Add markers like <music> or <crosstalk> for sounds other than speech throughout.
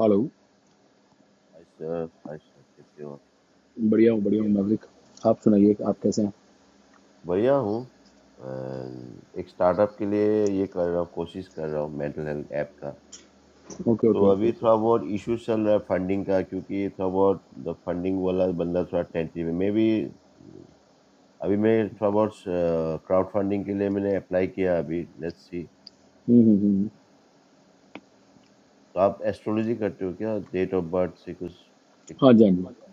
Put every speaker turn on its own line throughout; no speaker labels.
Hello
hi sir hi sir कैसे हो आप?
बढ़िया हूँ बढ़िया
बढ़िया
हूँ
हूँ
मैवरिक
बढ़िया
आप
आप
सुनाइए आप
बताइए।
कैसे हैं
बढ़िया हूँ And एक स्टार्टअप के लिए ये कर रहा हूँ कोशिश कर रहा हूँ मेंटल हेल्थ ऐप का
ओके
तो
ओके
ओके
ओके
अभी ओके थोड़ा बहुत इशू चल रहा है फंडिंग का क्योंकि थोड़ा बहुत फंडिंग वाला बंदा थोड़ा टेंटिव है मे भी अभी मैं थोड़ा बहुत क्राउड फंडिंग के लिए मैंने अप्लाई किया अभी लेट्स सी
हम्म हम्म हम्म
तो आप एस्ट्रोलॉजी करते हो क्या डेट ऑफ बर्थ से कुछ
हाँ जी हाँ जी
हाँ जी, हाँ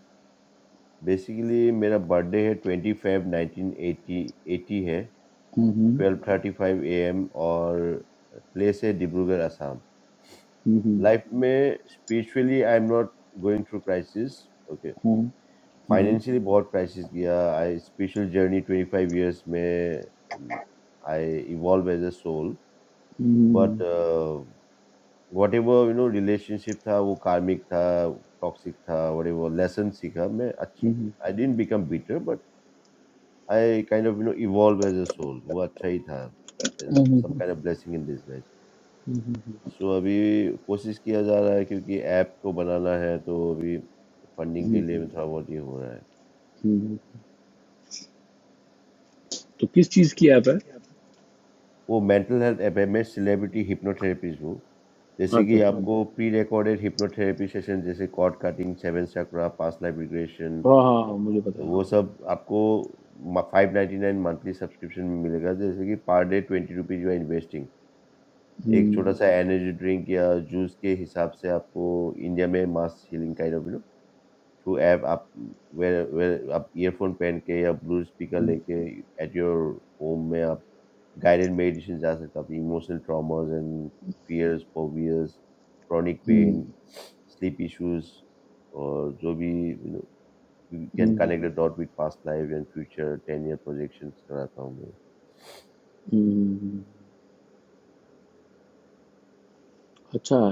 जी। बेसिकली मेरा बर्थडे है twenty five nineteen eighty eighty है
हम्म
12:35 a.m. और place है Dibrugarh Assam
hmm hmm
life में spiritually I am not going through crisis okay
hmm hmm
financially बहुत क्राइसिस किया आई स्पिरिचुअल जर्नी 25 इयर्स में I evolve as a soul
hmm
but
hmm
whatever you know relationship था वो कार्मिक था toxic था what ever lesson सीखा मैं I didn't become better but I kind of you know evolve as a soul वो अच्छा ही था some kind of blessing in disguise
हम्म
सो अभी कोशिश किया जा रहा है क्योंकि ऐप को बनाना है तो अभी फंडिंग के
हम्म
लिए
हम्म
भी थोड़ा बहुत ये हो रहा है
हम्म तो किस चीज़ की ऐप है
वो मेंटल हेल्थ ऐप है मैं सेलिब्रिटी हिप्नोथेरेपिस्ट हूँ जैसे
अच्छा
कि
सुनिए
आपको प्री रिकॉर्डेड हिप्नोथेरेपी सेशन जैसे cord cutting seven chakra past life regression
हाँ हाँ हाँ मुझे पता है
वो
हाँ
सब आपको five ninety nine monthly subscription में मिलेगा जैसे कि per day twenty rupees you are investing एक छोटा
हम्म
सा एनर्जी ड्रिंक या जूस के हिसाब से आपको इंडिया में mass healing kind of through app आप where where आप ईयरफोन पहन के या ब्लूटूथ स्पीकर
हम्म
लेके एट योर होम में आप गाइडेड मेडिटेशन जा सकते हो अपनी emotional traumas and fears phobias chronic
hmm
pain sleep issues और जो भी you know you can
hmm
connect the dot with past life and future ten year projections कराता हूँ मैं
हम्म हम्म। अच्छा है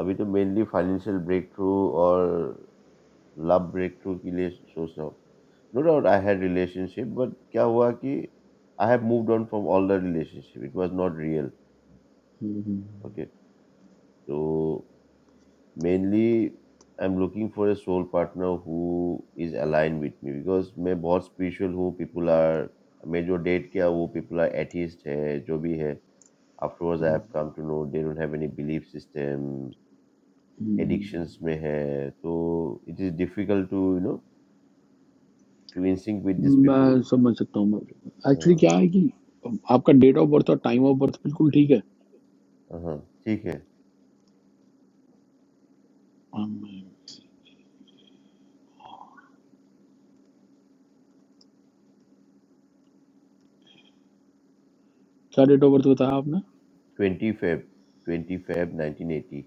अभी तो मेनली फाइनेंशियल ब्रेक थ्रू और लव ब्रेकथ्रू के लिए सोच रहा हूँ no doubt I had relationship but क्या हुआ कि I have moved on from all the relationship it was not real
hmm hmm
okay तो mainly I am looking for a soul partner who is align with me because मैं बहुत spiritual हूँ people are मैं जो date किया वो people are atheist है जो भी है afterwards i have come to know they don't have any belief system
hmm.
addictions में है तो it is difficult to you know to in sync with these people
मैं समझ सकता हूँ मैवरिक एक्चुअली क्या है कि आपका डेट ऑफ बर्थ और टाइम ऑफ बर्थ बिल्कुल ठीक
हाँ ठीक है
है क्या डेट ऑफ बर्थ बताया आपने
twenty Feb twenty Feb nineteen eighty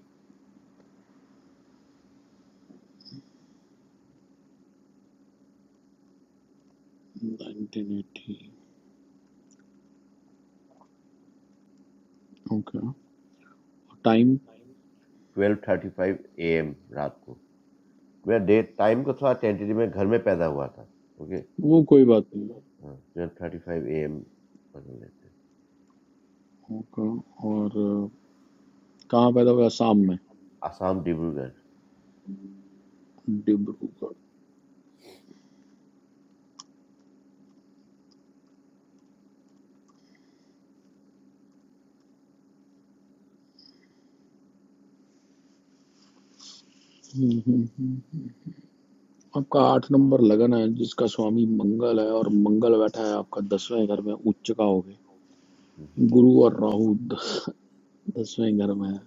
1980 okay time
twelve thirty five A M रात को मैं डेट टाइम को थोड़ा टेंटेटिव में घर में पैदा हुआ था ओके
वो कोई बात नहीं
हाँ, twelve thirty five A M पकड़ लेते हैं।
ओके और अ, कहाँ पैदा हुआ आसाम में
आसाम डिब्रूगढ़
डिब्रूगढ़ हम्म, हम्म, हम्म। आपका आठ नंबर लगन है जिसका स्वामी मंगल है और मंगल बैठा है आपका दसवें घर में उच्च का हो गए
हम्म,
गुरु और राहु द- दसवें घर में है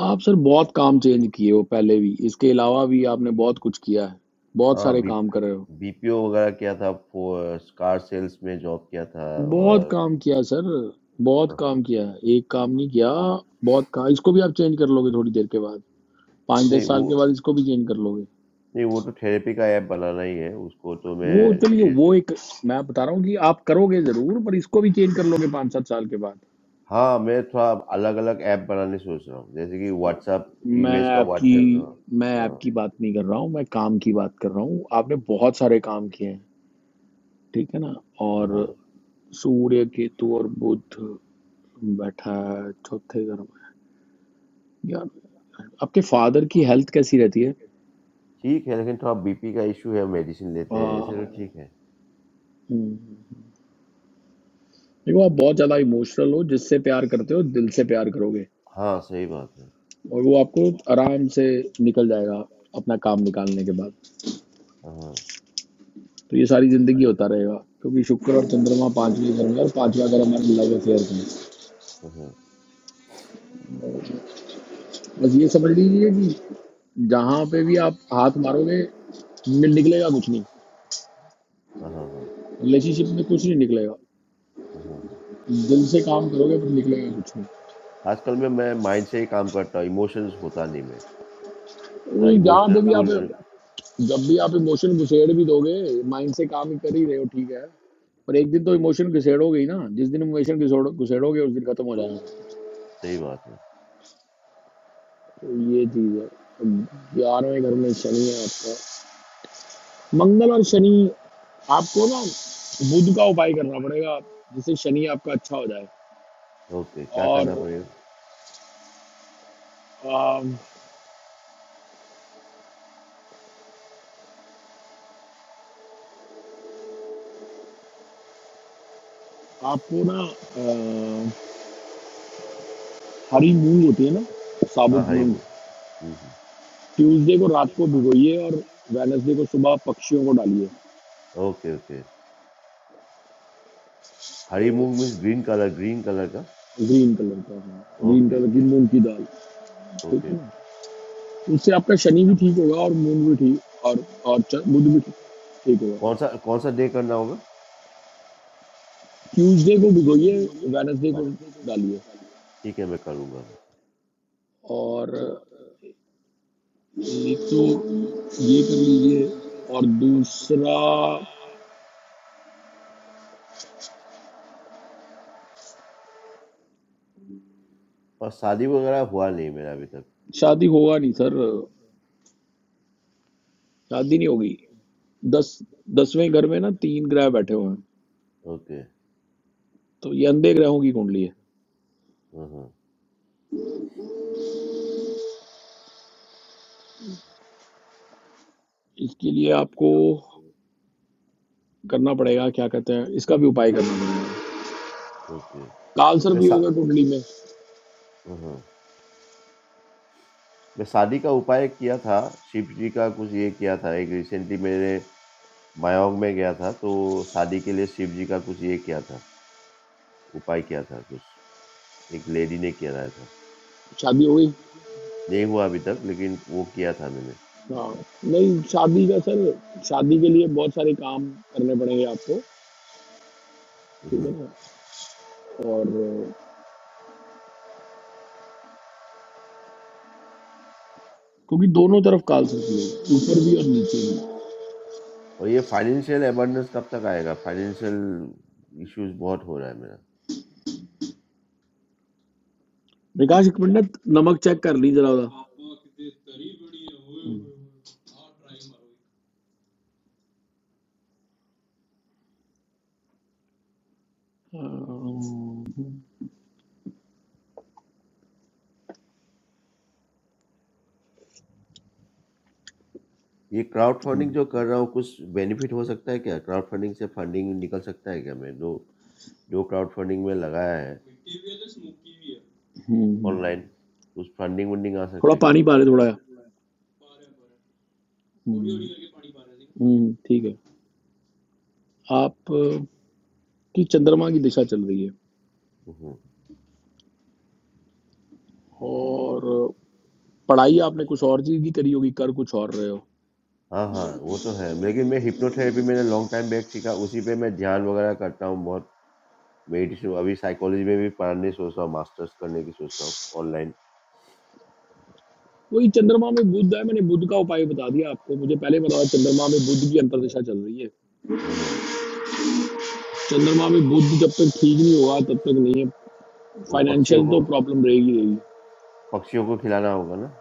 आप सर बहुत काम चेंज किए हो पहले भी इसके अलावा भी आपने बहुत कुछ किया है बहुत
हाँ
सारे
बी
काम करे हो
बीपीओ वगैरह किया था फो- कार सेल्स में जॉब किया था
बहुत
और
काम किया सर बहुत
हाँ, हाँ।
काम किया एक काम नहीं किया बहुत काम इसको भी आप चेंज कर लोगे थोड़ी देर के बाद पाँच
नहीं
दस साल
वो
के बाद इसको भी चेंज कर लोगे
नहीं वो तो थेरेपी का ऐप बनाना ही है उसको तो
वो चलिए
मैं
वो एक मैं बता रहा हूँ कि आप करोगे जरूर पर इसको भी चेंज कर लोगे पाँच सात साल के बाद
हाँ मैं थोड़ा अलग अलग ऐप बनाने सोच रहा हूँ जैसे कि व्हाट्सएप
मैं
यूएस का व्हाट्सएप
आपकी मैं
हाँ हाँ
आपकी बात नहीं कर रहा हूँ मैं काम की बात कर रहा हूँ आपने बहुत सारे काम किए हैं ठीक है ना
हाँ। हाँ।
और सूर्य केतु और बुध बैठा है चौथे घर में यार आपके फादर की हेल्थ कैसी रहती
ठीक है लेकिन थोड़ा बीपी का इशू है मेडिसिन लेते हैं ऐसे तो
है
ठीक है
हम्म। देखो आप बहुत ज्यादा इमोशनल हो जिससे प्यार करते हो दिल से प्यार करोगे
हाँ सही बात है
और वो आपको आराम से निकल जाएगा अपना काम निकालने के बाद
हाँ हाँ
तो ये सारी जिंदगी होता रहेगा क्योंकि शुक्र और चंद्रमा पांचवें घर में और पांचवा घर हमारे लव अफेयर का
हाँ
है। बस ये समझ लीजिए कि जहां पे भी आप हाथ मारोगे नि- निकलेगा कुछ नहीं
हाँ हाँ, हाँ, हाँ।
रिलेशनशिप में कुछ नहीं निकलेगा
हाँ, हाँ, हाँ।
दिल से काम करोगे पर निकलेगा कुछ
आजकल में मैं माइंड से ही काम करता हूँ इमोशंस होता नहीं मैं
नहीं
थोड़ा
वही जहाँ
इमोशनल
पे भी आप
फूल
जब भी आप इमोशन घुसेड़ भी दोगे माइंड से काम कर ही रहे हो ठीक है पर एक दिन तो इमोशन घुसेड़ोगे ही ना जिस दिन इमोशन घुसेड़ो घुसेड़ोगे उस दिन खत्म हो जाएगा
सही बात है
तो ये चीज है ग्यारहवें घर में शनि है आपका मंगल और शनि आपको ना बुध का उपाय करना पड़ेगा जिससे शनि आपका अच्छा हो जाए
ओके क्या
और
करना पड़ेगा
अम, आपको ना अम, हरी मूंग होती है ना
हाँ
साबुत
हरी
मूंग
मूंग हम्म, हम्म,
ट्यूसडे को रात को भिगोइए और वेनसडे को सुबह पक्षियों को डालिए
ओके ओके हरी मूंग
तो
means green colour green colour का
ग्रीन कलर का हाँ ग्रीन
ओके
कलर की
ओके
मूंग की दाल ठीक
ओके
है ना
ओके।
उससे आपका शनि भी ठीक होगा और मून भी ठीक और और च- बुध भी ठीक ठीक होगा
कौन सा कौन सा डे करना होगा
ट्यूसडे को भिगोइए वेनसडे
हाँ
को डालिए
ठीक है मैं करूँगा
और एक तो ये कर लीजिए और दूसरा
और शादी वगैरह हुआ नहीं मेरा अभी तक
शादी होगा नहीं सर शादी नहीं होगी दस दसवें घर में ना तीन ग्रह बैठे हुए हैं
ओके
तो ये अंधे ग्रहों की कुंडली है
हाँ हाँ
इसके लिए आपको करना पड़ेगा क्या कहते हैं इसका भी उपाय करना पड़ेगा
ओके
काल सर
मैं
भी
सा
होगा टोटली में
हाँ हाँ। मैं शादी का उपाय किया था शिव जी का कुछ ये किया था एक रिसेंटली मेरे मायोंग में गया था तो शादी के लिए शिव जी का कुछ ये किया था उपाय किया था कुछ एक लेडी ने किया था
शादी हो गई
नहीं हुआ अभी तक लेकिन वो किया था मैंने
हाँ नहीं शादी का सर शादी के लिए बहुत सारे काम करने पड़ेंगे आपको ठीक है
हम्म।
ना और अ, क्योंकि दोनों तरफ काल सर की है ऊपर भी और नीचे भी
और ये फाइनेंशियल अबंडेंस कब तक आएगा फाइनेंशियल इश्यूज बहुत हो रहा है मेरा
विकास एक मिनट नमक चेक कर ली जरा उधर
ये क्राउड फंडिंग जो कर रहा हूँ कुछ बेनिफिट हो सकता है क्या? क्राउड फंडिंग से फंडिंग निकल सकता है क्या मैं जो जो क्राउड फंडिंग में लगाया है ऑनलाइन हम्म उस फंडिंग वंडिंग आ सकता
थोड़ा
है क्या?
पानी पा रहे थोड़ा हम्म, ठीक है आप अ, की चंद्रमा की दिशा चल रही है
हम्म,
और पढ़ाई आपने कुछ और चीज की करी होगी कर कुछ और रहे हो
हाँ हाँ वो तो है लेकिन मैं हिप्नोथेरेपी मैंने लॉन्ग टाइम बैक सीखा उसी पे मैं ध्यान वगैरह करता हूँ बहुत मेडिटेशन अभी साइकोलॉजी में भी पढ़ने सोच रहा हूँ मास्टर्स करने की सोच रहा हूँ ऑनलाइन
वही चंद्रमा में बुध है मैंने बुध का उपाय बता दिया आपको मुझे पहले बताया चंद्रमा में बुध की अंतर्दशा चल रही है
हाँ हाँ।
चंद्रमा में बुध जब तक ठीक नहीं होगा तब तक नहीं है
वो पक्षियों
फाइनेंशियल
को
तो प्रॉब्लम रहेगी रहेगी
पक्षियों को खिलाना होगा ना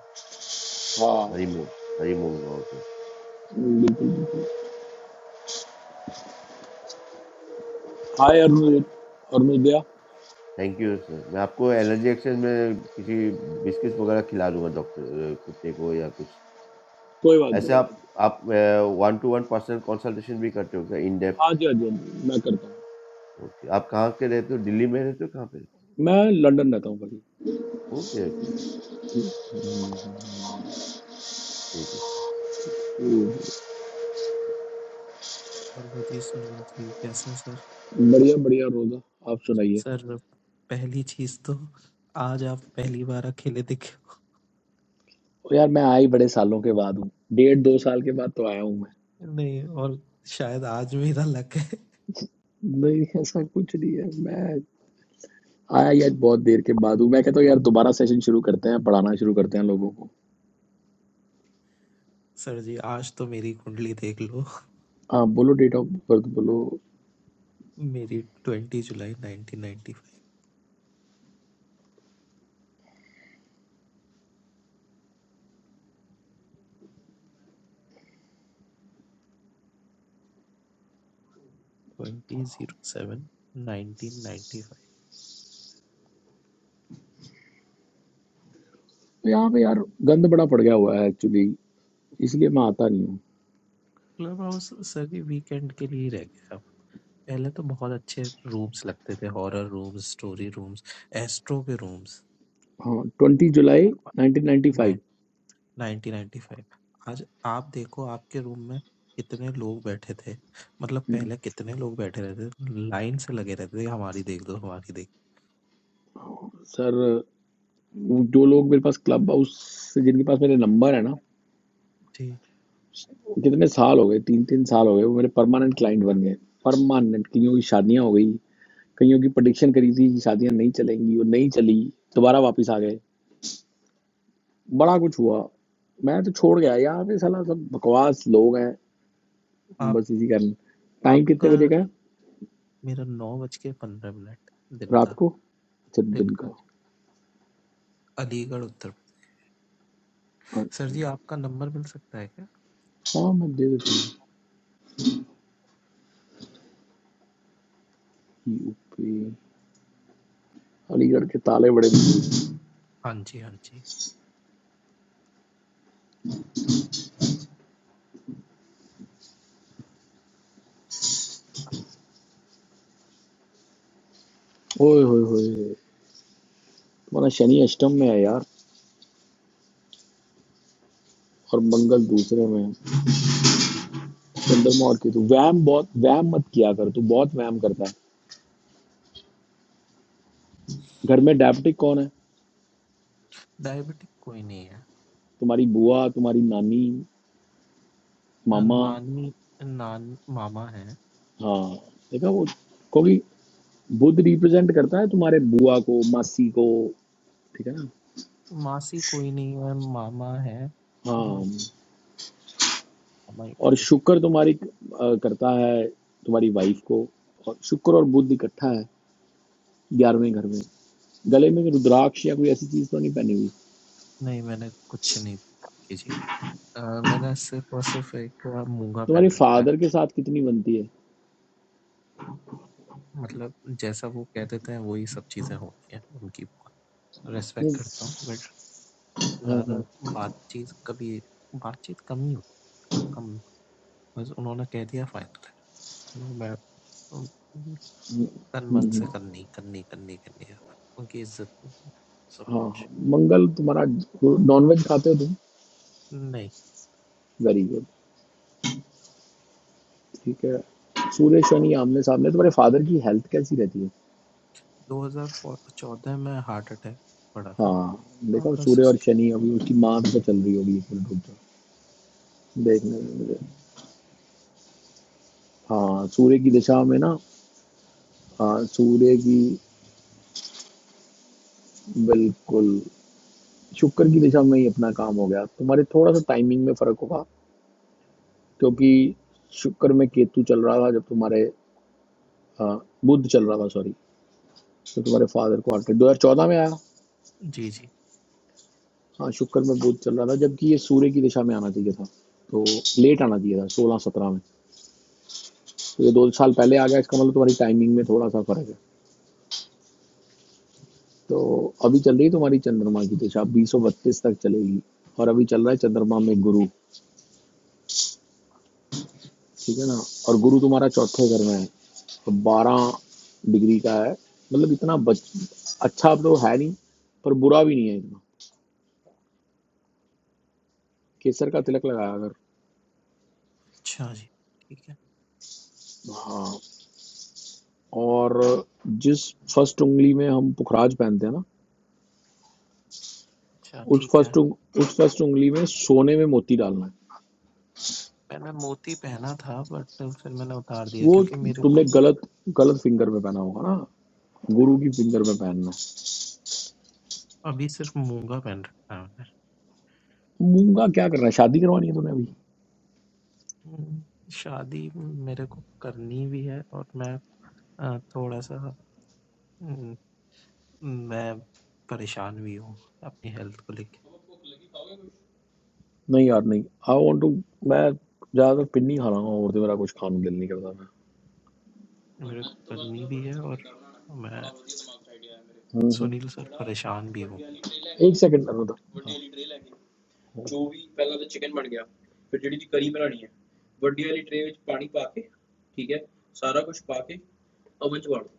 हाँ
हरी मूंग हरी मूंग
बिल्कुल बिल्कुल hi Arun Arunodaya
thank you sir मैं आपको एलर्जी एक्सचेंज में किसी बिस्किट्स वगैरह खिला दूंगा डॉक्टर अ, कुत्ते को या कुछ
कोई बात
ऐसे
नहीं
आप आप one to one personal consultation भी करते हो क्या इन
हाँ
डेप्थ
जी हाँ जी हाँ जी, मैं करता हूँ
ओके आप कहाँ के रहते हो दिल्ली में रहते हो कहाँ पे रहते
मैं लंदन रहता हूँ भाई
हो? ओके ओके ओके, ठीक है सर
हेलो जी सुनील जी कैसे हैं सर
बढ़िया बढ़िया रोजा आप सुनाइए
सर पहली चीज तो आज आप पहली बार अकेले दिखे हो।
और यार मैं आई बड़े सालों के बाद हूँ डेढ़ दो साल के बाद तो आया हूँ मैं
नहीं और शायद आज मेरा लक है
नहीं ऐसा कुछ नहीं है मैं आया यार बहुत देर के बाद हूँ मैं कहता हूँ यार दोबारा सेशन शुरू करते हैं पढ़ाना शुरू करते हैं लोगों को
सर जी आज तो मेरी कुंडली देख लो
हाँ बोलो डेट ऑफ बर्थ बोलो
मेरी twenty July nineteen ninety five twenty zero seven nineteen ninety five
यहाँ पे यार गंद बड़ा पड़ गया हुआ है एक्चुअली इसलिए मैं आता नहीं हूँ
क्लब हाउस सर जी वीकेंड के लिए ही रह गया अब पहले तो बहुत अच्छे रूम्स लगते थे horror rooms story rooms astro के
हाँ ट्वेंटी जुलाई
रूम्स
1995
1995 आज आप देखो आपके रूम में कितने लोग बैठे थे मतलब पहले कितने लोग बैठे रहते थे लाइन से लगे रहते थे हमारी देख दो हमारी देख दो।
सर वो जो लोग मेरे पास क्लब हाउस से जिनके पास मेरे नंबर है ना
जी
कितने साल हो गए तीन तीन साल हो गए वो मेरे परमानेंट क्लाइंट बन गए परमानेंट कईयों की शादियां हो गई कईयों की प्रडिक्शन करी थी कि शादियां नहीं चलेंगी वो नहीं चली दोबारा वापस आ गए बड़ा कुछ हुआ मैं तो छोड़ गया यहाँ पे साला सब बकवास लोग हैं
आप
बस इसी कारण टाइम कितने
आपका
बजे का है
मेरा नौ बज के पंद्रह मिनट दिन
रात
का
को अच्छा
दिन
दिन
का
का
जी अलीगढ़ उत्तर प्रदेश
और-
सर जी आपका नंबर मिल सकता है क्या
हाँ मैं दे देता हूँ यूपी अलीगढ़ के ताले बड़े मजबूत।
हाँ जी हाँ जी
ओए होए होए तुम्हारा शनि अष्टम में है यार और मंगल दूसरे में है बंदर मौत की तू वैम बहुत वैम मत किया कर तू बहुत वैम करता है घर में डायबिटिक कौन है
डायबिटिक कोई नहीं है
तुम्हारी बुआ तुम्हारी नानी
अ,
मामा
नानी नान मामा है
हाँ देखा वो क्योंकि बुध रिप्रेजेंट करता है तुम्हारे बुआ को मासी को ठीक है ना
मासी कोई नहीं है मामा है अ,
हाँ
मामा ही
और
डायबिटिक है
शुक्र तुम्हारी अ, करता है तुम्हारी वाइफ को और शुक्र और बुध इकट्ठा है ग्यारहवें घर में गले में रुद्राक्ष या कोई ऐसी चीज तो नहीं पहनी हुई
नहीं मैंने कुछ नहीं देखा अ, मैंने सिर्फ़ और सिर्फ़ एक मूँगा
तुम्हारे
पहन रखा है।
फादर के साथ कितनी बनती है
मतलब जैसा वो कह देते हैं वही सब चीज़ें होती हैं, उनकी बहुत रिस्पेक्ट
नहीं
करता हूँ बट
हाँ
ज़्यादा
हाँ
बातचीत कभी बातचीत कम ही होती है, मतलब कम बस उन्होंने कह दिया फ़ाइनल है। वो मैं उम,
हम्म,
तन-मन से
हम्म,
करनी, करनी, करनी, करनी है, उनकी इज़्ज़त सब
हाँ हाँ
कुछ।
मंगल तुम्हारा नॉनवेज खाते हो तुम
नहीं,
वेरी गुड ठीक है सूर्य शनि आमने सामने तुम्हारे फादर की हेल्थ कैसी रहती है
2014 में हार्ट अटैक पड़ा था
हाँ
और
देखो
बस
सूर्य और
उसके
शनि अभी उसकी माँ पे चल रही होगी एक मिनट रुक जाओ देखने दो मुझे हाँ सूर्य की दिशा में ना हाँ सूर्य की बिल्कुल शुक्र की दिशा में ही अपना काम हो गया तुम्हारे थोड़ा सा टाइमिंग में फर्क होगा क्योंकि शुक्र में केतु चल रहा था जब तुम्हारे हाँ, बुध चल रहा था सॉरी तो तुम्हारे फादर को आठ 2014 में आया
जी, जी।
हाँ शुक्र में बुध चल रहा था जबकि ये सूर्य की दिशा में आना चाहिए था तो लेट आना चाहिए था सोलह सत्रह में तो ये दो साल पहले आ गया इसका मतलब तुम्हारी टाइमिंग में थोड़ा सा फर्क है तो अभी चल रही है तुम्हारी चंद्रमा की दिशा बीस सौ बत्तीस तक चलेगी और अभी चल रहा है चंद्रमा में गुरु ठीक है ना और गुरु तुम्हारा चौथे घर में है तो बारह डिग्री का है मतलब इतना बच अच्छा अब तो है नहीं पर बुरा भी नहीं है इतना केसर का तिलक लगाया अगर
अच्छा जी, ठीक है।
हाँ और जिस फर्स्ट उंगली में हम पुखराज पहनते हैं ना
अच्छा,
उस
ठीक है।
फर्स्ट उस फर्स्ट उंगली में सोने में मोती डालना है
मैंने मैं मोती पहना था बट फिर मैंने उतार दिया
वो
क्योंकि मेरे को
तुमने गलत गलत फिंगर में पहना होगा ना गुरु की फिंगर में पहनना
अभी सिर्फ मूंगा पहन रखा है मैंने
है मूंगा क्या करना है शादी करवानी है तूने अभी
हम्म, शादी मेरे को करनी भी है और मैं अ, थोड़ा सा हम्म, मैं परेशान भी हूँ अपनी हेल्थ को लेके
नहीं यार नहीं आई वांट टू मैं ज्यादातर पिन्नी खा रहा हूँ और तो मेरा कुछ खाने का दिल नहीं करता मैं
मेरे को करनी भी है और मैं
हम्म हम्म।
सुनील सर परेशान भी हूँ
एक सेकंड कर रहा था ਵੱਡੀ ਵਾਲੀ ਟ੍ਰੇ ਲੈ ਕੇ ਜੋ ਵੀ ਪਹਿਲਾਂ ਤਾਂ ਚਿਕਨ ਬਣ ਗਿਆ, ਫਿਰ ਜਿਹੜੀ ਦੀ ਕਰੀ ਬਣਾਣੀ ਹੈ ਵੱਡੀ ਵਾਲੀ ਟ੍ਰੇ ਵਿੱਚ ਪਾਣੀ ਪਾ ਕੇ, ਠੀਕ ਹੈ, ਸਾਰਾ ਕੁਝ ਪਾ ਕੇ ਓਵਨ 'ਚ ਵਾੜੋ।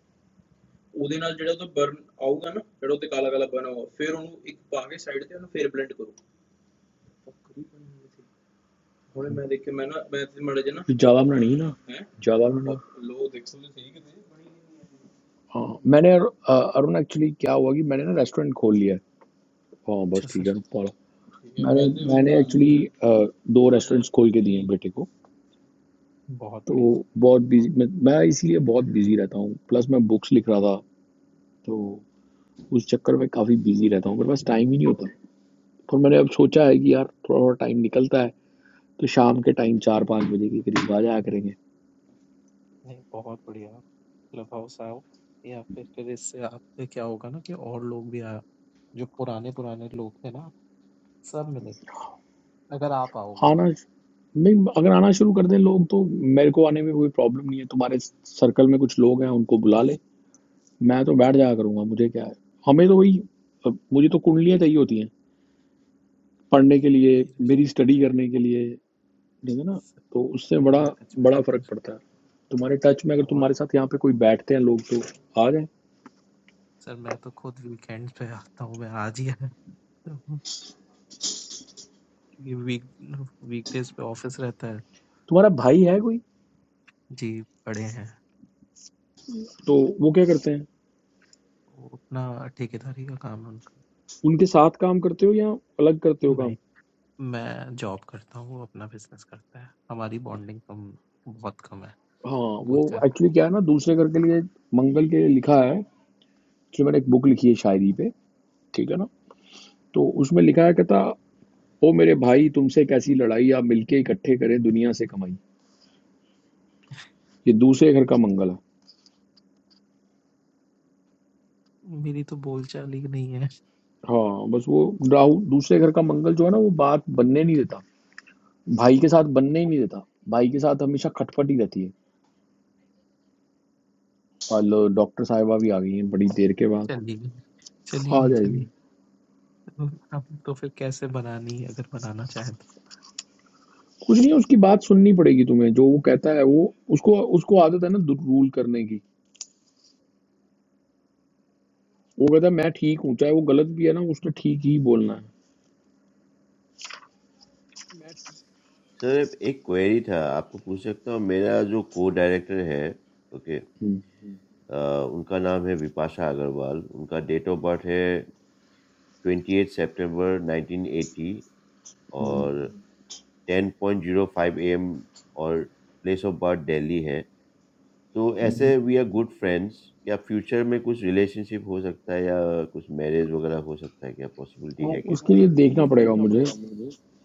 ਜਨਾ ਜਾਵਾ ਬਣਾਣੀ ਹੈ ਨਾ जावा बनानी है ना जावा बनाना हाँ मैंने यार अ, अरुण एक्चुअली क्या हुआ कि मैंने ना रेस्टोरेंट खोल लिया है हाँ
अच्छा
बस ठीक
सर
है पढ़ो ਠੀਕ मैंने ਤੇ मैंने एक्चुअली दो रेस्टोरेंट्स खोल के दिए हैं बेटे को
बहुत
तो
बढ़िया सर
बहुत बिजी मैं, मैं इसीलिए बहुत बिजी रहता हूँ प्लस मैं बुक्स लिख रहा था तो उस चक्कर में काफ़ी बिजी रहता हूँ मेरे पास टाइम ही नहीं होता पर मैंने अब सोचा है कि यार थोड़ा थोड़ा टाइम निकलता है तो शाम के टाइम चार पाँच बजे के करीब आ जाया करेंगे
नहीं बहुत बढ़िया क्लब हाउस आओ या फिर फिर इससे आपके क्या होगा ना कि और लोग भी आए जो पुराने पुराने लोग थे ना सब मिलेंगे अगर आप आओगे
आना
तो।
नहीं अगर आना शुरू कर दें लोग तो मेरे को आने में कोई प्रॉब्लम नहीं है तुम्हारे सर्कल में कुछ लोग हैं उनको बुला ले मैं तो बैठ जाया करूंगा मुझे क्या है हमें तो वही अब मुझे तो कुंडलियाँ चाहिए होती हैं पढ़ने के लिए
मेरे
मेरी स्टडी करने के लिए ठीक है ना
स-
तो उससे बड़ा
मेरे टच में
बड़ा
तो फिर
फर्क पड़ता है तुम्हारे टच में अगर
बहुत
तुम्हारे साथ यहाँ पे कोई बैठते हैं लोग तो आ जाए
सर मैं तो खुद वीकेंड पे आता हूँ मैं आज ही आया हूँ, क्योंकि वीक वीकडेज पे ऑफिस रहता है
तुम्हारा भाई है कोई
जी बड़े हैं
तो वो क्या करते हैं
वो अपना ठेकेदारी का काम है उनका
उनके साथ काम करते हो या अलग करते हो काम
भाई मैं जॉब करता हूँ वो अपना बिजनेस करता है हमारी बॉन्डिंग कम बहुत कम है
हाँ वो
बोलचाल
एक्चुअली क्या है ना दूसरे घर के लिए मंगल के लिए लिखा है जो मैंने एक बुक लिखी है शायरी पे ठीक है ना तो उसमें लिखा है कहता ओ मेरे भाई तुमसे कैसी लड़ाई आप मिलके इकट्ठे करें दुनिया से कमाई ये दूसरे घर का मंगल है
मेरी तो बोलचाल ही नहीं है
हाँ बस वो राहु दूसरे घर का मंगल जो है ना वो बात बनने नहीं देता भाई के साथ बनने ही नहीं देता भाई के साथ हमेशा खटपट ही रहती है और लो, डॉक्टर साहिबा भी आ गई हैं बड़ी देर के बाद
चली गई चली
आ
गई
जाएगी
चली अब तो फिर कैसे बनानी अगर बनाना चाहे
कुछ नहीं उसकी बात सुननी पड़ेगी तुम्हें जो वो कहता है वो उसको उसको आदत है ना रूल करने की वो कहता है मैं ठीक हूँ चाहे वो गलत भी है ना उसने ठीक ही बोलना है
सर एक क्वेरी था आपको पूछ सकता हूँ मेरा जो को डायरेक्टर है ओके
हम्म।
उनका नाम है विपाशा अग्रवाल उनका डेट ऑफ बर्थ है twenty eight September nineteen eighty
hmm,
और 10.05 a.m. और प्लेस ऑफ बर्थ दिल्ली है तो
हम्म,
ऐसे वी आर गुड फ्रेंड्स क्या फ्यूचर में कुछ रिलेशनशिप हो सकता है या कुछ मैरिज वगैरह हो सकता है क्या पॉसिबिलिटी
और
है क्या
उसके लिए देखना पड़ेगा मुझे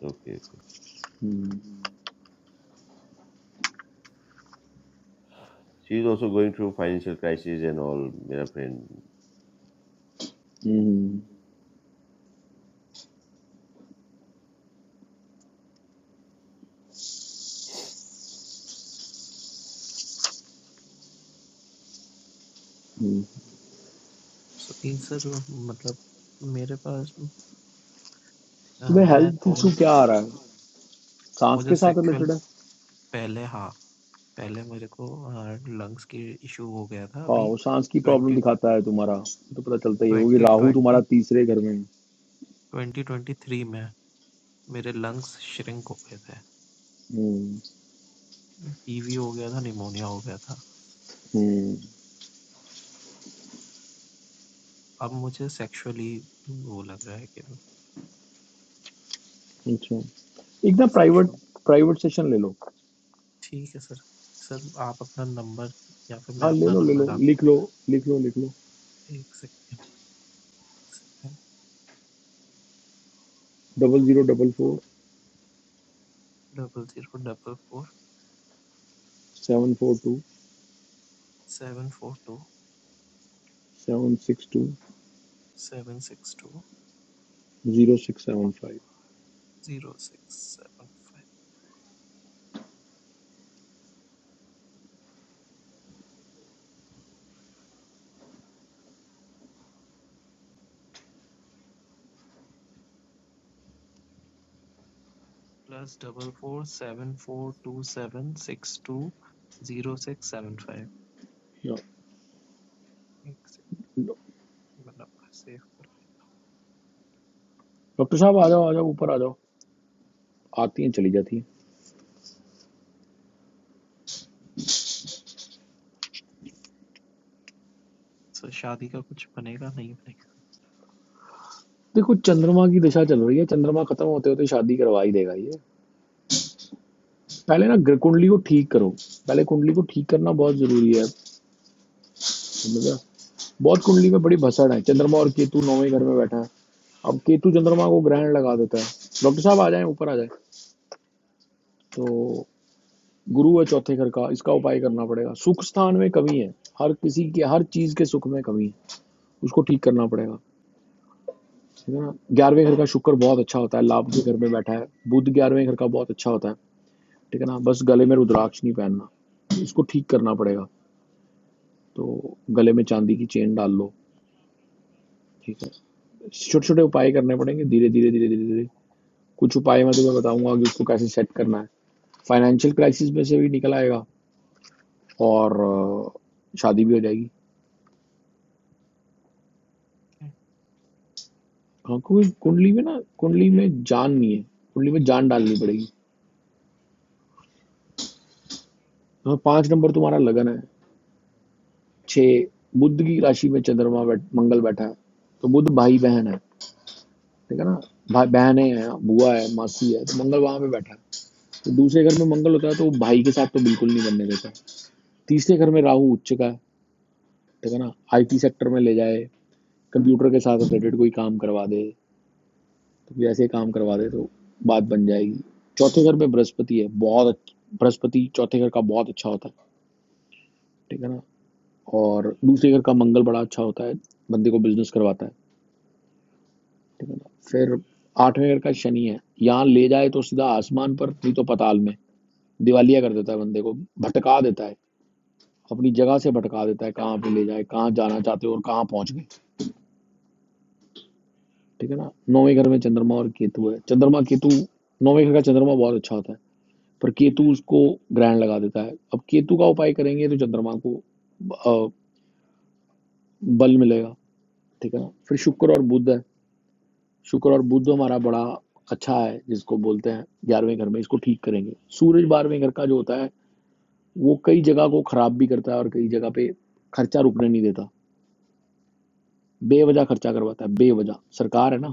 okay okay
hmm,
she is also going through financial crisis and all मेरा friend
hmm hmm.
So in sir मतलब मेरे पास अ,
तुम्हें
मैं
हेल्थ
थोड़ा
इशू क्या आ रहा है सांस
मुझे
के साथ
सेक्सुअल
रिलेटेड है
पहले हाँ, पहले मेरे को अ, लंग्स की इश्यू हो गया था।
हाँ
अभी
वो सांस की प्रॉब्लम
20
दिखाता है तुम्हारा तो पता चलता ही है, क्योंकि राहु तुम्हारा
2020
तीसरे घर में है
2023 में मेरे लंग्स श्रिंक हो गए थे।
हम्म,
टीबी हो गया था, निमोनिया हो गया था।
हम्म,
अब मुझे सेक्सुअली वो लग रहा है कि
अच्छा एक ना प्राइवेट
सेक्सुअल
प्राइवेट सेशन ले लो
ठीक है सर। सर आप अपना नंबर या फिर मैं
हाँ ले
अपना
लो ले
नंबर
लो
डाल
लिख लो लिख लो लिख लो
1 second, 1 second
double zero double four
00044742
seven four two seven six two
seven six two
zero six seven five
zero six seven five plus double four seven four two seven six two zero six seven five एक सेकंड मतलब save कर
doctor साहब आ जाओ आ जाओ ऊपर आ जाओ आती हैं चली जाती हैं।
सो शादी का कुछ बनेगा नहीं बनेगा
देखो चंद्रमा की दिशा चल रही है चंद्रमा खत्म होते होते शादी करवा ही देगा ये पहले ना ग्र- कुंडली को ठीक करो पहले कुंडली को ठीक करना बहुत जरूरी है समझ रहे हो? बहुत कुंडली में बड़ी भसड़ है चंद्रमा और केतु नौवें घर में बैठा है अब केतु चंद्रमा को ग्रहण लगा देता है डॉक्टर साहब आ जाए ऊपर आ जाए तो गुरु है चौथे घर का इसका उपाय करना पड़ेगा सुख स्थान में कमी है हर किसी के हर चीज के सुख में कमी है उसको ठीक करना पड़ेगा ठीक है ना ग्यारहवें घर का शुक्र बहुत अच्छा होता है लाभ के घर में बैठा है बुध ग्यारहवें घर का बहुत अच्छा होता है ठीक है ना बस गले में रुद्राक्ष नहीं पहनना इसको ठीक करना पड़ेगा तो गले में चांदी की चेन डाल लो ठीक है छोटे छोटे उपाय करने पड़ेंगे धीरे धीरे धीरे धीरे धीरे कुछ उपाय मैं तुम्हें बताऊंगा कि उसको कैसे सेट करना है फाइनेंशियल क्राइसिस में से भी निकल आएगा और अ, शादी भी हो जाएगी
क्या
हाँ क्योंकि कुंडली में ना कुंडली में जान नहीं है कुंडली में जान डालनी पड़ेगी हाँ पांच नंबर तुम्हारा लगन है छः बुद्ध की राशि में चंद्रमा बैठ मंगल बैठा है तो बुद्ध भाई बहन है ठीक है ना भाई बहन है बुआ है मासी है तो मंगल वहां पे बैठा है तो दूसरे घर में मंगल होता है तो वो भाई के साथ तो बिल्कुल नहीं बनने देता तीसरे घर में राहु उच्च का है ठीक है ना आईटी सेक्टर में ले जाए कंप्यूटर के साथ रिलेटेड कोई काम करवा दे तो कोई ऐसे काम करवा दे तो बात बन जाएगी चौथे घर में बृहस्पति है बहुत अच्छ- बृहस्पति चौथे घर का बहुत अच्छा होता है ठीक है ना और दूसरे घर का मंगल बड़ा अच्छा होता है बंदे को बिजनेस करवाता है ठीक है ना फिर आठवें घर का शनि है यहाँ ले जाए तो सीधा आसमान पर नहीं तो पताल में दिवालिया कर देता है बंदे को भटका देता है अपनी जगह से भटका देता है कहाँ पे ले जाए कहाँ जाना चाहते हो और कहाँ पहुंच गए ठीक है ना नौवें घर में चंद्रमा और केतु है चंद्रमा केतु नौवें घर का चंद्रमा बहुत अच्छा होता है पर केतु उसको ग्रहण लगा देता है अब केतु का उपाय करेंगे तो चंद्रमा को अ, बल मिलेगा ठीक है ना फिर शुक्र और बुध है शुक्र और बुध हमारा बड़ा अच्छा है जिसको बोलते हैं ग्यारहवें घर में इसको ठीक करेंगे सूरज बारहवें घर का जो होता है वो कई जगह को खराब भी करता है और कई जगह पे खर्चा रुकने नहीं देता बेवजह खर्चा करवाता है बेवजह सरकार है ना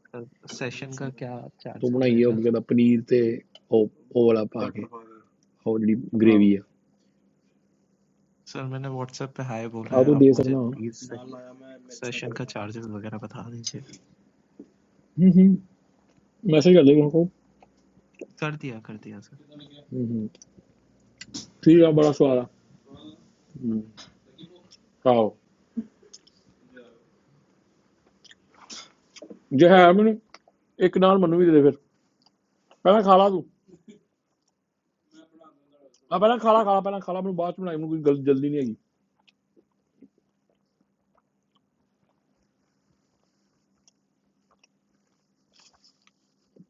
जी सेशन का क्या
तो
चार्जेस
बनाई है
रहेगा
ਉਹਦਾ ਪਨੀਰ ਤੇ ਉਹ ਉਹ ਵਾਲਾ ਪਾ ਕੇ ਉਹ ਜਿਹੜੀ ਗ੍ਰੇਵੀ ਆ
सर मैंने व्हाट्सएप पे हाय बोला
ਆ
है
ਤੂੰ
आप
ਦੇ
मुझे
ਸਕਣਾ ਹੂੰ
प्लीज सेशन का चार्जेस वगैरह बता दीजिए
ਹੂੰ ਮੈਸੇਜ ਕਰ ਦੇ ਉਹਨਾਂ ਕੋ
कर दिया कर दिया सर
ਹੂੰ ਹੂੰ ਠੀਕ ਆ ਬੜਾ ਸਵਾਦ ਆ ਹੂੰ ਖਾਓ ਜੇ ਹੈ ਮੈਨੂੰ ਇੱਕ ਨਾਲ ਮੈਨੂੰ ਵੀ ਦੇ ਦੇ ਫਿਰ ਪਹਿਲਾਂ ਖਾ ਲਾ ਤੂੰ ਆ ਪਹਿਲਾਂ ਖਾ ਲਾ ਖਾ ਲਾ ਪਹਿਲਾਂ ਖਾ ਲਾ ਮੈਨੂੰ ਬਾਅਦ ਚ ਬਣਾਈ ਮੈਨੂੰ ਕੋਈ ਗਲ ਜਲਦੀ नहीं ਹੈਗੀ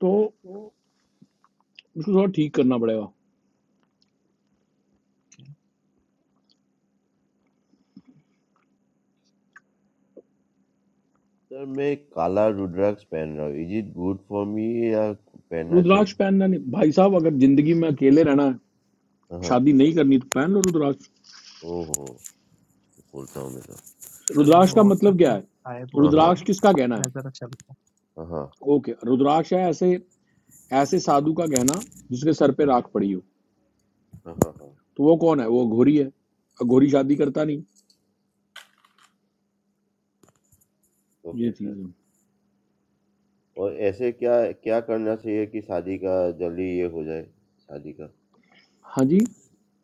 तो उसको थोड़ा ठीक करना पड़ेगा
okay.
सर मैं काला रुद्राक्ष पहन रहा हूँ is it good for me या पहनना
रुद्राक्ष
रुद्राक्ष चाहिए
पहनना नहीं भाई साहब अगर जिंदगी में अकेले रहना है
पहन- हाँ
शादी नहीं करनी तो पहन लो रुद्राक्ष
ओहो खोलता हूँ मैं तो
सर मैंने
रुद्राक्ष का
व्हाट्सएप
मतलब क्या
पे
है
हाय
ओ,
बोल
हाँ
दिया
रुद्राक्ष
है
किसका गहना
मैं
है
जरा चलता हूँ
हाँ
ओके रुद्राक्ष है ऐसे ऐसे साधु का गहना जिसके सर पे
हाँ
राख पड़ी हो
हाँ हाँ
तो वो कौन है वो घोरी है और घोरी शादी करता नहीं ये
ओके सर
चीज है
और ऐसे क्या क्या करना चाहिए कि शादी का जल्दी ये हो जाए शादी का
हाँ जी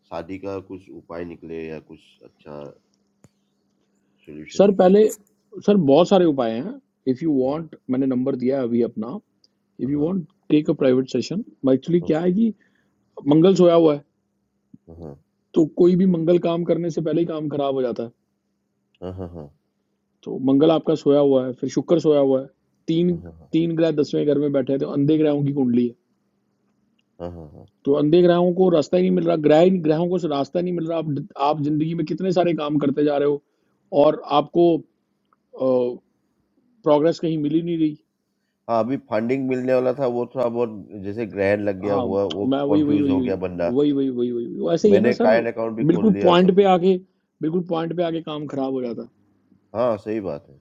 शादी का कुछ उपाय निकले या कुछ अच्छा सॉल्यूशन
सर
निकले?
पहले सर बहुत सारे उपाय हैं इफ यू
हाँ,
वांट मैंने नंबर दिया है अभी अपना इफ
हाँ,
यू
हाँ,
want take a private session actually क्या है
ओके।
कि मंगल सोया हुआ है
हाँ, हाँ,
तो कोई भी मंगल काम करने से पहले ही काम खराब हो जाता है
हाँ, हाँ,
तो मंगल आपका सोया हुआ है फिर शुक्र सोया हुआ है तीन
हाँ, हाँ, हाँ, हाँ,
तीन ग्रह दसवें घर में बैठे हैं तो अंधे ग्रहों की कुंडली है
हाँ, हाँ। हाँ,
तो अंधे ग्रहों को रास्ता ही नहीं मिल रहा ग्रह ग्रहों को रास्ता नहीं मिल रहा आप आप जिंदगी में कितने सारे काम करते जा रहे हो और आपको प्रोग्रेस कहीं मिल ही नहीं रही
हाँ, अभी फंडिंग मिलने वाला था वो थोड़ा बहुत जैसे ग्रैंड लग गया
हाँ
हुआ वो
मैं वही वही
कन्फ्यूज़
वही
हो गया बंदा।
वही वही वही वही वही वो ऐसे ही है ना
मैंने
सर
काइंड अकाउंट भी खोल
बिल्कुल
लिया सब
पॉइंट पे
कुछ
आके बिल्कुल पॉइंट पे आके काम खराब हो जाता है
हाँ, सही बात है।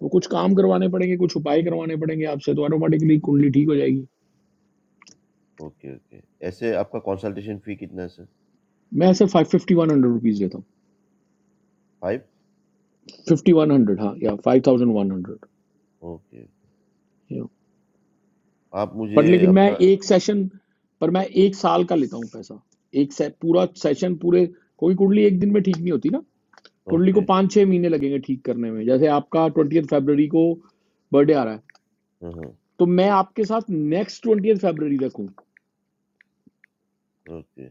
तो कुछ काम करवाने पड़ेंगे कुछ उपाय करवाने पड़ेंगे आपसे तो ऑटोमेटिकली कुंडली ठीक हो जाएगी
ओके, ओके। ऐसे आपका कंसल्टेशन फ़ी कितना है सर?
मैं ऐसे five fifty one hundred rupees देता हूँ
5?
फिफ्टी वन हंड्रेड हाँ या five thousand one hundred
okay. आप मुझे
पर लेकिन मैं
अपना
एक सेशन पर मैं एक साल का लेता हूँ पैसा एक से, पूरा सेशन पूरे कोई कुंडली एक दिन में ठीक नहीं होती ना कुंडली को
ओके।
पाँच छः महीने लगेंगे ठीक करने में जैसे आपका ट्वेंटी फरवरी को बर्थडे आ रहा है
हाँ, हाँ,
तो मैं आपके साथ नेक्स्ट ट्वेंटी फरवरी तक हूँ
ओके।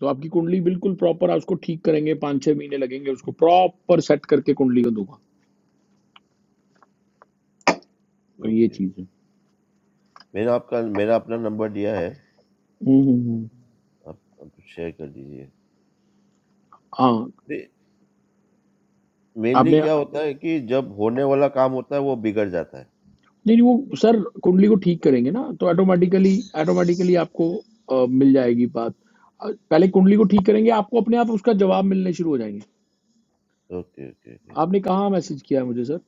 तो आपकी कुंडली बिल्कुल प्रॉपर है उसको ठीक करेंगे पाँच छः महीने लगेंगे उसको प्रॉपर सेट करके कुंडली को दूंगा तो ये
ओके।
चीज़ है
मेरा आपका मैंने अपना नंबर दिया है,
हम्म, हम्म, हम्म।
आप आप शेयर कर दीजिए।
हाँ
दे मेनली
आपने
क्या होता है कि जब होने वाला काम होता है वो बिगड़ जाता है।
नहीं नहीं, वो सर कुंडली को ठीक करेंगे ना तो ऑटोमेटिकली ऑटोमेटिकली आपको अ, मिल जाएगी बात अ, पहले कुंडली को ठीक करेंगे आपको अपने आप उसका जवाब मिलने शुरू हो जाएंगे
ओके, ओके, ओके।
आपने कहाँ मैसेज किया है मुझे सर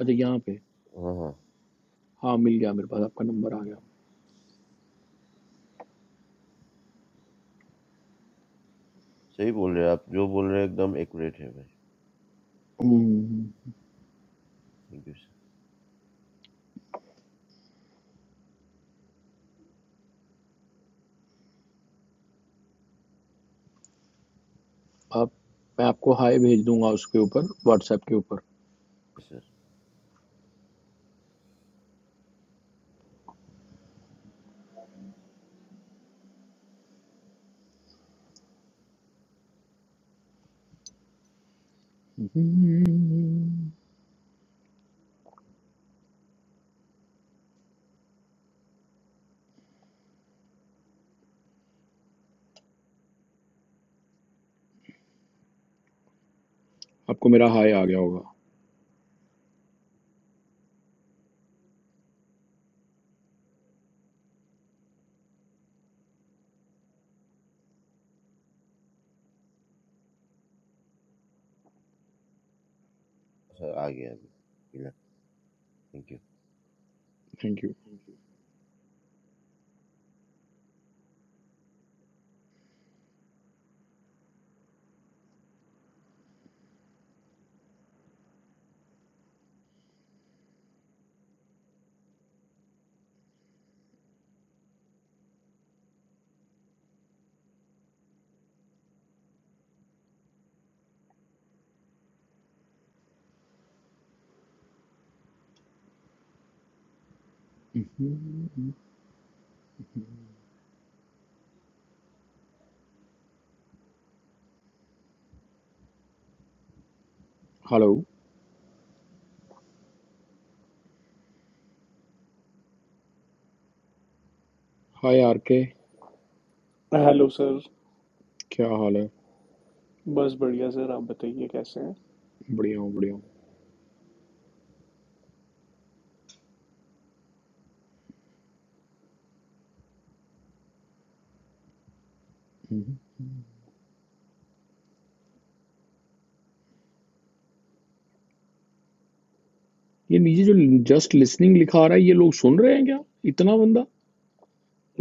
अच्छा यहाँ पे
हाँ, हाँ,
हाँ मिल गया मेरे पास आपका नंबर आ गया
हाँ। सही बोल रहे हैं आप, जो बोल रहे हैं एकदम एक्यूरेट है भाई।
Hmm,
thank you sir.
आप मैं आपको हाय भेज दूंगा उसके ऊपर व्हाट्सएप के ऊपर
सर,
हम्म, आपको मेरा हाय आ गया होगा
सर आ गया अभी। मिला, thank you.
Thank you hmm, hello hi R K
hello sir
क्या हाल है
बस बढ़िया सर आप बताइए कैसे हैं
बढ़िया हूँ बढ़िया हूँ ये नीचे जो जस्ट लिसनिंग लिखा आ रहा है ये लोग सुन रहे हैं क्या इतना बंदा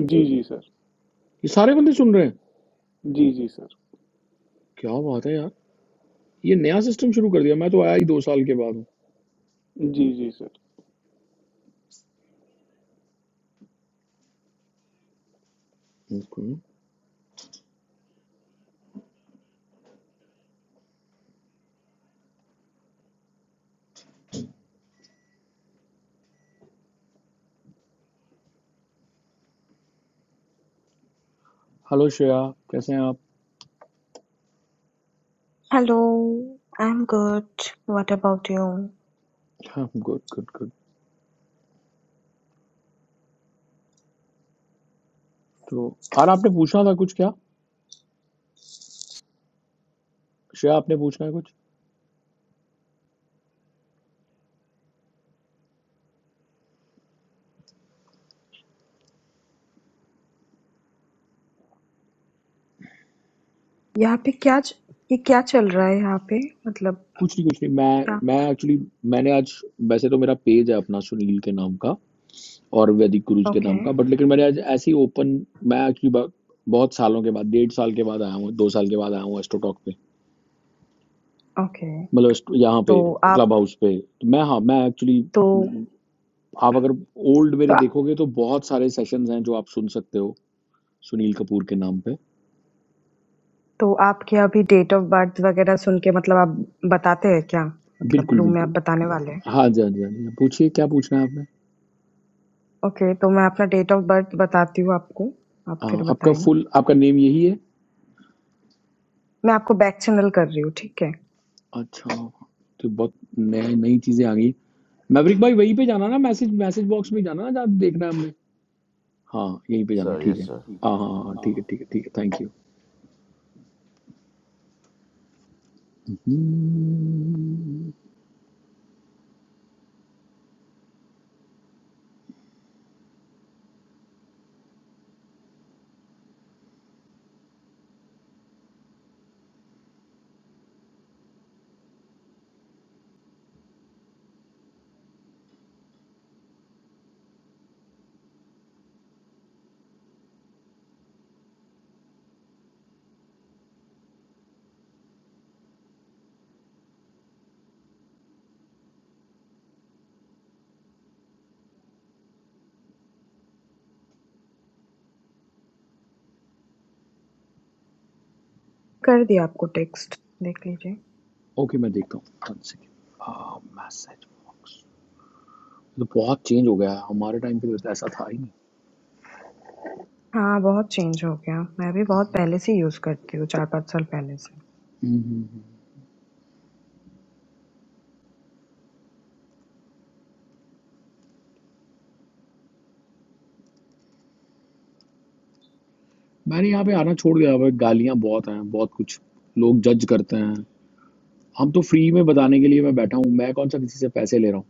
जी जी सर
ये सारे बंदे सुन रहे हैं
जी जी सर
क्या बात है यार ये नया सिस्टम शुरू कर दिया मैं तो आया ही दो साल के बाद हूँ
जी जी सर
Okay. हेलो श्रेया कैसे हैं आप
hello, I am good, what about you?
हाँ गुड गुड गुड तो यार आपने पूछना था कुछ क्या श्रेया आपने पूछना है कुछ
यहाँ पे क्या च- ये क्या चल रहा है यहाँ पे? मतलब
कुछ नहीं कुछ नहीं मैं
क्या?
मैं एक्चुअली मैंने आज वैसे तो मेरा पेज है अपना सुनील के नाम का और वैदिक गुरुज के नाम
ओके,
का बट लेकिन मैंने आज ऐसे ही ओपन मैं एक्चुअली बहुत सालों के बाद डेढ़ साल के बाद आया हूँ दो साल के बाद आया हूँ एस्ट्रोटॉक पे
ओके।
मतलब इस- यहाँ
तो
पे
आप
क्लब हाउस पे तो मैं हाँ मैं एक्चुअली
तो
आप अगर ओल्ड
तो
मेरे
आ-
देखोगे तो बहुत सारे सेशंस हैं जो आप सुन सकते हो सुनील कपूर के नाम पे
तो आपके अभी डेट ऑफ बर्थ वगैरह सुन के मतलब आप बताते हैं क्या? मतलब
बिल्कुल
रूम में आप
बिल्कुल
बताने वाले हैं?
हाँ जी हाँ जी हाँ जी पूछिए क्या पूछना है आपने
ओके, तो मैं अपना डेट ऑफ बर्थ बताती हूँ आपको, आप फिर
हाँ आपका
बताएंगे।
फुल आपका नेम यही है
मैं आपको बैक चैनल कर रही हूँ, ठीक है?
अच्छा तो बहुत नए नई चीज़ें आ गई मैवरिक भाई वहीं पे जाना ना मैसेज मैसेज बॉक्स में जाना ना जहाँ देखना है हमने हाँ यहीं पे जाना
सर,
ठीक है
यस सर।
हाँ हाँ हाँ हाँ, ठीक है ठीक है ठीक है थैंक यू
कर दिया आपको टेक्स्ट, देख लीजिए।
ओके मैं देखता हूँ वन सेकेंड मैसेज बॉक्स तो बहुत चेंज हो गया है हमारे टाइम पे तो ऐसा था ही नहीं
हाँ, बहुत चेंज हो गया। मैं भी बहुत पहले से यूज़ करती हूँ, चार पाँच साल पहले से।
हम्म, हम्म। मैंने यहाँ पे आना छोड़ दिया भाई गालियाँ बहुत हैं बहुत कुछ लोग जज करते हैं हम तो फ्री में बताने के लिए मैं बैठा हूँ मैं कौन सा किसी से पैसे ले रहा हूँ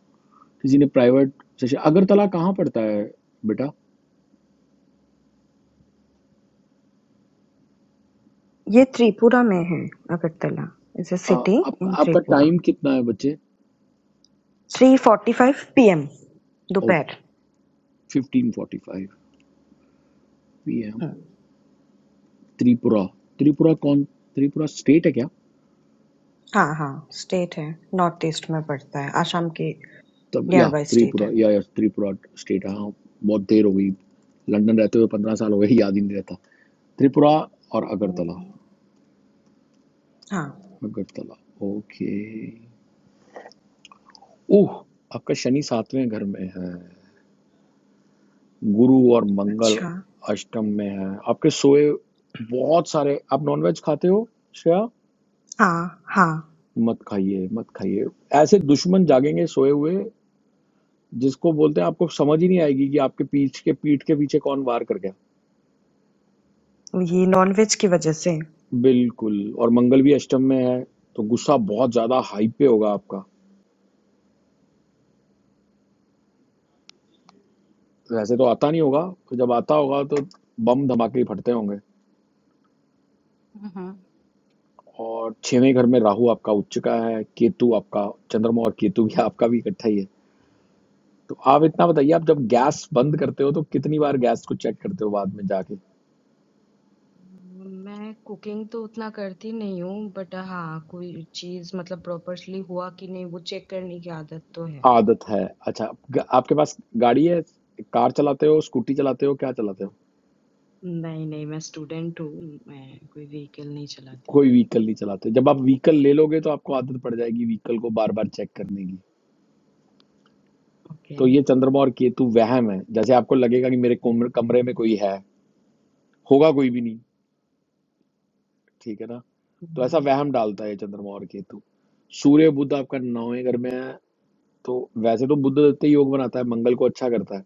किसी ने प्राइवेट सेशन अगरतला कहाँ पड़ता है बेटा
ये त्रिपुरा में है Agartala is a
uh,
city
आप,
इन
आपका
त्रिपुरा
टाइम कितना है बच्चे
थ्री फोर्टी फाइव पीएम दोपहर
okay fifteen forty five P M
hmm,
Tripura Tripura कौन त्रिपुरा स्टेट है क्या
हाँ हाँ स्टेट है नॉर्थ ईस्ट में पड़ता है आसाम के
तब या
नियर बाय स्टेट
त्रिपुरा
है
या या त्रिपुरा स्टेट है हाँ बहुत देर हो गई लंदन रहते हुए पंद्रह साल हो गए याद ही नहीं रहता त्रिपुरा और अगरतला
हम्म, हाँ
अगरतला ओके ओह आपका शनि सातवें घर में है गुरु और मंगल
अच्छा
अष्टम में है आपके सोए बहुत सारे आप नॉनवेज खाते हो श्रेया
हाँ हाँ
मत खाइए मत खाइए ऐसे दुश्मन जागेंगे सोए हुए जिसको बोलते हैं आपको समझ ही नहीं आएगी कि आपके पीठ के पीठ के पीछे कौन वार कर गया
ये नॉनवेज की वजह से
बिल्कुल और मंगल भी अष्टम में है तो गुस्सा बहुत ज्यादा हाई पे होगा आपका वैसे तो आता नहीं होगा तो जब आता होगा तो बम धमाके ही फटते होंगे
हम्म,
और छेवें घर में राहु आपका उच्च का है केतु आपका चंद्रमा और केतु भी <laughs> आपका भी इकट्ठा ही है तो आप इतना बताइए आप जब गैस बंद करते हो तो कितनी बार गैस को चेक करते हो बाद में जाके
मैं कुकिंग तो उतना करती नहीं हूँ बट हाँ कोई चीज मतलब प्रॉपरली हुआ कि नहीं वो चेक करने की आदत तो है
आदत है अच्छा ग- आपके पास गाड़ी है कार चलाते हो स्कूटी चलाते हो क्या चलाते हो
नहीं नहीं मैं स्टूडेंट हूँ मैं कोई व्हीकल नहीं चलाती
कोई व्हीकल नहीं चलाते जब आप व्हीकल ले लोगे तो आपको आदत पड़ जाएगी व्हीकल को बार बार चेक करने की
ओके।
तो ये चंद्रमा और केतु वहम है जैसे आपको लगेगा कि मेरे कमर- कमरे में कोई है होगा कोई भी नहीं ठीक है ना तो ऐसा
हुँ।
वहम डालता है ये चंद्रमा और केतु सूर्य बुध आपका नौवें घर में है तो वैसे तो बुध दत्त योग बनाता है मंगल को अच्छा करता है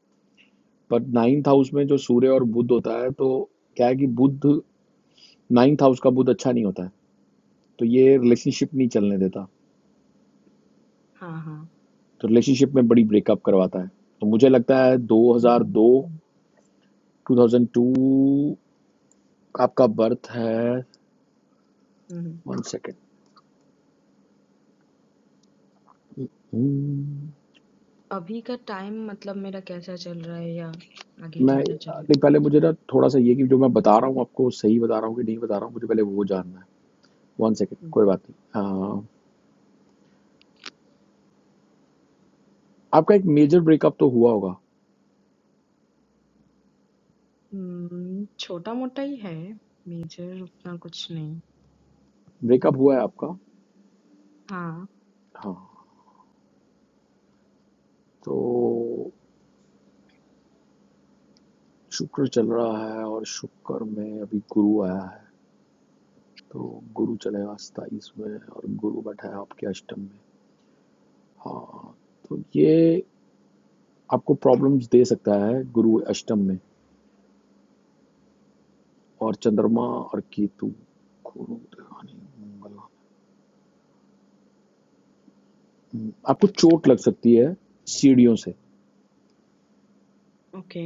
पर नाइन्थ हाउस में जो सूर्य और बुध होता है तो क्या है कि बुध नाइन्थ हाउस का बुध अच्छा नहीं होता है तो ये रिलेशनशिप नहीं चलने देता
हाँ, हाँ।
तो रिलेशनशिप में बड़ी ब्रेकअप करवाता है तो मुझे लगता है
हुँ, हुँ,
2002
हुँ।
2002 आपका बर्थ है
हुँ, हुँ।
वन सेकेंड हम्म,
अभी का टाइम मतलब मेरा कैसा चल रहा है या आगे
मैं
कैसा
नहीं
चलेगा?
पहले मुझे ना थोड़ा सा ये कि जो मैं बता रहा हूँ आपको सही बता रहा हूँ कि नहीं बता रहा हूँ मुझे पहले वो जानना है वन सेकेंड
हुँ,
कोई
हुँ।
बात नहीं अह, आपका एक मेजर ब्रेकअप तो हुआ होगा
उम, छोटा-मोटा ही है, मेजर उतना कुछ नहीं।
ब्रेकअप हुआ है आपका
हाँ,
हाँ तो शुक्र चल रहा है और शुक्र में अभी गुरु आया है तो गुरु चलेगा सताईस में और गुरु बैठा है आपके अष्टम में हाँ तो ये आपको प्रॉब्लम्स दे सकता है गुरु अष्टम में और चंद्रमा और केतु गुरु मंगल आपको चोट लग सकती है सीढ़ियों से
ओके।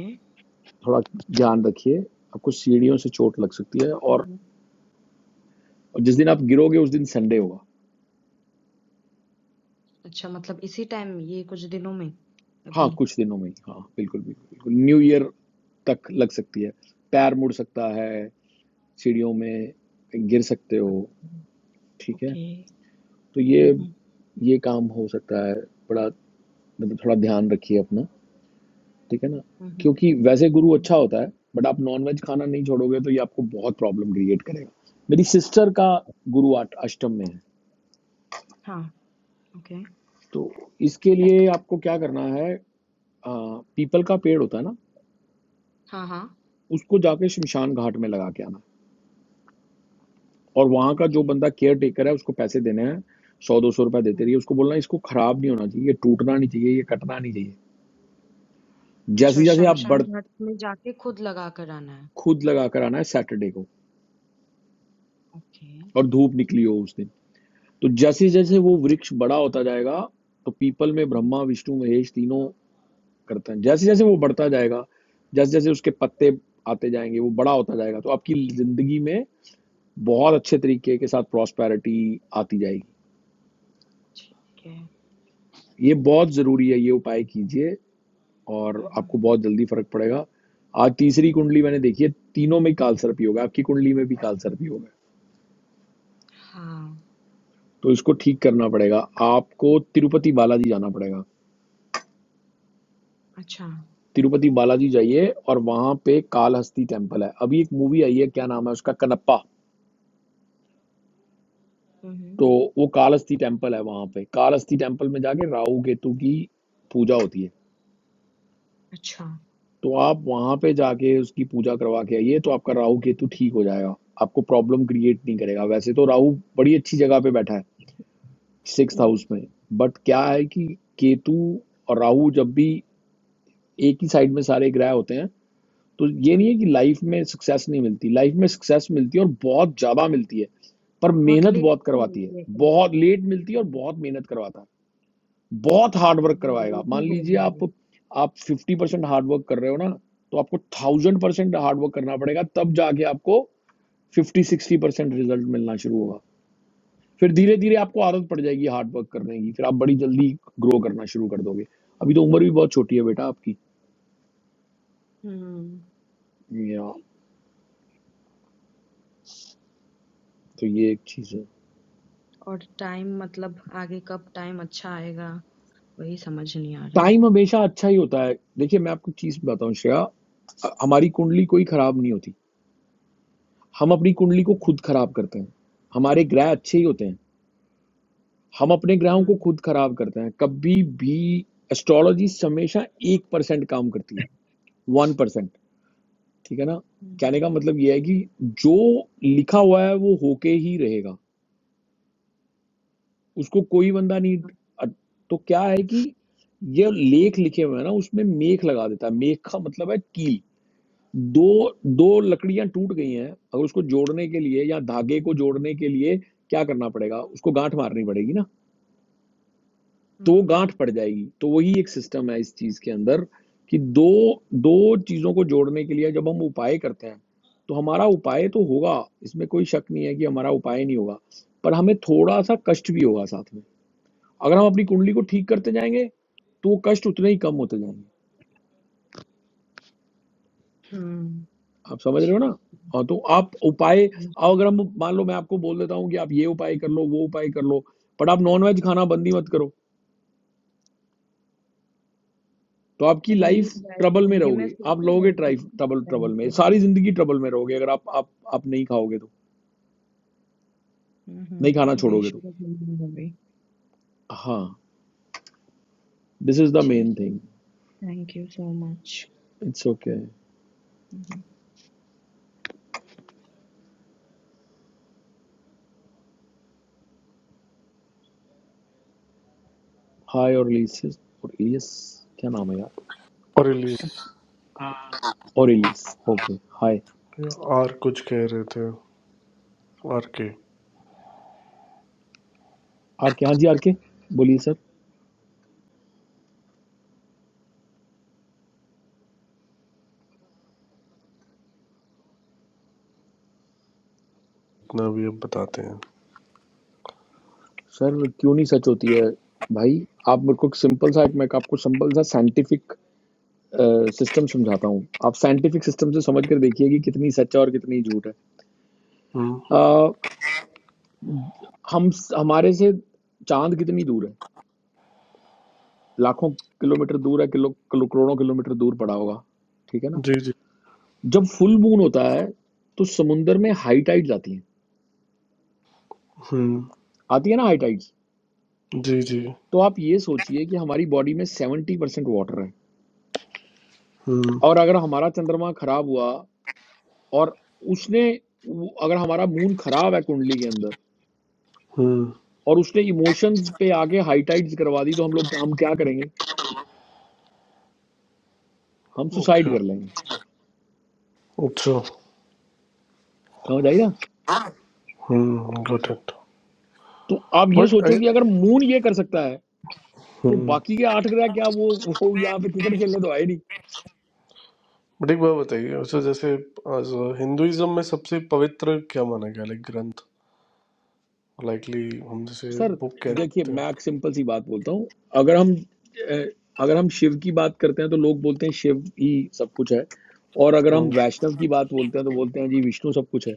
थोड़ा ध्यान रखिए आपको सीढ़ियों से चोट लग सकती है
हुँ,
और
हुँ।
जिस दिन आप गिरोगे उस दिन संडे होगा
अच्छा मतलब इसी टाइम ये कुछ दिनों में? अभी?
हाँ कुछ दिनों में ही हाँ बिल्कुल बिल्कुल बिल्कुल न्यू ईयर तक लग सकती है पैर मुड़ सकता है सीढ़ियों में गिर सकते हो
अच्छा।
ठीक है
ओके।
तो ये
हुँ, हुँ।
ये काम हो सकता है बड़ा मतलब थोड़ा ध्यान रखिए अपना ठीक है ना
हुँ, हुँ।
क्योंकि वैसे
हुँ,
गुरु
हुँ।
अच्छा होता है बट आप नॉनवेज खाना नहीं छोड़ोगे तो ये आपको बहुत प्रॉब्लम क्रिएट करेगा मेरी सिस्टर का गुरु आट- अष्टम में है
हाँ, ओके।
तो इसके लिए आपको क्या करना है आ, पीपल का पेड़ होता है ना
हाँ, हाँ।
उसको जाके शमशान घाट में लगा के आना और वहां का जो
ओके।
बंदा केयर
हुँ,
टेकर है उसको पैसे देने हैं सौ दो सौ रुपए देते
हुँ।
रहिए उसको बोलना इसको खराब नहीं होना चाहिए ये टूटना नहीं चाहिए ये कटना नहीं चाहिए
अच्छा,
जैसे जैसे आप
शमशान
बढ़
घाट में जाके खुद लगा कर आना है।
खुद लगा कर आना है सैटरडे को
ओके।
और धूप निकली हो उस दिन तो जैसे जैसे वो वृक्ष बड़ा होता जाएगा तो पीपल में
हम्म,
ब्रह्मा विष्णु महेश तीनों करते हैं जैसे जैसे वो बढ़ता जाएगा जैसे जैसे उसके पत्ते आते जाएंगे वो बड़ा होता जाएगा तो आपकी जिंदगी में बहुत अच्छे तरीके के साथ प्रॉस्पैरिटी आती जाएगी
ठीक है।
ये बहुत जरूरी है ये उपाय कीजिए
हुँ,
और
हुँ,
आपको
हुँ।
बहुत जल्दी फर्क पड़ेगा आज तीसरी कुंडली मैंने देखी है तीनों में काल सर्प होगा आपकी कुंडली में भी काल सर्प होगा
हाँ,
तो इसको ठीक करना पड़ेगा आपको तिरुपति बालाजी जाना पड़ेगा
अच्छा।
तिरुपति बालाजी जाइए और वहां पे कालहस्ती टेम्पल है अभी एक मूवी आई है क्या नाम है उसका कनप्पा
हुँ, हुँ।
तो वो कालहस्ती टेम्पल है वहां पे कालहस्ती टेम्पल में जाके राहु केतु की पूजा होती है
अच्छा।
तो आप वहां पे जाके उसकी पूजा करवा के आइए तो आपका राहु केतु ठीक हो जाएगा आपको प्रॉब्लम क्रिएट नहीं करेगा वैसे तो राहु बड़ी अच्छी जगह पे बैठा है सिक्स
हुँ,
हाउस में बट क्या है कि केतु और राहु जब भी एक ही साइड में सारे ग्रह होते हैं तो ये
हुँ।
नहीं है कि लाइफ में सक्सेस नहीं मिलती लाइफ में सक्सेस मिलती है और बहुत ज़्यादा मिलती है पर
बहुत
मेहनत
लेट
बहुत
कर
करवाती है
लेती है कहीं।
बहुत लेट मिलती है और
हुँ,
बहुत मेहनत करवाता है बहुत हार्ड वर्क
पहले
करवाएगा
लेट
मान
ही हो
लीजिए
गई है।
आप आप फिफ्टी परसेंट हार्ड वर्क कर रहे हो ना तो आपको थाउजेंड परसेंट हार्ड वर्क करना पड़ेगा तब जाके आपको फिफ्टी सिक्सटी परसेंट रिजल्ट मिलना शुरू होगा फिर धीरे धीरे आपको आदत पड़ जाएगी हार्ड वर्क करने की फिर आप बड़ी जल्दी ग्रो करना शुरू कर दोगे अभी तो उम्र भी बहुत छोटी है बेटा आपकी
हुँ,
या, तो ये एक चीज़ है
और टाइम मतलब आगे कब टाइम अच्छा आएगा, वही समझ नहीं आ रहा है।
टाइम हमेशा अच्छा ही होता है देखिए मैं आपको चीज बताऊं श्रेया अ- हमारी कुंडली कोई खराब नहीं होती हम अपनी कुंडली को
हुँ,
खुद खराब करते हैं हमारे ग्रह अच्छे ही होते हैं हम अपने ग्रहों को
हुँ।
खुद खराब करते हैं कभी भी एस्ट्रोलॉजी हमेशा एक परसेंट काम करती है वन परसेंट ठीक है ना
हुँ,
कहने
हुँ।
का मतलब यह है कि जो लिखा हुआ है वो होके ही रहेगा उसको कोई बंदा नहीं अ- तो क्या है कि ये लेख लिखे हुए हैं ना उसमें मेख लगा देता है मेख का मतलब है कील दो दो लकड़ियां टूट गई हैं अगर उसको जोड़ने के लिए या धागे को जोड़ने के लिए क्या करना पड़ेगा उसको गांठ मारनी पड़ेगी ना तो वो गांठ
हुँ,
पड़ जाएगी तो वही एक सिस्टम है इस चीज के अंदर कि दो दो चीजों को जोड़ने के लिए जब हम उपाय करते हैं तो हमारा उपाय तो होगा इसमें कोई शक नहीं है कि हमारा उपाय नहीं होगा पर हमें थोड़ा सा कष्ट भी होगा साथ में अगर हम अपनी कुंडली को ठीक करते जाएंगे तो वो कष्ट उतने ही कम होते जाएंगे
हुँ,
आप समझ रहे हो
ठीक।
ना हाँ तो आप उपाय
हुँ,
और अगर हम मान लो मैं आपको बोल देता हूँ कि आप ये उपाय कर लो वो उपाय कर लो बट आप नॉनवेज खाना बंद ही मत करो तो आपकी
वही
लाइफ
ट्राई
ट्रबल में
करूँगी, मैं
रहोगे
सोच
आप
ही
लोगे
रही थी
ट्राइफ
उस
ट्रबल
टाइम
ट्रबल में
पे।
सारी जिंदगी ट्रबल में रहोगे अगर आप आप आप नहीं खाओगे तो
हुँ,
नहीं खाना
हुँ, वही
छोड़ोगे तो
शुरू हो गई।
हाँ दिस इज द
ठीक
मेन
है,
thing
thank you so much.
It's okay hi और इलियस और इलियस क्या नाम है यार
और इलिय
स- आ,
और इलियस ओके हाय
और कुछ कह रहे थे और के
आर के हाँ जी आर के बोलिए सर
इतना भी अब बताते हैं
सर क्यों नहीं सच होती है भाई आप मेरे को एक सिंपल सा एक मैं आपको सिंपल सा साइंटिफिक सिस्टम समझाता हूँ आप साइंटिफिक सिस्टम से समझ कर देखिए कि कितनी सच है और कितनी झूठ है
हम्म
अ, हम हमारे से चांद कितनी दूर है लाखों किलोमीटर दूर है किलो, किलो करोड़ों किलोमीटर दूर पड़ा होगा ठीक है ना
जी जी
जब फुल मून होता है तो समुंदर में हाई टाइड्स आती हैं
हम्म
आती है ना हाई टाइड्स
जी जी
तो आप ये सोचिए कि हमारी बॉडी में सेवेंटी परसेंट वाटर है
हम्म
और अगर हमारा चंद्रमा खराब हुआ और उसने वो- अगर हमारा मून खराब है कुंडली के अंदर
हम्म
और उसने इमोशंस पे आके हाई टाइट्स करवा दी तो हम लोग हम क्या करेंगे हम
ओके
सुसाइड कर लेंगे
अच्छा
समझ आई ना
हम्म गॉट इट
तो आप ये
बट
सोचो कि अगर मून ये कर सकता है तो
हम्म
बाकी के आठ ग्रह क्या वो वो यहाँ पे क्रिकेट खेलने तो आए नहीं
बट एक बात बताइए वैसे जैसे हिंदुइज्म में सबसे पवित्र क्या माना गया लाइक ग्रंथ लाइकली हम जैसे
सर
बुक कह
देखिए
सकते हैं
मैं एक सिंपल सी बात बोलता हूँ अगर हम अ, अगर हम शिव की बात करते हैं तो लोग बोलते हैं शिव ही सब कुछ है और अगर हम
हम्म,
वैष्णव की बात बोलते हैं तो बोलते हैं जी विष्णु सब कुछ है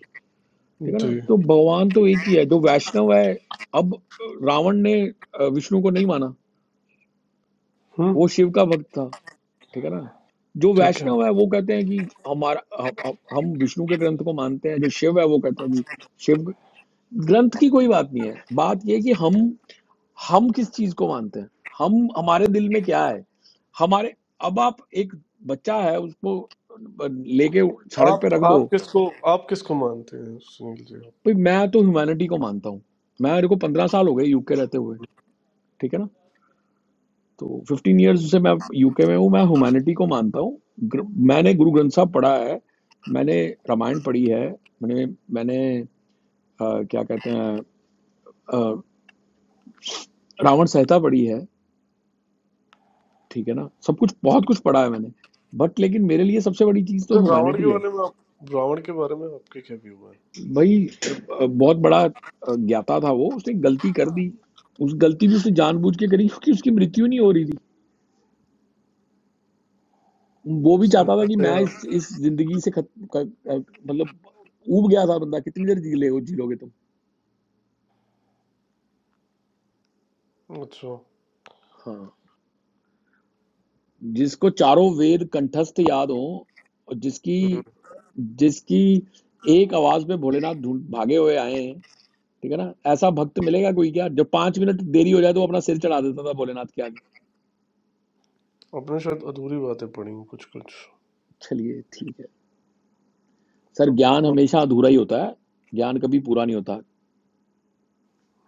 ठीक है ना
जी
तो भगवान तो एक ही है जो वैष्णव है अब रावण ने अ, विष्णु को नहीं माना
हम्म
वो शिव का भक्त था ठीक है ना जो
ठीक है
वैष्णव है वो कहते हैं कि हमारा हम हम- हम विष्णु के ग्रंथ को मानते हैं जो शिव है वो कहते हैं जी शिव ग्रंथ की कोई बात नहीं है बात ये है कि हम हम किस चीज को मानते हैं हम हमारे दिल में क्या है हमारे अब आप एक बच्चा है उसको लेके सड़क पे
आप
रख दो
आप किसको आप किसको मानते हैं सुनील जी
भाई मैं तो ह्यूमैनिटी को मानता हूँ मैं मेरे को पंद्रह साल हो गए यूके रहते हुए ठीक है ना तो फिफ्टीन ईयर्स से मैं यूके में हूँ मैं ह्यूमैनिटी को मानता हूँ ग्र- मैंने गुरु ग्रंथ साहब पढ़ा है मैंने रामायण पढ़ी है मैंने मैंने अ, क्या कहते हैं अ, रावण संहिता पढ़ी है ठीक है ना सब कुछ बहुत कुछ पढ़ा है मैंने बट लेकिन मेरे लिए सबसे बड़ी चीज़ तो
जो रावण के
ह्यूमैनिटी है
बारे में आप रावण के बारे में आपके क्या व्यू
भाई अ, बहुत बड़ा अ, ज्ञाता था वो उसने गलती कर दी उस गलती भी उसने जानबूझ के करी क्योंकि उसकी मृत्यु नहीं हो रही थी वो भी
उसने
चाहता था
कहा
कि
कि
मैं इस
यार
इस जिंदगी से खत क- अ, मतलब ऊब गया था बंदा कितनी देर जी ले जी लोगे तुम
अच्छा
हाँ जिसको चारों वेद कंठस्थ याद हो और जिसकी
हम्म,
जिसकी एक आवाज में भोलेनाथ ढूंढ भागे हुए आए हैं ठीक है ना ऐसा भक्त मिलेगा कोई क्या जब पांच मिनट देरी हो जाए तो वो अपना सिर चढ़ा देता था भोलेनाथ के आगे
अपने शायद अधूरी बातें पढ़ी हूँ कुछ कुछ
चलिए ठीक है सर
तो
ज्ञान
हाँ
हमेशा अधूरा ही होता है ज्ञान कभी पूरा नहीं होता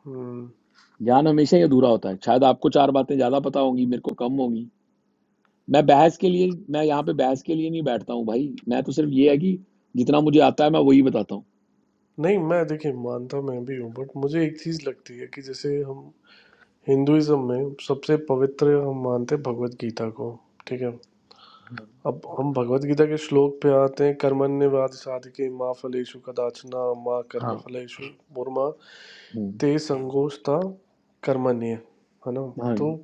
हम्म,
ज्ञान हमेशा ही अधूरा होता है शायद आपको चार बातें ज्यादा पता होंगी मेरे को कम होगी मैं बहस के लिए मैं यहाँ पे बहस के लिए नहीं बैठता हूँ भाई मैं तो सिर्फ ये है कि जितना मुझे आता है मैं वही बताता हूँ
नहीं मैं देखिए मानता मैं भी हूँ बट मुझे एक चीज लगती है कि जैसे हम हिंदुइज्म में सबसे पवित्र हम मानते हैं भगवत गीता को ठीक है अब हम भगवत गीता के श्लोक पे आते हैं कर्मण्यवाद साधके माँ फलेषु कदाचना माँ कर्म
हाँ
फलेषु मुर्मा
हम्म,
ते संगोष्ठा कर्मण्य है ना
हाँ
तो
जी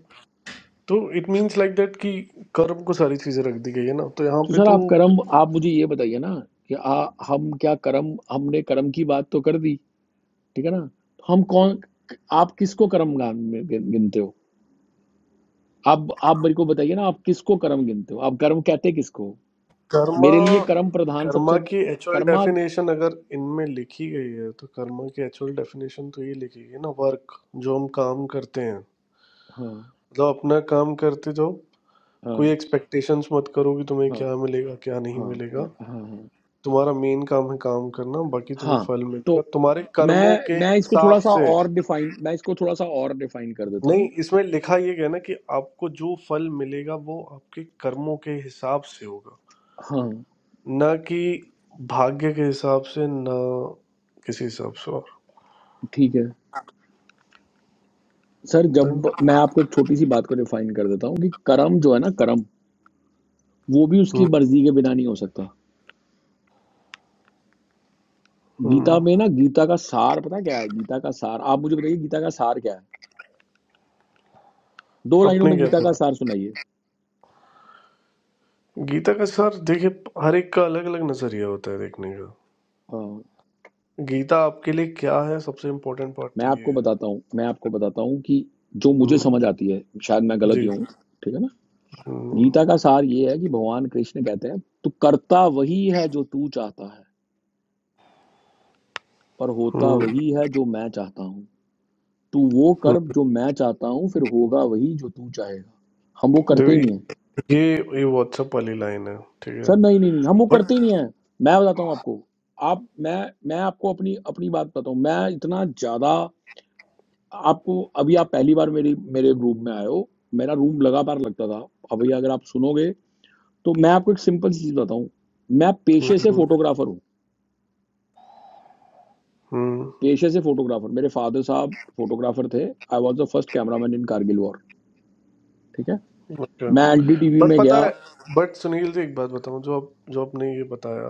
तो इट मींस लाइक दैट कि कर्म को सारी चीजें रख दी गई है ना तो यहाँ
तो
पे
सर
तो
आप कर्म आप मुझे ये बताइए ना कि आ, हम क्या कर्म हमने कर्म की बात तो कर दी ठीक है ना तो हम कौन आप किसको कर्म गान में गिन- गिनते हो आप आप मेरे को बताइए ना आप किसको कर्म गिनते हो आप कर्म कहते किसको हो?
कर्मा
मेरे लिए कर्म प्रधान
कर्मा
सबसे
की एक्चुअल
कर्मा
डेफिनेशन अगर इनमें लिखी गई है तो कर्मा की एक्चुअल डेफिनेशन तो ये लिखी गई है ना वर्क जो हम काम करते हैं
हाँ
मतलब अपना काम करते जाओ कोई
हाँ
एक्सपेक्टेशंस मत करो कि तुम्हें
हाँ
क्या मिलेगा क्या नहीं
हाँ
मिलेगा
हाँ हाँ हाँ
तुम्हारा मेन काम है काम करना बाकी तुम्हें
हाँ,
फल मिलेगा
तो
तुम्हारे कर्मों के
मैं मैं इसको
हिसाब
थोड़ा-सा
से
और डिफाइन मैं इसको थोड़ा-सा और डिफाइन कर देता हूँ।
नहीं इसमें लिखा ये गया ना कि आपको जो फल मिलेगा वो आपके कर्मों के हिसाब से होगा
हाँ,
ना कि भाग्य के हिसाब से ना किसी हिसाब से और
ठीक है। सर
देन
जब मैं आपको एक छोटी-सी बात को डिफाइन कर देता हूँ कि कर्म जो है ना कर्म, वो भी उसकी
हम्म
मर्ज़ी के बिना नहीं हो सकता।
हम्म,
गीता में ना गीता का सार पता है क्या है? गीता का सार आप मुझे बताइए गीता का सार क्या है? 2 लाइनों
अपने
में
क्या
गीता का
था
सार सुनाइए।
गीता का सर देखिए हर एक का अलग अलग नजरिया होता है देखने का
हाँ,
गीता आपके लिए क्या है सबसे इम्पोर्टेंट पार्ट
मैं
तो ये
आपको
है
बताता हूँ मैं आपको बताता हूँ कि जो मुझे
हम्म,
समझ आती है, शायद मैं गलत ही
जी
हूँ, ठीक है ना?
हम्म,
गीता का सार ये है कि भगवान कृष्ण कहते हैं तू करता वही है जो तू चाहता है पर होता
हम्म,
वही है जो मैं चाहता हूँ तू वो
हम्म।
कर जो मैं चाहता हूँ फिर होगा वही जो तू चाहेगा हम वो
देखो
करते ही नहीं है
ये ये व्हाट्सएप वाली लाइन है ठीक है
सर नहीं नहीं नहीं हम वो
बट
करते ही नहीं है मैं बताता हूँ आपको आप मैं मैं आपको अपनी अपनी बात बताता हूँ मैं इतना ज्यादा आपको अभी आप पहली बार मेरी मेरे रूम में आए हो मेरा रूम लगातार लगता था अभी अगर आप सुनोगे तो मैं आपको एक सिंपल सी चीज बताऊं मैं पेशे से
हम्म
फोटोग्राफर हूँ
हम्म
पेशे से फोटोग्राफर मेरे फादर साहब फोटोग्राफर थे I was the first cameraman in Kargil war ठीक है
हम्म, अच्छा।
मैं एनडीटीवी
बट
में गया
पता है बट सुनील जी एक बात बताऊं जो आप जो आपने ये बताया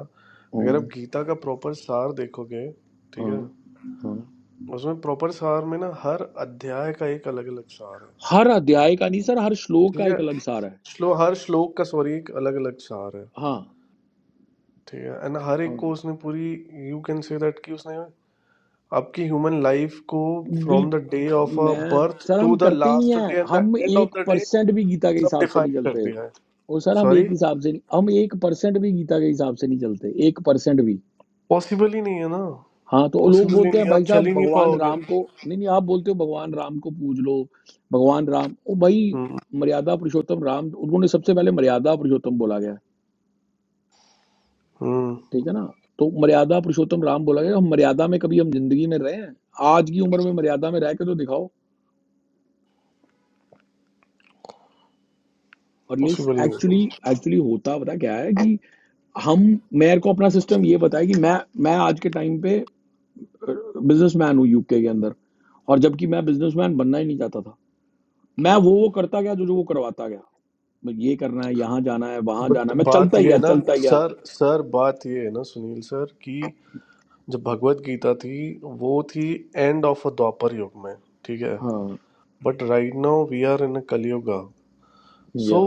अगर आप
हम्म,
गीता का प्रॉपर सार देखोगे ठीक
हाँ,
है
हाँ।
उसमें प्रॉपर सार में ना हर अध्याय का एक अलग अलग सार है
हर अध्याय का नहीं सर हर श्लोक
ठीक
का
है
एक अलग सार है
श्लो हर श्लोक का सॉरी एक अलग अलग सार है
हाँ
ठीक है एंड हर एक
हाँ
को उसने पूरी यू कैन से दैट कि उसने आपकी ह्यूमन लाइफ को फ्रॉम
बिल
द डे ऑफ अ
मैं
बर्थ
सर
टू
हम
द
करते ही नहीं
लास्ट
है
डे एंड द
हम
एंड ऑफ
एक
द डे
परसेंट भी गीता के
सब
हिसाब से
डिफाइन
नहीं
कर
चलते
दिया है
और सर हम
सॉरी
एक हिसाब से नहीं हम एक परसेंट भी गीता के हिसाब से नहीं चलते एक परसेंट भी
पॉसिबल ही नहीं है ना
हाँ तो लोग
पॉसिबल ही
बोलते
नहीं
हैं
है आप
भाई
चल
साहब
ही नहीं
भगवान
पाओगे
राम को नहीं नहीं आप बोलते हो भगवान राम को पूज लो भगवान राम ओ भाई
हम्म,
मर्यादा पुरुषोत्तम राम उन्होंने सबसे पहले मर्यादा पुरुषोत्तम बोला गया है,
हम्म
ठीक है ना तो मर्यादा पुरुषोत्तम राम बोला गया हम मर्यादा में कभी हम जिंदगी में रहे हैं आज की उम्र में मर्यादा में रह के तो दिखाओ और लेस
पॉसिबल नहीं
एक्चुअली
है
एक्चुअली होता पता क्या है कि हम मेरे को अपना सिस्टम ये बताया कि मैं मैं आज के टाइम पे बिजनेसमैन हूँ यूके के अंदर और जबकि मैं बिजनेसमैन बनना ही नहीं चाहता था मैं वो वो करता गया जो जो वो करवाता गया मैं ये करना है यहाँ जाना है वहां जाना
बट
है मैं चलता
बात
ही
ये
गया
है ना
चलता ही गया
सर सर बात ये है ना सुनील सर कि जब भगवत गीता थी वो थी एंड ऑफ अ द्वापर युग में ठीक है
हाँ
but right now we are in a Kalyuga
या
सो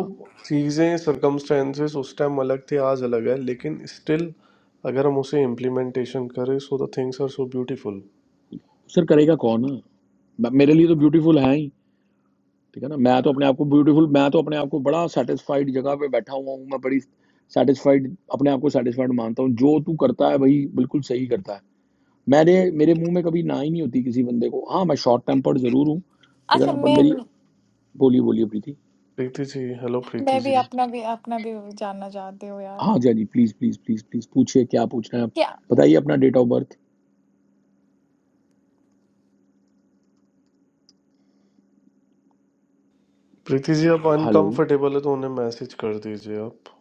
चीजें सर्कमस्टेंसेस उस टाइम अलग थे आज अलग है लेकिन स्टिल अगर हम उसे इम्प्लीमेंटेशन करें so the things are so beautiful
sir करेगा कौन मैं- मेरे लिए तो ब्यूटीफुल है ही ठीक है ना मैं तो अपने आप को ब्यूटीफुल मैं तो अपने आप को बड़ा सेटिस्फाइड जगह पे बैठा हुआ हूँ मैं बड़ी सेटिस्फाइड अपने आप को सेटिस्फाइड मानता हूँ जो तू करता है भाई बिल्कुल सही करता है मैंने मेरे मुंह में कभी ना ही नहीं होती किसी बंदे को हाँ मैं शॉर्ट टेम्पर्ड जरूर हूँ ठीक है
अच्छा
ना बट
मैं
मेरी बोलिए बोलिए प्रीति
प्रीति जी हेलो प्रीति
मैं
जी
भी अपना भी अपना भी जानना चाहती हूँ यार
हाँ Jai ji please please please please पूछिए क्या पूछना है आप
क्या
बताइए अपना date of birth
Preeti ji आप
हेलो
अनकंफर्टेबल है तो उन्हें मैसेज कर दीजिए आप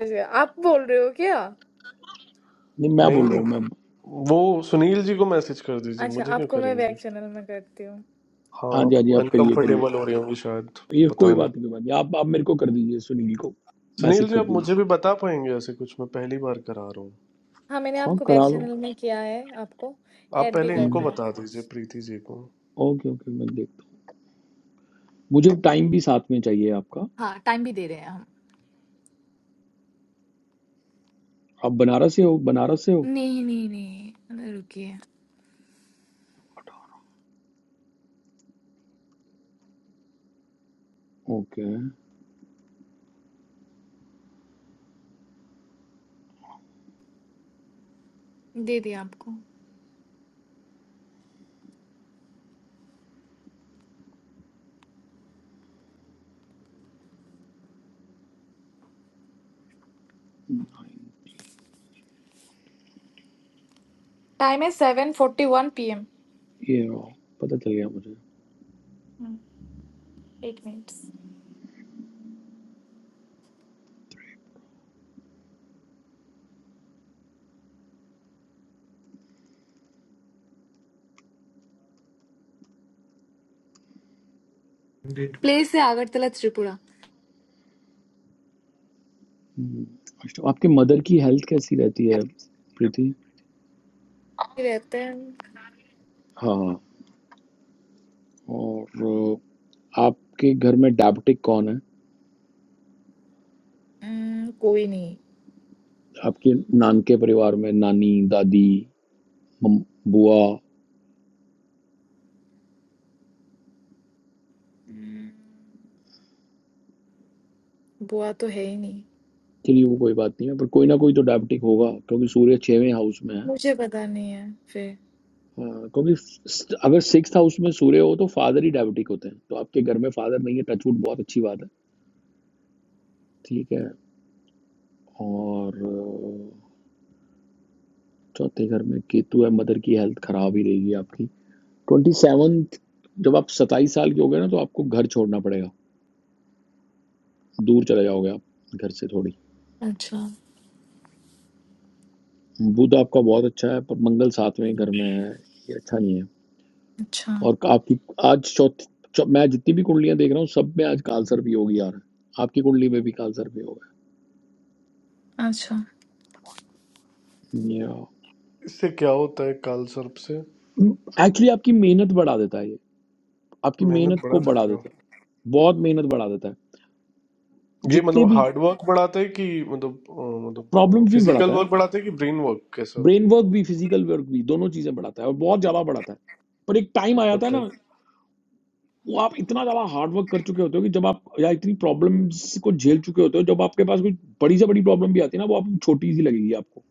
अच्छा, आप बोल रहे हो क्या
नहीं मैं
नहीं
बोल रहा
नहीं
हूँ मैं
वो सुनील जी को मैसेज कर दीजिए
अच्छा
मुझे क्यों
आपको मैं
करेंगे
बैक चैनल में करती हूँ
हाँ
हाँ
जी हाँ जी आप करिए करिए
अनकंफर्टेबल हो रही होंगी शायद
ये कोई
बताने
बात नहीं कोई बात नहीं आप आप मेरे को कर दीजिए सुनील को
सुनील
मैसेज
जी
कर
आप
दीजिए
मुझे भी बता पाएंगे ऐसे कुछ मैं पहली बार करा रहा हूँ
हाँ मैंने
हाँ
आपको बैक
करा लो
चैनल में किया है आपको
आप
ऐड भी
पहले
कर
इनको
हम्म,
दिया
बता दीजिए प्रीति जी को
ओके ओके मैं देखता हूँ मुझे टाइम भी साथ में चाहिए आपका
हाँ टाइम भी दे रहे हैं हम
आप बनारस से हो बनारस से हो
नहीं नहीं नहीं अरे रुकिए
ओके
दे दिया आपको
नाइन
टाइम है seven forty one P M
ये रहो, पता चल गया मुझे
एट मिनट्स Did. प्लेस है आगरतला त्रिपुरा
हम्म, अच्छा, आपके मदर की हेल्थ कैसी रहती
Yeah.
है प्रीति
रहते हैं
हाँ और आपके घर में डायबिटिक कौन है
हम्म, कोई नहीं
आपके नान के परिवार में नानी दादी मम, बुआ
हम्म, बुआ तो है ही नहीं
चलिए वो कोई बात नहीं है पर कोई ना कोई तो डायबिटिक होगा क्योंकि सूर्य छेवें हाउस में है अ,
मुझे पता नहीं है फिर
क्योंकि स- अगर सिक्स हाउस में सूर्य हो तो फादर ही डायबिटिक होते हैं तो आपके घर में फादर नहीं है टचवुड बहुत अच्छी बात है ठीक है और अ, चौथे घर में केतु है मदर की हेल्थ खराब ही रहेगी आपकी ट्वेंटी सेवन जब आप सत्ताईस साल के हो गए ना तो आपको घर छोड़ना पड़ेगा दूर चले जाओगे आप घर से थोड़ी
अच्छा
बुध आपका बहुत अच्छा है पर मंगल सातवें घर में है ये अच्छा नहीं है
अच्छा
और आपकी आज चौथी चौ, मैं जितनी भी कुंडलियां देख रहा हूँ सब में आज कालसर भी होगी यार आपकी कुंडली में भी कालसर भी होगा
अच्छा
इससे क्या होता है काल सर्प से
एक्चुअली आपकी मेहनत बढ़ा देता है ये आपकी
मेहनत
मेहनत
बढ़ा
को बढ़ा
देता है
देता है बहुत मेहनत बढ़ा देता है
ये मतलब
जितने भी
हार्ड वर्क बढ़ाता है कि मतलब अ, मतलब
प्रॉब्लम्स भी
फिजिकल
बढ़ाता है
वर्क बढ़ाता है कि ब्रेन वर्क कैसा
ब्रेन वर्क भी फिजिकल वर्क भी दोनों चीजें बढ़ाता है और बहुत ज्यादा बढ़ाता है पर एक टाइम आ जाता है
मतलब
ना वो आप इतना ज्यादा हार्ड वर्क कर चुके होते हो कि जब आप या इतनी प्रॉब्लम्स को झेल चुके होते हो जब आपके पास कोई बड़ी से बड़ी प्रॉब्लम भी आती है ना वो आपको छोटी सी लगेगी आपको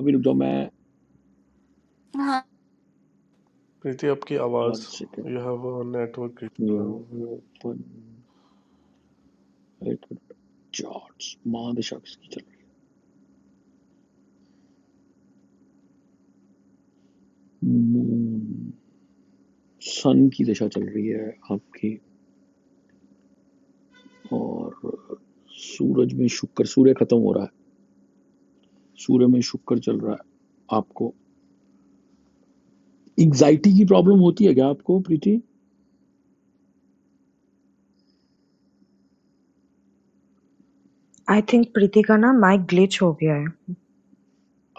अभी रुक जाओ मैं
हाँ
प्रीति आपकी
वन
आवाज
सेकेंड
यह वो नेटवर्क इशू
न्यू
है
ओपन चार्ट्स महादशा किसकी चल रही मून सन की दशा चल रही है आपकी और सूरज में शुक्र सूर्य खत्म हो रहा है सूर्य में शुक्र चल रहा है आपको एग्जाइटी की प्रॉब्लम होती है क्या आपको प्रीति
आई थिंक प्रीति का ना माइक ग्लिच हो गया है।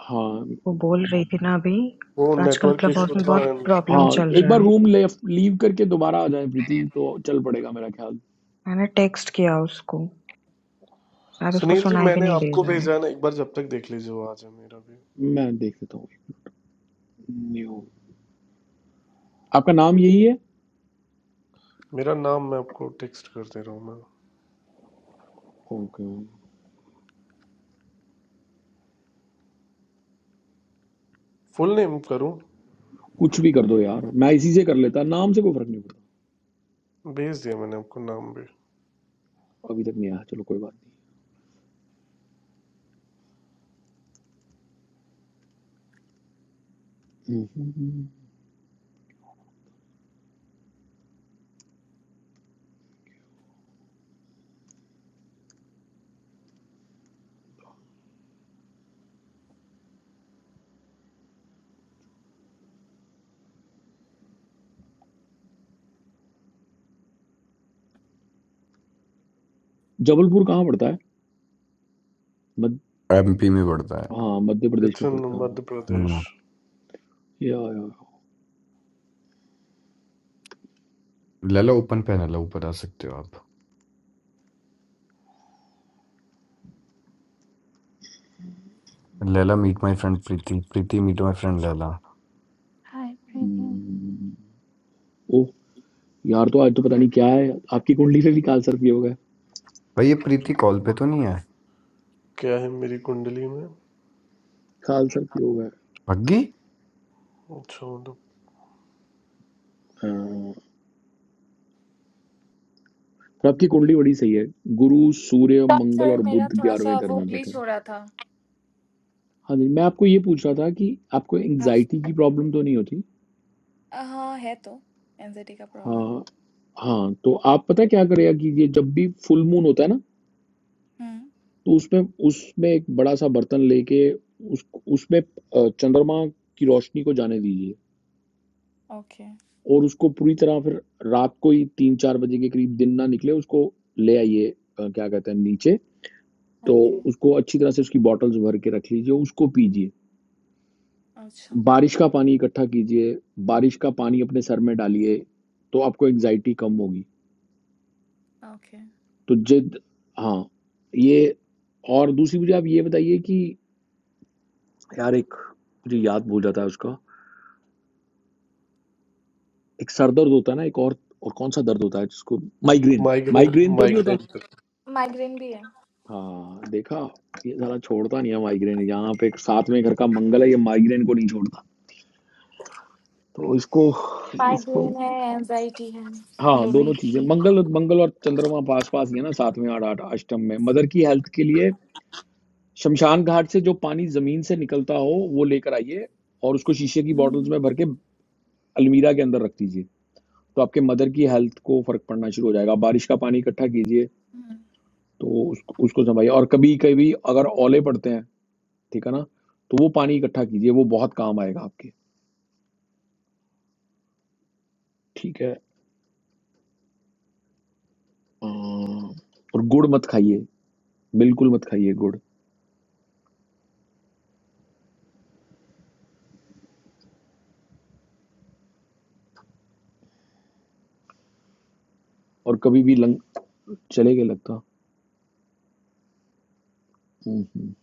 हाँ
वो बोल रही थी ना अभी
वो
आजकल
नेटवर्क
क्लब हाउस
इशू
में बहुत
था
प्रॉब्लम
हाँ
चल
एक
रहा
बार
है।
रूम ले लीव करके दोबारा आ जाए प्रीति तो चल पड़ेगा मेरा ख्याल
मैंने टेक्स्ट किया उसको शायद उसको
सुनील जी
सुनाई भी
मैंने
नहीं दे
आपको
रहा है।
भेजा है ना एक बार जब तक देख लीजिए वो आ जाए मेरा भी
मैं देख लेता हूँ न्यू आपका नाम यही है
मेरा नाम मैं आपको टेक्स्ट कर दे रहा हूँ मैं
ओके
फुल नेम करूँ
कुछ भी कर दो यार मैं इसी से कर लेता नाम से कोई फर्क नहीं पड़ता
भेज दिया मैंने आपको नाम भी
अभी तक नहीं आया चलो कोई बात नहीं हम्म, हम्म। जबलपुर कहाँ पड़ता है मध्य
एमपी में पड़ता है
हाँ मध्य प्रदेश में
मिथुन
पड़ता है हाँ।
मध्य प्रदेश
हम्म
या, या,
लैला ओपन पे है लैला ऊपर आ सकते हो आप Laila meet my friend Preeti Preeti meet my friend Laila
Hi, breathing.
Hmm, oh यार तो आज तो पता नहीं क्या है आपकी कुंडली से भी काल सर्प योग है
भाई ये प्रीति कॉल पे तो नहीं है
क्या है मेरी कुंडली में
खाल सर पी
भग्गी
अच्छा मतलब
होगा तो आपकी कुंडली बड़ी सही है गुरु सूर्य
सॉरी
मंगल
सर
और
मेरा
बुध
थोड़ा
ग्यारहवें
सा
घर
वो
में बैठे
ग्लिच
हैं।
हो रहा था
हाँ जी मैं आपको ये पूछ रहा था कि आपको
हाँ
एंजाइटी की प्रॉब्लम तो नहीं होती
हाँ है तो एनजाइटी का प्रॉब्लम
हाँ हाँ तो आप पता है क्या करेगा कि ये जब भी फुल मून होता है ना
हम्म
तो उसमें उसमें एक बड़ा सा बर्तन लेके उस उसमें अ, चंद्रमा की रोशनी को जाने दीजिए
ओके
और उसको पूरी तरह फिर रात को ही तीन चार बजे के करीब दिन ना निकले उसको ले आइए अ, क्या कहते हैं नीचे तो
ओके
उसको अच्छी तरह से उसकी बॉटल्स भर के रख लीजिए उसको पीजिए
अच्छा
बारिश का पानी इकट्ठा कीजिए बारिश का पानी अपने सर में डालिए तो आपको एंग्जाइटी कम होगी
ओके
तो जिद हाँ ये और दूसरी मुझे आप ये बताइए कि यार एक मुझे याद भूल जाता है उसका एक सर दर्द होता है ना एक और और कौन सा दर्द होता है जिसको माइग्रेन
माइग्रेन
माइग्रेन तो नहीं होता
माइग्रेन
माइग्रेन भी है
हाँ देखा ये सारा छोड़ता नहीं है माइग्रेन यहाँ पे एक साथ में घर का मंगल है ये माइग्रेन को नहीं छोड़ता तो इसको इसको
माइग्रेन है एनजाइटी है
हाँ
दोनों
दोनों चीजें
ही
मंगल मंगल और चंद्रमा पास पास ही है ना सातवें आठ आठ अष्टम में मदर की हेल्थ के लिए शमशान घाट से जो पानी जमीन से निकलता हो वो लेकर आइए और उसको शीशे की बॉटल्स
हम्म
में भर के अलमीरा के अंदर रख दीजिए तो आपके मदर की हेल्थ को फर्क पड़ना शुरू हो जाएगा बारिश का पानी इकट्ठा कीजिए
हम्म,
तो उसको उसको जमाइए और कभी कभी अगर ओले पड़ते हैं ठीक है ना तो वो पानी इकट्ठा कीजिए वो बहुत काम आएगा आपके ठीक है अम, और गुड़ मत खाइए बिल्कुल मत खाइए गुड़ और कभी भी लंग चले गए लगता हम्म, हम्म।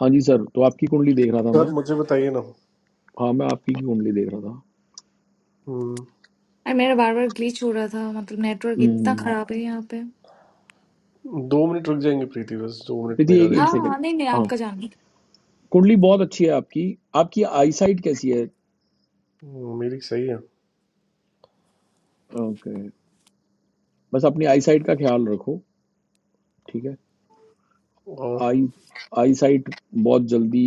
हाँ जी सर तो आपकी कुंडली देख रहा था मैं
सर मुझे बताइए ना
हाँ मैं आपकी की कुंडली देख रहा था
हम्म,
अरे मेरा बार बार ग्लिच हो रहा था मतलब नेटवर्क इतना
हम्म,
खराब है यहाँ पे
दो मिनट रुक जाएंगे प्रीति बस दो मिनट
प्रीति
मेरा
एक
हाँ
एक
देख लें
सेकंड
हाँ, नहीं नहीं
हाँ
आपका जान
कुंडली बहुत अच्छी है आपकी आपकी आईसाइट कैसी है
हम्म, मेरी सही है
ओके बस अपनी आईसाइट का ख्याल रखो ठीक है
और
आई आईसाइट बहुत जल्दी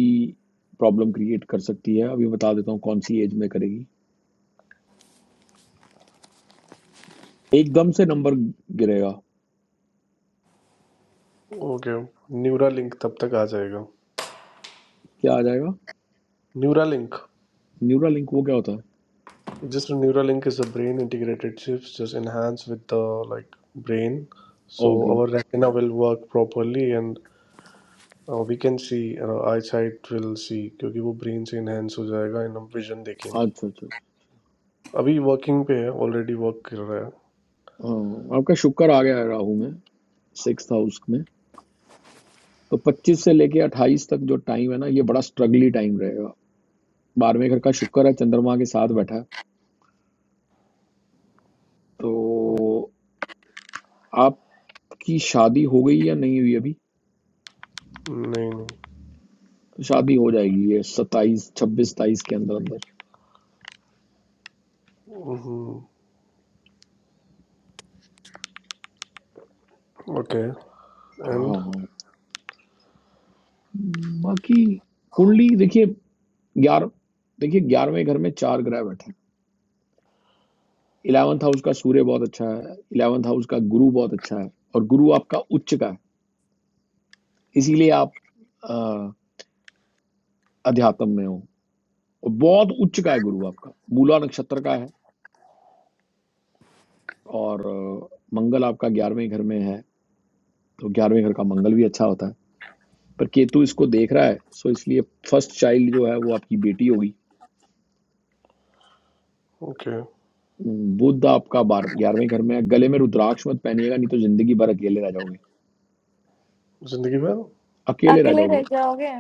प्रॉब्लम क्रिएट कर सकती है अभी बता देता हूँ कौन सी एज में करेगी एकदम से नंबर गिरेगा
ओके न्यूरा लिंक तब तक आ जाएगा
क्या आ जाएगा
न्यूरा
न्यूरा लिंक वो क्या होता है
just a Neuralink is a brain integrated chips just enhanced with the like brain so
okay
our retina will work properly and uh, we can see our eyesight will see क्योंकि वो brain से enhance हो जाएगा and हम vision देखेंगे
अच्छा अच्छा अच्छा।
अभी working पे है already work कर रहा
हाँ आपका शुक्र आ गया है राहु में सिक्स हाउस में तो 25 से लेके 28 तक जो टाइम है ना ये बड़ा स्ट्रगली टाइम रहेगा बारहवें घर का शुक्र है चंद्रमा के साथ बैठा है
है
तो आपकी शादी हो गई या नहीं हुई अभी तो
नहीं
शादी हो जाएगी ये 27 26 27 के अंदर अंदर
नहीं ओके एंड
हाँ हाँ बाकी कुंडली देखिए ग्यारह देखिए ग्यारहवें घर में चार ग्रह बैठे हैं इलेवंथ हाउस का सूर्य बहुत अच्छा है इलेवंथ हाउस का गुरु बहुत अच्छा है और गुरु आपका उच्च का है इसीलिए आप अ, अध्यात्म में हो बहुत उच्च का है गुरु आपका मूला नक्षत्र का है और अ, मंगल आपका ग्यारहवें घर में है तो ग्यारहवें घर का मंगल भी अच्छा होता है पर केतु इसको देख रहा है सो इसलिए फर्स्ट चाइल्ड जो है वो आपकी बेटी होगी
ओके
उम, बुध आपका बार ग्यारहवें घर में है गले में रुद्राक्ष मत पहनिएगा नहीं तो जिंदगी भर अकेले रह जाओगे
जिंदगी भर
अकेले रह
अकेले रह
जाओगे
जाओगे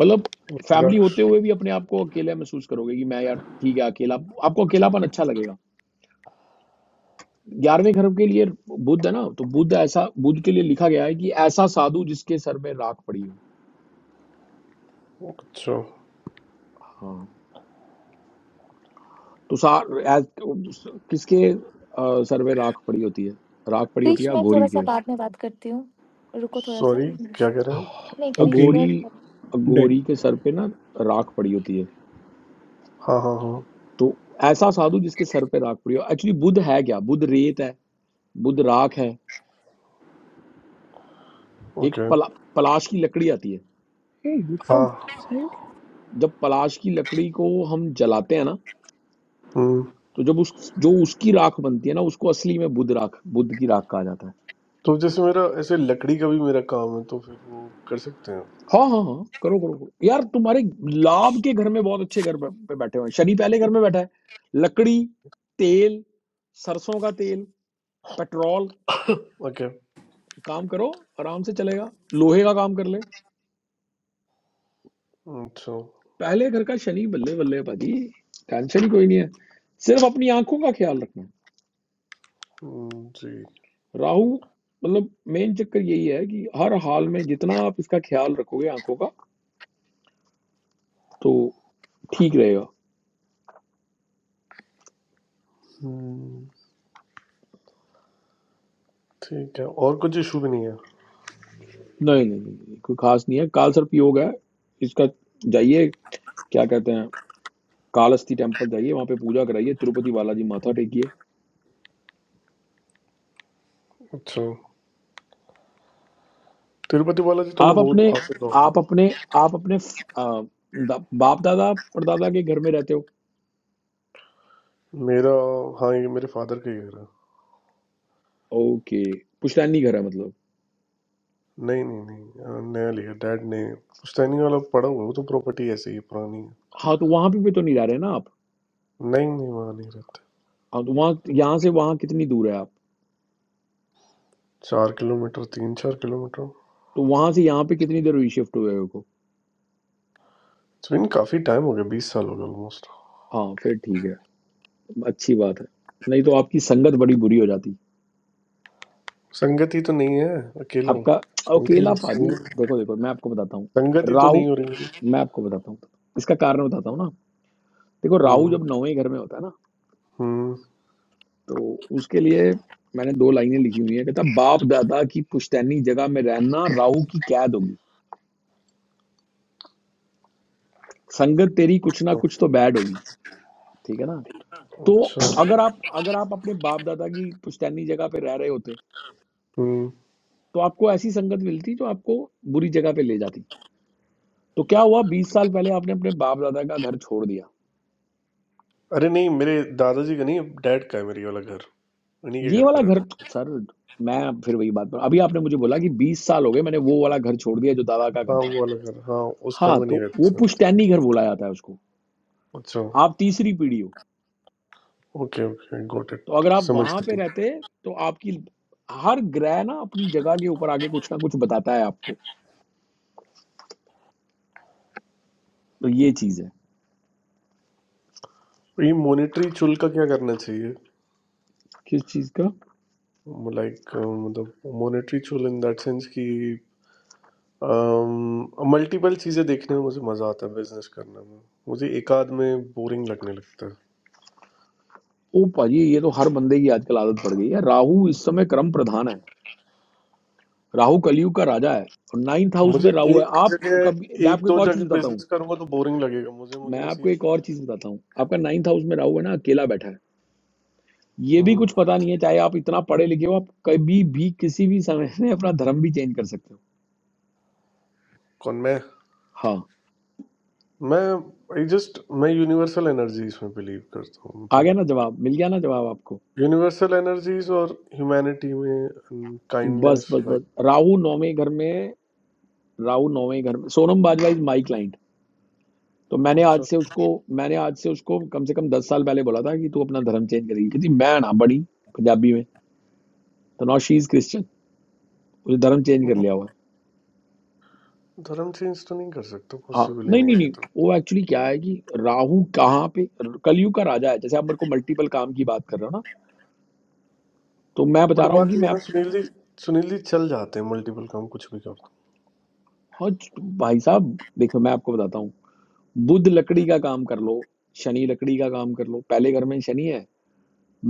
मतलब फैमिली
द्राक्ष
होते हुए भी अपने आप को अकेले महसूस करोगे कि मैं यार ठीक है अकेला आपको अकेलापन अच्छा लगेगा ग्यारहवें धर्म के लिए बुद्ध है ना तो बुद्ध ऐसा बुद्ध के लिए लिखा गया है कि ऐसा साधु जिसके सर में राख पड़ी हो
अच्छा
हाँ तो सा ऐस- किसके अ, सर में राख पड़ी होती है राख पड़ी होती
क्रिश
है
मैं थोड़ा
अघोरी
सा
के
बाद में बात करती हूँ रुको थोड़ा सा
सॉरी क्या कह
नहीं
रहे हैं आप
क्रिश
Okay,
वेट
अघोरी
करो।
then.
अघोरी के सर पे ना राख पड़ी होती है
हाँ हाँ हाँ
तो ऐसा साधु जिसके सर पे राख पड़ी हो एक्चुअली बुद्ध है क्या बुद्ध रेत है बुध राख है एक
ओके
पला, पलाश की लकड़ी आती है
Hey, we
हाँ
found Valentine.
जब पलाश की लकड़ी को हम जलाते हैं ना
हम्म।
तो जब उस जो उसकी राख बनती है ना उसको असली में बुद्ध राख बुद्ध की राख कहा जाता है
तो जैसे मेरा ऐसे लकड़ी का भी मेरा काम है तो फिर वो कर सकते हैं
हाँ हाँ हाँ करो करो करो यार तुम्हारे लाभ के घर में बहुत अच्छे घर पे पे बैठे हुए हैं शनि पहले घर में बैठा है लकड़ी तेल सरसों का तेल पेट्रोल
ओके
काम करो आराम से चलेगा लोहे का काम कर ले
अच्छा
पहले घर का शनि बल्ले बल्ले है भाजी टेंशन ही कोई नहीं है सिर्फ अपनी आंखों का ख्याल रखना है
हम्म, जी
राहु मतलब मेन चक्कर यही है कि हर हाल में जितना आप इसका ख्याल रखोगे आंखों का तो ठीक रहेगा
हम्म, ठीक है और कुछ इशू भी नहीं है
नहीं नहीं नहीं नहीं, कोई खास नहीं है काल सर्प योग है इसका जाइए क्या कहते हैं कालहस्ती टेम्पल जाइए वहां पे पूजा कराइए तिरुपति बालाजी माथा टेकिए
अच्छा तिरुपति बालाजी तो मैं
आप
हो
अपने
आपसे
आप
कहूँगा
अपने आप अपने आ, दा, बाप दादा परदादा के घर में रहते हो
मेरा हाँ ये मेरे फादर का ही घर है
ओके पुश्तैनी घर है मतलब
नहीं नहीं नहीं अ, नया लिया डैड ने पुश्तैनी वाला पड़ा हुआ है, वो तो प्रॉपर्टी ऐसी ही पुरानी है
हाँ तो वहां पे भी तो नहीं रह रहे ना आप
नहीं नहीं वहाँ नहीं रहता
हाँ तो वहाँ यहाँ से वहाँ कितनी दूर है आप
चार किलोमीटर तीन चार किलोमीटर
तो वहां से यहाँ पे कितनी देर हुई शिफ्ट हुए हो को
सुन काफी टाइम हो गया बीस साल हो गया ऑलमोस्ट
हाँ फिर ठीक है अच्छी बात है नहीं तो आपकी संगत बड़ी बुरी हो जाती
संगति तो नहीं है अकेला हूँ
आपका
संगति
अकेला
तो
पाजी
संगति
देखो देखो मैं आपको बताता हूँ
संगति तो
राहु
नहीं हो रही मेरी
मैं आपको बताता हूँ इसका कारण बताता हूँ ना देखो राहु
हम्म
जब नौवें घर में होता है ना
हम्म
तो उसके लिए मैंने दो लाइनें लिखी हुई है कहता बाप दादा की पुश्तैनी जगह में रहना राहु की कैद होगी संगत तेरी कुछ ना कुछ तो बैड होगी ठीक है ना तो
अच्छा
अगर आप अगर आप अपने बाप दादा की पुश्तैनी जगह पे रह रहे होते
हम्म
तो आपको ऐसी संगत मिलती जो आपको बुरी जगह पे ले जाती तो क्या हुआ बीस साल पहले आपने अपने बाप दादा का घर छोड़ दिया
अरे नहीं मेरे दादाजी का नहीं डैड का है मेरी वाला घर उन्हीं के
ये
घर
वाला
पर रहता
घर
हूँ।
सर मैं फिर वही बात पर अभी आपने मुझे बोला कि बीस साल हो गए मैंने वो वाला घर छोड़ दिया जो दादा का घर
हाँ
था
वो वाला घर हाँ उस घर
हाँ
में नहीं
तो
रहते
वो
संगति।
पुश्तैनी घर बोला जाता है उसको
अच्छा
आप तीसरी पीढ़ी हो
ओके ओके गॉट
तो
इट
अगर आप
समझ
वहां पे
गई
रहते तो आपकी हर ग्रह ना अपनी जगह के ऊपर आगे कुछ ना कुछ बताता है आपको तो ये चीज है
ये मोनेटरी चुल का क्या करना चाहिए
किस चीज का
लाइक मतलब मोनेटरी चुल इन दैट सेंस कि मल्टीपल चीजें देखने में मुझे मजा आता है बिजनेस करने में मुझे एक आध में बोरिंग लगने लगता है
ओ भाजी ये तो हर बंदे की आजकल आदत पड़ गई है राहु इस समय क्रम प्रधान है राहु कलयुग का राजा है और नाइन्थ हाउस
मुझे
में राहु है
एक
आप
जगह
कभी मैं
एक
आपको एक
दो
और
जगह
चीज बताता हूँ
बिजनेस करूंगा तो बोरिंग लगेगा मुझे
मैं
मुझे ऐसी
आपको एक और चीज बताता हूँ आपका नाइन्थ हाउस में राहु है ना अकेला बैठा है ये भी
हम्म,
कुछ पता नहीं है चाहे आप इतना पढ़े लिखे हो आप कभी भी किसी भी समय में अपना धर्म भी चेंज कर सकते हो
कौन मैं
हाँ
मैं आई जस्ट मैं यूनिवर्सल एनर्जीज में बिलीव करता हूँ
आ
मतलब
गया ना जवाब मिल गया ना जवाब आपको
यूनिवर्सल एनर्जीज और ह्यूमैनिटी में
बस
काइंडनेस
बस बस राहु नौवें घर में राहु नौवें घर में Sonam Bajwa is my client तो मैंने
लाइक
आज से उसको मैंने आज से उसको कम से कम दस साल पहले बोला था कि तू अपना धर्म चेंज करेगी क्योंकि मैं ना बड़ी पंजाबी में तो नौ शी इज क्रिश्चियन उसने धर्म चेंज कर लिया हुआ है
धर्म चेंज तो नहीं कर सकता
हाँ
पॉसिबल ही
नहीं
नहीं
नहीं
है ये
नहीं
तो
वो एक्चुअली क्या है कि राहु कहाँ पे कलयुग का राजा है जैसे आप मेरे को मल्टीपल काम की बात कर रहे हो ना तो मैं
बट
बता रहा हूँ
बात
कि
ये है
मैं
ना सुनील जी सुनील जी चल जाते हैं मल्टीपल काम कुछ भी करता हूँ
हाँ, भाई साहब देखो मैं आपको बताता हूँ बुध लकड़ी का काम कर लो शनि लकड़ी का काम कर लो पहले घर में शनि है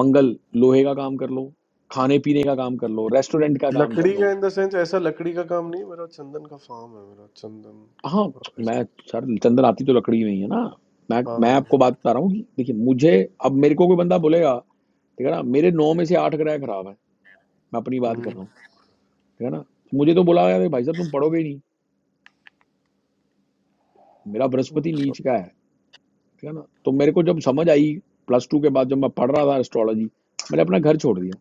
मंगल लोहे का काम कर लो खाने पीने का काम कर लो रेस्टोरेंट का काम कर
लकड़ी का
लो
इन द सेंस ऐसा लकड़ी का काम नहीं मेरा चंदन का फार्म है मेरा
हाँ
चंदन
मैं सर चंद्र आती तो लकड़ी में ही है ना मैं
हाँ
मैं
हाँ
आपको बात बता रहा हूँ कि देखिए मुझे अब मेरे को कोई बंदा बोलेगा ठीक है ना मेरे नौ में से आठ ग्रह खराब है मैं अपनी बात कर रहा हूँ
हम्म
ठीक है ना मुझे तो बोला गया "अरे भाई साहब तुम पढ़ोगे ही नहीं मेरा बृहस्पति नीच का है ठीक है ना तो मेरे को जब समझ आई प्लस टू के बाद जब मैं पढ़ रहा था एस्ट्रोलॉजी मैंने अपना घर छोड़ दिया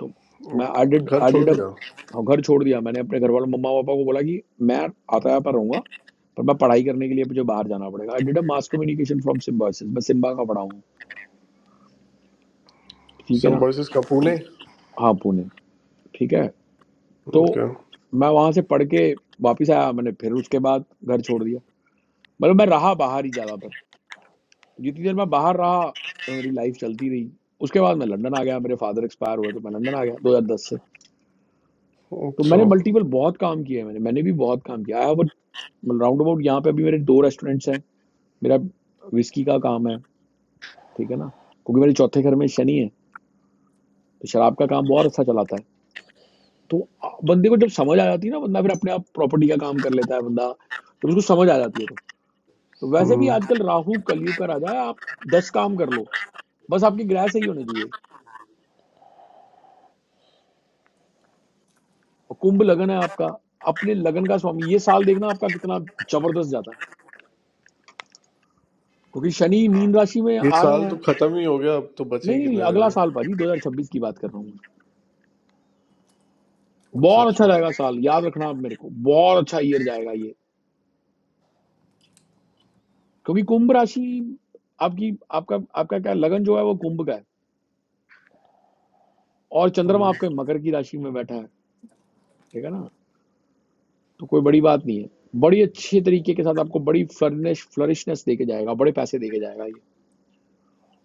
तो मैं आई डिड
घर
आई
छोड़
डिड अप
दिया
घर छोड़ दिया मैंने अपने घर वालों मम्मा पापा को बोला कि मैं आता यहाँ पर रहूंगा पर मैं पढ़ाई करने के लिए मुझे बाहर जाना पड़ेगा I did a mass communication from Symbiosis मैं सिम्बा का पढ़ा हूँ ठीक है ना
सिम्बोसिस का पुणे
हाँ पुणे ठीक है तो
ओके
मैं वहां से पढ़ के वापस आया मैंने फिर उसके बाद घर छोड़ दिया मतलब मैं रहा बाहर ही ज्यादातर जितनी देर मैं बाहर रहा मेरी लाइफ चलती रही उसके बाद मैं लंदन आ गया मेरे फादर एक्सपायर हुए तो मैं लंदन आ गया 2010 से तो
अच्छा
मैंने मल्टीपल बहुत काम किए हैं मैंने मैंने भी बहुत काम किया आई हैव राउंड अबाउट यहाँ पे अभी मेरे दो रेस्टोरेंट्स हैं मेरा विस्की का काम है ठीक है ना क्योंकि मेरे चौथे घर में शनि है तो शराब का काम बहुत अच्छा चलाता है तो आ- बंदे को जब समझ आ जाती है ना बंदा फिर अपने आप प्रॉपर्टी का काम कर लेता है बंदा जब उसको समझ आ जाती है तो तो वैसे भी
हम्म
आजकल राहु कलयुग का राजा है आप दस काम कर लो बस आपके ग्रह सही होने चाहिए और कुंभ लगन है आपका अपने लगन का स्वामी ये साल देखना आपका कितना जबरदस्त जाता है क्योंकि शनि मीन राशि में
ये
आ रहे
साल तो
हैं
खत्म ही हो गया अब तो बचे
नहीं
ही
नहीं
कितने दिन
अगला
हैं
साल पाजी 2026 की बात कर रहा हूँ मैं।
अच्छा
बहुत
अच्छा
अच्छा जाएगा साल याद रखना आप मेरे को बहुत अच्छा ईयर जाएगा ये क्योंकि कुंभ राशि आपकी आपका आपका क्या लगन जो है वो कुंभ का है और चंद्रमा
हम्म
आपके मकर की राशि में बैठा है ठीक है ना तो कोई बड़ी बात नहीं है बड़ी अच्छे तरीके के साथ आपको बड़ी फ्लरिश फ्लरिशनेस देके जाएगा बड़े पैसे देके जाएगा ये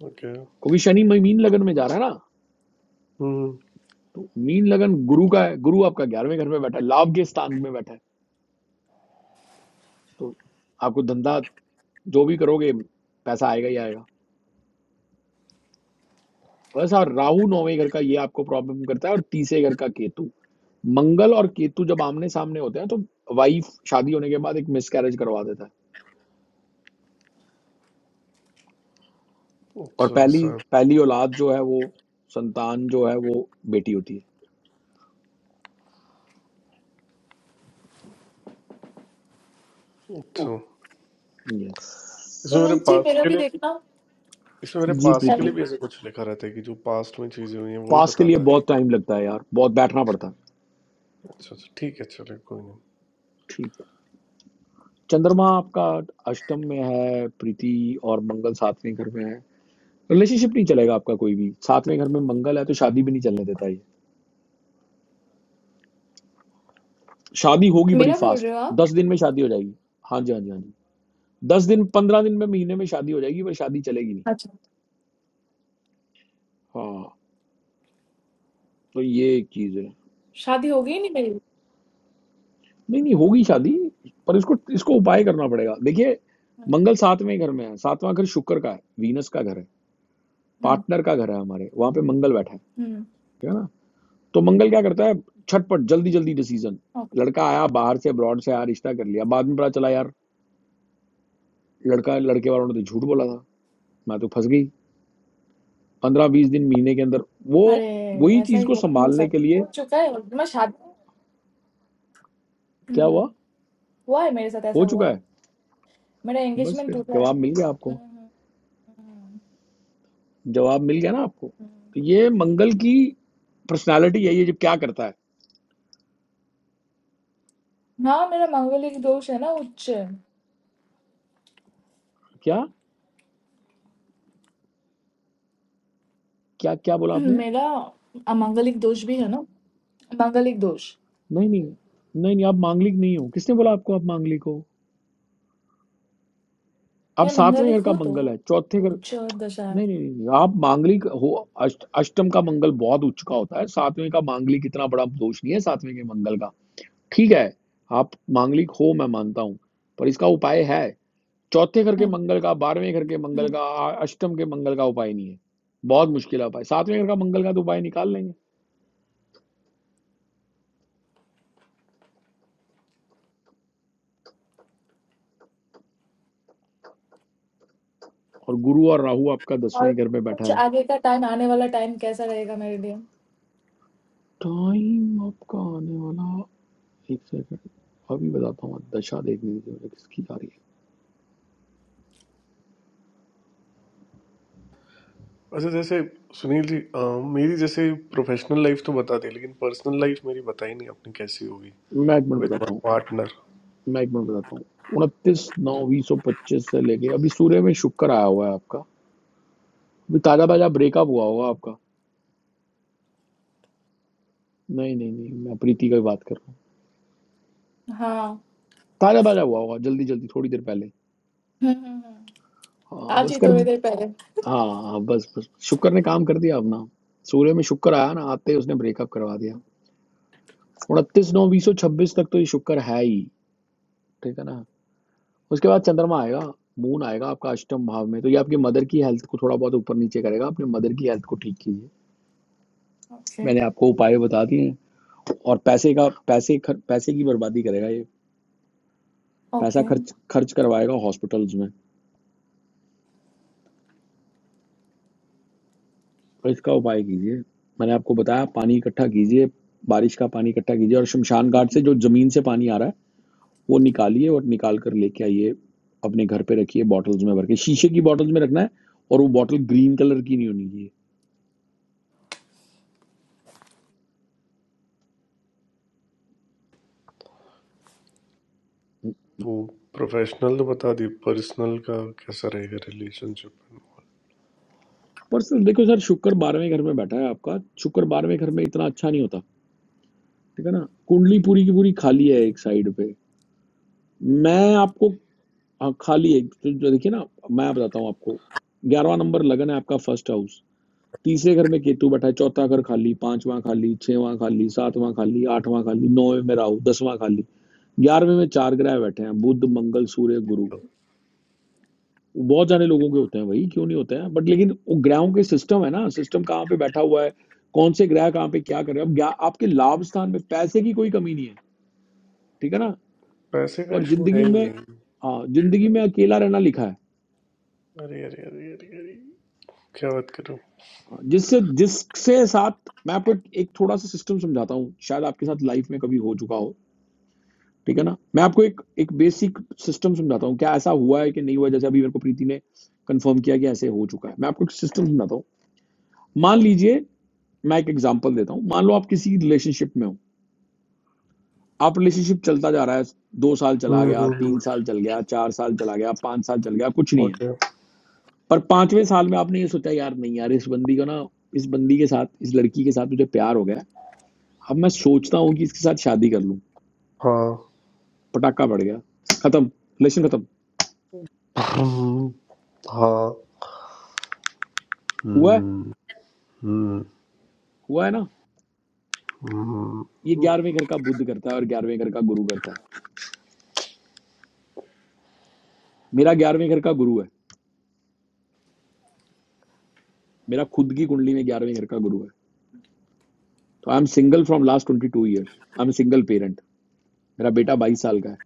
ओके
क्योंकि शनि मीन लगन में जा रहा है ना
हम्म
तो मीन लगन गुरु का है गुरु आपका ग्यारहवें घर में बैठा है लाभ के स्थान में बैठा है तो आपको धंधा जो भी करोगे पैसा आएगा ही आएगा वैसा राहु नौवें घर का ये आपको प्रॉब्लम करता है और तीसरे घर का केतु मंगल और केतु जब आमने सामने होते हैं तो वाइफ शादी होने के बाद एक मिसकैरेज करवा देता है और
अच्छा
पहली
सर
पहली औलाद जो है वो संतान जो है वो बेटी होती
अच्छा
है यस
इसमें मेरे
सुनील जी
पास्ट
मेरा
के
भी
लिए
देखना
इसमें मेरे
जी
पास्ट के लिए
प्रीति
अरे,
भी ऐसा कुछ लिखा रहता है कि जो पास्ट में चीजें हुई हैं वो ही
पास के लिए
बताता है
बहुत टाइम लगता है यार बहुत बैठना पड़ता है
अच्छा अच्छा ठीक है चलिए कोई नहीं
ठीक है चंद्रमा आपका अष्टम में है प्रीति और मंगल सातवें घर में है रिलेशनशिप नहीं चलेगा आपका कोई भी सातवें घर में मंगल है तो शादी भी नहीं चलने देता ये शादी होगी बड़ी
मेरा बोल
फास्ट
रहे हो आप
दस दिन में शादी हो जाएगी हाँ जी हाँ जी हाँ जी दस दिन पंद्रह दिन में महीने में शादी हो जाएगी पर शादी चलेगी नहीं
अच्छा
हाँ तो ये एक चीज है
शादी हो गई नहीं मेरी
नहीं नहीं होगी शादी पर इसको इसको उपाय करना पड़ेगा देखिए मंगल सातवें घर में है सातवां घर शुक्र का है वीनस का घर है
हम्म
पार्टनर का घर है हमारे वहां पे मंगल बैठा है
हम्म
ठीक है ना तो मंगल क्या करता है छटपट जल्दी जल्दी डिसीजन
ओके।
लड़का आया बाहर से अब्रॉड से आया रिश्ता कर लिया बाद में पता चला यार लड़का लड़के वालों ने तो झूठ बोला था मैं तो फंस गई पंद्रह बीस दिन महीने के अंदर वो
अरे
वही
ऐसा
चीज
ही
को
हुआ मेरे
संभालने
साथ
के लिए
हो चुका है और मैं शादी
क्या हुआ
हम्म हुआ है मेरे साथ
हो
ऐसा हुआ
चुका
है
है
मेरा
बस
एंगेजमेंट
फिर
टूटा है
जवाब मिल गया
हम्म,
आपको
हम्म, हम्म।
जवाब मिल गया ना आपको तो
हम्म।
ये मंगल की पर्सनालिटी है ये जब क्या करता है
हाँ मेरा मांगलिक दोष है ना उच्च
क्या क्या क्या बोला आपने
मेरा अमांगलिक दोष भी है ना मांगलिक दोष
नहीं नहीं नहीं नहीं आप मांगलिक नहीं हो किसने बोला आपको आप मांगलिक हो आप
मैं
सातवें घर
मांगलिक
का
हूँ तो
मंगल है चौथे घर
उच्च दशा है
नहीं नहीं नहीं, आप मांगलिक हो अष्ट, अष्टम का मंगल बहुत उच्च का होता है सातवें का मांगलिक इतना बड़ा दोष नहीं है सातवें के मंगल का ठीक है आप मांगलिक हो मैं मानता हूँ पर इसका उपाय है चौथे घर के
हम्म,
मंगल का बारहवें घर के मंगल का आ- अष्टम के मंगल का उपाय नहीं है बहुत मुश्किल है उपाय सातवें घर का मंगल का तो उपाय निकाल लेंगे और गुरु और राहु आपका
और
दसवें घर पे बैठा
कुछ
है
आगे का टाइम आने वाला टाइम कैसा रहेगा मेरे लिए
टाइम आपका आने वाला एक सेकंड अभी बताता हूँ दशा देखने दीजिए मुझे किसकी आ रही
अच्छा जैसे सुनील जी अ, मेरी जैसे प्रोफेशनल लाइफ तो बता दी लेकिन पर्सनल लाइफ मेरी बताई नहीं आपने कैसी होगी
है मैं एक मिनट
विद
बताता हूँ
माय
मैं एक मिनट बताता हूँ उनतीस नौ बीस सौ पच्चीस से लेके अभी सूर्य में शुक्र आया हुआ है आपका अभी ताजा ताजा ब्रेकअप हुआ होगा आपका नहीं नहीं नहीं मैं प्रीति का ही बात कर रहा हूँ
हाँ
ताजा ताजा हुआ होगा जल्दी जल्दी थोड़ी देर पहले
हम्म हम्म, हम्म।
हाँ
आज
बस
ही
कर
थोड़ी
दी
देर पहले
हाँ हाँ बस बस शुक्र ने काम कर दिया अपना सूर्य में शुक्र आया ना आते ही उसने ब्रेकअप करवा दिया उनतीस नौ बीस सौ छब्बीस तक तो ये शुक्र है ही ठीक है ना उसके बाद चंद्रमा आएगा मून आएगा आपका अष्टम भाव में तो ये आपकी मदर की हेल्थ को थोड़ा बहुत ऊपर नीचे करेगा अपने मदर की हेल्थ को ठीक कीजिए
ओके
मैंने आपको उपाय बता दिए हैं और पैसे का पैसे खर, पैसे की बर्बादी करेगा ये पैसा
ओके
खर्च खर्च करवाएगा हॉस्पिटल्स में और इसका उपाय कीजिए मैंने आपको बताया पानी इकट्ठा कीजिए बारिश का पानी इकट्ठा कीजिए और शमशान घाट से जो जमीन से पानी आ रहा है वो निकालिए और निकाल कर लेके आइए अपने घर पे रखिए बॉटल्स में भर के शीशे की बॉटल्स में रखना है और वो बॉटल ग्रीन कलर की नहीं होनी चाहिए
वो प्रोफेशनल तो बता दी पर्सनल का कैसा रहेगा रिलेशनशिप एंड ऑल
पर सर देखो सर शुक्र बारहवें घर में बैठा है आपका शुक्र बारहवें घर में इतना अच्छा नहीं होता ठीक है ना कुंडली पूरी की पूरी खाली है एक साइड पे मैं आपको हाँ खाली है तो जो देखिए ना मैं बताता हूँ आपको ग्यारहवा नंबर लगन है आपका फर्स्ट हाउस तीसरे घर में केतु बैठा है चौथा घर खाली पांचवा खाली छठवां खाली सातवां खाली आठवां खाली नौवें में राहु दसवां खाली ग्यारहवें में चार ग्रह बैठे हैं बुध मंगल सूर्य गुरु वो बहुत सारे लोगों के होते हैं भाई क्यों नहीं होते हैं बट लेकिन वो ग्रहों के सिस्टम है ना सिस्टम कहाँ पे बैठा हुआ है कौन से ग्रह कहाँ पे क्या कर रहे हैं अब ग्या- आपके लाभ स्थान में पैसे की कोई कमी नहीं है ठीक है ना
पैसे का
पर
इशू है
जिंदगी
ही
में
नहीं
हाँ जिंदगी में अकेला रहना लिखा है
अरे अरे अरे अरे अरे क्या बात करूं
जिससे जिससे साथ मैं आपको एक, एक थोड़ा सा सिस्टम समझाता हूँ शायद आपके साथ लाइफ में कभी हो चुका हो ठीक है ना मैं आपको एक एक बेसिक सिस्टम समझाता हूँ क्या ऐसा हुआ है कि नहीं हुआ है, जैसे अभी मेरे को प्रीति ने कंफर्म किया कि ऐसे हो चुका है मैं आपको एक सिस्टम समझाता हूँ मान लीजिए मैं एक एग्जाम्पल देता हूँ मान लो आप किसी रिलेशनशिप में हो आप रिलेशनशिप चलता जा रहा है दो साल चला
हम्म
गया
हम्म
तीन
हम्म,
साल चल गया चार साल चला गया पांच साल चल गया कुछ नहीं है
ओके
पर पांचवें साल में आपने ये सोचा यार नहीं यार इस बंदी का ना इस बंदी के साथ इस लड़की के साथ मुझे प्यार हो गया है अब मैं सोचता हूँ कि इसके साथ शादी कर लूँ
हाँ
पटाखा पड़ गया खत्म रिलेशन खत्म
हम्म, हाँ
हुआ है
हम्म हम्म
हुआ है ना ये
हम्म
ग्यारहवें घर का बुद्ध करता है और ग्यारहवें घर का गुरु करता है मेरा ग्यारहवें घर का गुरु है मेरा खुद की कुंडली में ग्यारहवें घर का गुरु है तो I am single from last twenty two years I am single parent मेरा बेटा बाईस साल का है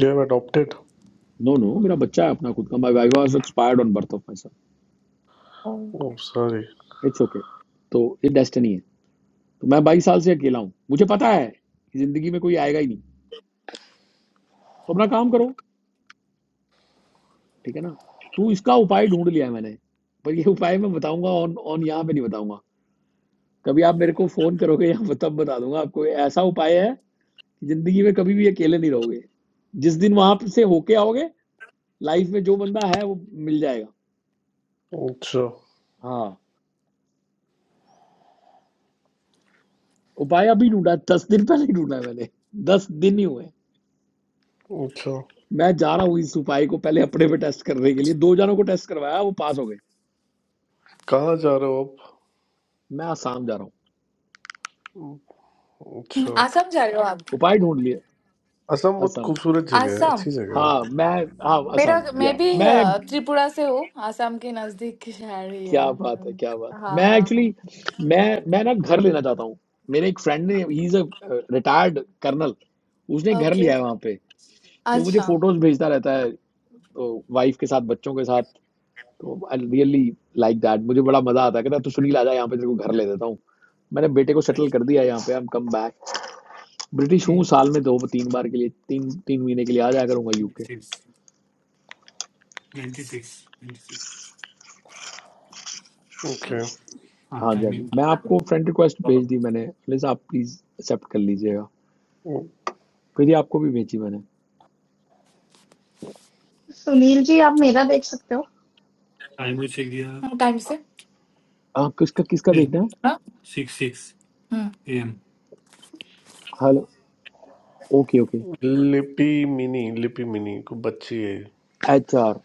you have adopted
no no, no no, मेरा बच्चा है अपना खुद का my wife was expired on birth of my son
oh sorry
it's okay तो ये डेस्टनी है तो मैं बाईस साल से अकेला हूँ मुझे पता है कि जिंदगी में कोई आएगा ही नहीं तो अपना काम करो ठीक है ना तो इसका उपाय ढूंढ लिया है मैंने पर ये उपाय मैं बताऊंगा ऑन ऑन यहाँ पे नहीं बताऊंगा कभी आप मेरे को फोन करोगे यहाँ पर <laughs> तब बता दूंगा आपको ये ऐसा उपाय है कि जिंदगी में कभी भी अकेले नहीं रहोगे जिस दिन वहां से होके आओगे लाइफ में जो बंदा है वो मिल जाएगा
अच्छा
हाँ उपाय अभी ढूंढा है, दस दिन पहले ही ढूंढा है मैंने दस दिन ही हुए
अच्छा
मैं जा रहा हूँ इस उपाय को पहले अपने पे टेस्ट करने के लिए दो जनों को टेस्ट करवाया वो पास हो गए
कहाँ जा रहे हो
मैं आसाम जा रहा हूँ
आप
हम्म,
अच्छा
आसाम जा रहे हो आप
उपाय ढूंढ लिए
असम बहुत
असम
खूबसूरत जगह है
आसाम
अच्छी जगह
हाँ
है
मैं हाँ
मेरा
असम
मैं
या
भी
मैं
अ, त्रिपुरा से हूँ आसाम के नजदीक की शहर ही है
क्या बात है
हम्म,
क्या बात है
हाँ
मैं
हाँ हाँ
एक्चुअली मैं मैं ना घर लेना चाहता हूँ मेरे एक फ्रेंड ने he is a retired colonel उसने घर
ओके
लिया है वहां पे तो मुझे
अच्छा
फोटोज भेजता रहता है तो वाइफ के साथ बच्चों के साथ तो आई रियली लाइक दैट मुझे बड़ा मजा आता है कहता है, तू सुनील आ जा यहाँ पे तेरे को घर ले देता हूँ मैंने बेटे को सेटल कर दिया है यहाँ पे I am come back British हूँ साल में दो तीन बार के लिए तीन तीन महीने के लिए आ जाया करूंगा यूके
ओके
हाँ जी हाँ जी मैं आपको फ्रेंड रिक्वेस्ट भेज दी मैंने प्लीज आप प्लीज एक्सेप्ट कर लीजिएगा फिर ये आपको भी भेजी मैंने
Sunil ji, you can read my.
Time से
अ, किसका किसका देखना है?
हाँ? Six six hmm
hello okay okay
Lipi Mini Lipi Mini को बच्ची है
एचआर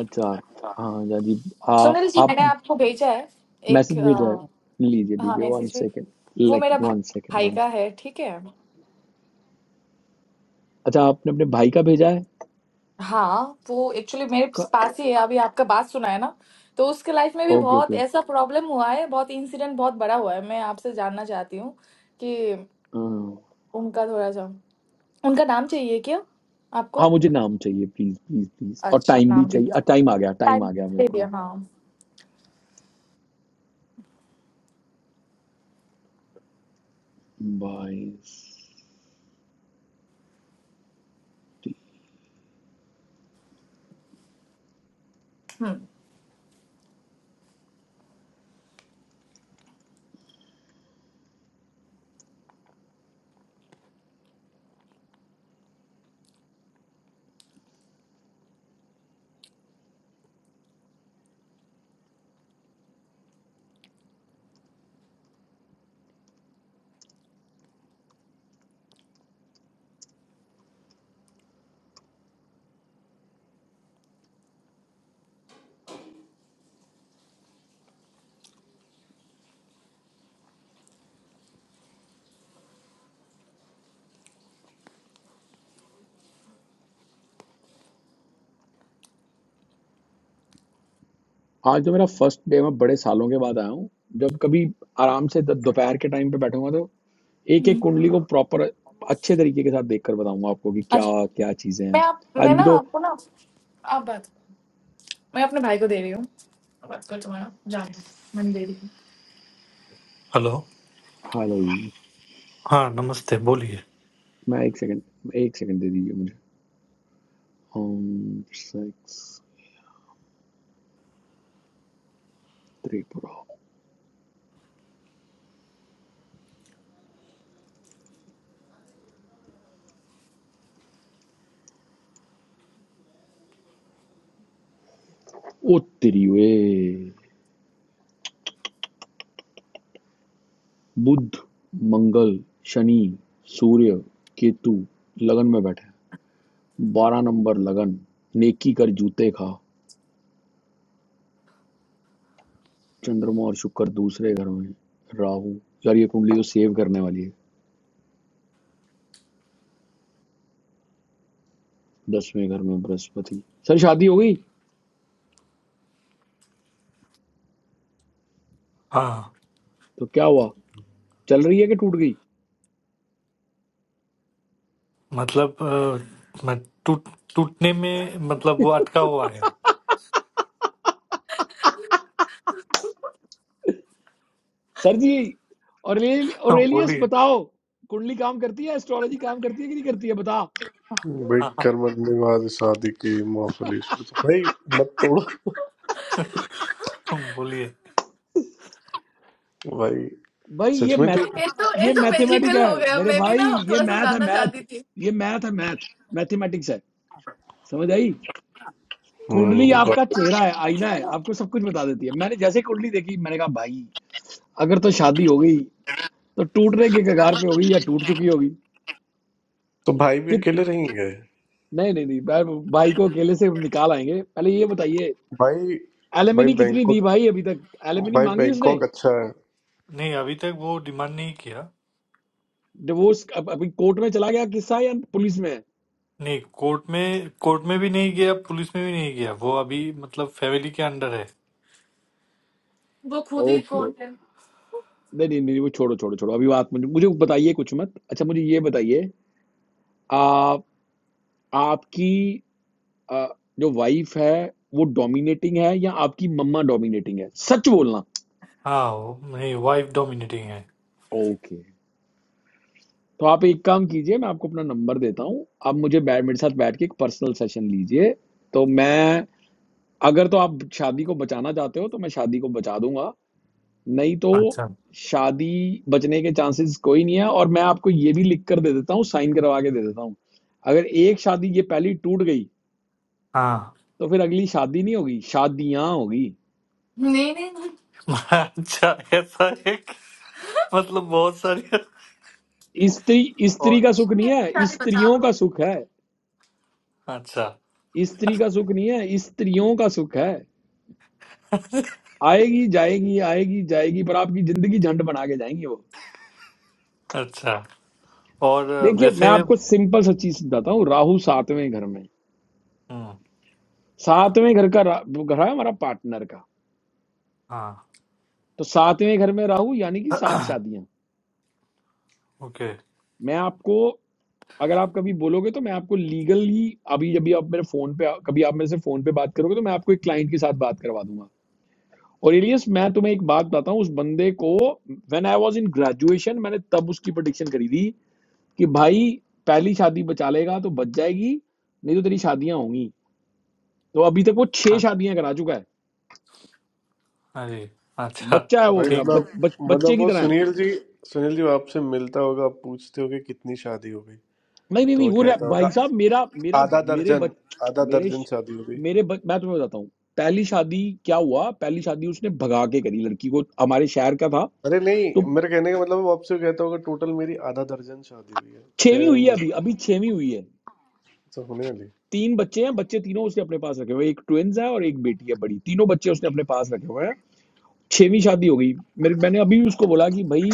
एचआर हाँ जा जी आ,
सुनील जी
आप
मैंने आपको भेजा है एक
मैसेज भेजा है
अ,
लीजिए
हाँ
लीजिए वन
मैसेज
सेकेंड
वो
लाइक
मेरा भा-
वन सेकेंड
भाई
वन
का है ठीक है
अच्छा आपने अपने भाई का भेजा है
हाँ वो एक्चुअली मेरे
का,
पास ही है अभी आपका बात सुना है ना तो उसके लाइफ में भी
ओके ओके
बहुत ऐसा प्रॉब्लम हुआ है बहुत इंसिडेंट बहुत बड़ा हुआ है मैं आपसे जानना चाहती हूँ कि
हाँ
उनका थोड़ा सा उनका नाम चाहिए क्या आपको
हाँ, मुझे नाम चाहिए प्लीज प्लीज प्लीज और
अच्छा
टाइम भी
नाम भी
चाहिए टाइम आ गया टाइम
टाइम
आ गया मेरे
दे
को
दिया हाँ
बाईस
हम्म
आज जो मेरा फर्स्ट डे मैं बड़े सालों के बाद आया हूँ जब कभी आराम से द- दोपहर के टाइम पे बैठूंगा तो एक एक
हम्म,
कुंडली को प्रॉपर अच्छे तरीके के साथ देख कर बताऊंगा आपको कि क्या
अच्छा
क्या चीजें
मैं
हैं
आप
आज
मैं ना
भी तो
आपको ना आप बात मैं अपने भाई को दे रही हूँ बात कर तुम्हारा जान दो मैंने दे दी हेलो
हेलो
हाँ नमस्ते बोलिए
मैं एक सेकंड एक सेकंड दे दीजिए मुझे हम सिक्स त्रिपुरा ओ तेरी वे बुध मंगल शनि सूर्य केतु लगन में बैठे हैं। बारह नंबर लगन नेकी कर जूते खा चंद्रमा और शुक्र दूसरे घर में राहु यार ये कुंडली तो सेव करने वाली है दसवें घर में बृहस्पति सर शादी हो गई तो
हाँ
क्या हुआ चल रही है कि टूट गई
मतलब अ, मैं टूट टूटने में मतलब वो अटका हुआ है
सर जी औरेल-
हाँ,
औरेलियस
बोलिए
बताओ कुंडली काम करती है एस्ट्रोलॉजी काम करती है कि नहीं करती है बता
हाँ,
भाई
हाँ,
करमत नवाज शादी की मोहफली शुरू तो भाई मत तोड़ो
हाँ, बोलिए
भाई
भाई ये
सच में तो
मैथ
ये तो ये
ये
तो
मैथमेटिक
मैजिकल
है
हो गया
मेरे
मैं भी
भाई
ना
ये
थोड़ा सा
मैथ है
जानना चाहती
मैथ
थी
ये मैथ है मैथ मैथमेटिक्स है समझ आई कुंडली
हम्म गौ-
आपका चेहरा है
अच्छा
आईना है
लगा
आपको सब कुछ बता देती है मैंने जैसे कुंडली देखी मैंने कहा भाई अगर तो शादी हो गई तो टूटने के कगार पे होगी या टूट चुकी होगी
तो भाई भी
कि
अकेले नहीं गए
नहीं नहीं नहीं भाई भाई को अकेले से निकाल आएंगे पहले ये बताइए
भाई भाई
एलिमनी कितनी दी
बैंकॉक
भाई अभी तक एलिमनी
भाई
मांगी उसने
बैंकॉक अच्छा है
नहीं अभी तक वो डिमांड नहीं किया
डिवोर्स अब अभी कोर्ट में चला गया किस्सा या पुलिस में है
नहीं कोर्ट में कोर्ट में भी नहीं गया पुलिस में भी नहीं गया वो अभी मतलब फैमिली के अंडर है वो खुद ही
ओके
कोर्ट है
नहीं नहीं नहीं वो छोड़ो छोड़ो छोड़ो अभी बात मुझे मुझे बताइए कुछ मत अच्छा मुझे ये बताइए आप आपकी आ, जो वाइफ है वो डोमिनेटिंग है या आपकी मम्मा डोमिनेटिंग है सच बोलना
हाँ वो मेरी वाइफ डोमिनेटिंग है
ओके तो आप एक काम कीजिए मैं आपको अपना नंबर देता हूँ आप मुझे बैठ मेरे साथ बैठ के एक पर्सनल सेशन लीजिए तो मैं अगर तो आप शादी को बचाना चाहते हो तो मैं शादी को बचा दूंगा नहीं तो
अच्छा
शादी बचने के चांसेस कोई नहीं है और मैं आपको ये भी लिख कर दे देता हूँ साइन करवा के दे देता हूँ अगर एक शादी ये पहली टूट गई
हाँ
तो फिर अगली शादी नहीं होगी शादियां होगी
<laughs> नहीं नहीं नहीं अच्छा ऐसा है कि- मतलब बहुत सारी
स्त्री स्त्री
और
का सुख नहीं
नहीं,
है
सारे बचा
स्त्रियों
दो
का सुख है
अच्छा
स्त्री का सुख नहीं है स्त्रियों का सुख है आएगी जाएगी आएगी जाएगी पर आपकी जिंदगी झंड बना के जाएंगी वो
अच्छा और अ,
देखिए मैं
वैसे
आपको सिंपल सा चीज बताता हूँ राहु सातवें घर में
हम्म,
सातवें घर का रा- वो घर है हमारा पार्टनर का
हाँ
तो सातवें घर में राहु यानी कि सात शादियां
ओके
मैं आपको अगर आप कभी बोलोगे तो मैं आपको लीगली अभी जब भी आप मेरे फोन पे कभी आप मेरे से फोन पे बात करोगे तो मैं आपको एक क्लाइंट के साथ बात करवा दूंगा और एलियस मैं तुम्हें एक बात बताता हूँ उस बंदे को when I was in graduation मैंने तब उसकी प्रोडिक्शन करी थी कि भाई पहली शादी बचा लेगा तो बच जाएगी नहीं तो तेरी शादियां होंगी तो अभी तक वो छह
हाँ
शादियां करा चुका है
हाँ जी अच्छा
बच्चा है वो
भाई
मेरा
ठीक
बच,
मतलब
बच, बच्चे
मतलब
की
वो
तरह है
सुनील जी सुनील जी आपसे मिलता होगा आप पूछते होगे कितनी शादी हो गई
नहीं नहीं
तो
नहीं
वो
वो रह-
कहता
भाई
होगा
साहब मेरा मेरा
आधा
मेरे
दर्जन
बच,
आधा
मेरे
दर्जन
श-
शादी हो गई
मेरे बच, मैं तुम्हें बताता हूँ पहली शादी क्या हुआ पहली शादी उसने भगा के करी लड़की को हमारे शहर का था
अरे
तो
नहीं मेरे कहने का मतलब वो आपसे कहता होगा टोटल मेरी आधा दर्जन शादी हुई है छह
छेवीं हुई
में
है
मजे
अभी अभी छेवीं हुई है
तो होने वाली
तीन बच्चे हैं बच्चे तीनों उसने अपने पास रखे हुए हैं एक ट्विंस है और एक बेटी है बड़ी तीनों बच्चे उसने अपने पास रखे हुए हैं छेवीं शादी हो गई मेरे मैंने अभी भी उसको बोला कि भाई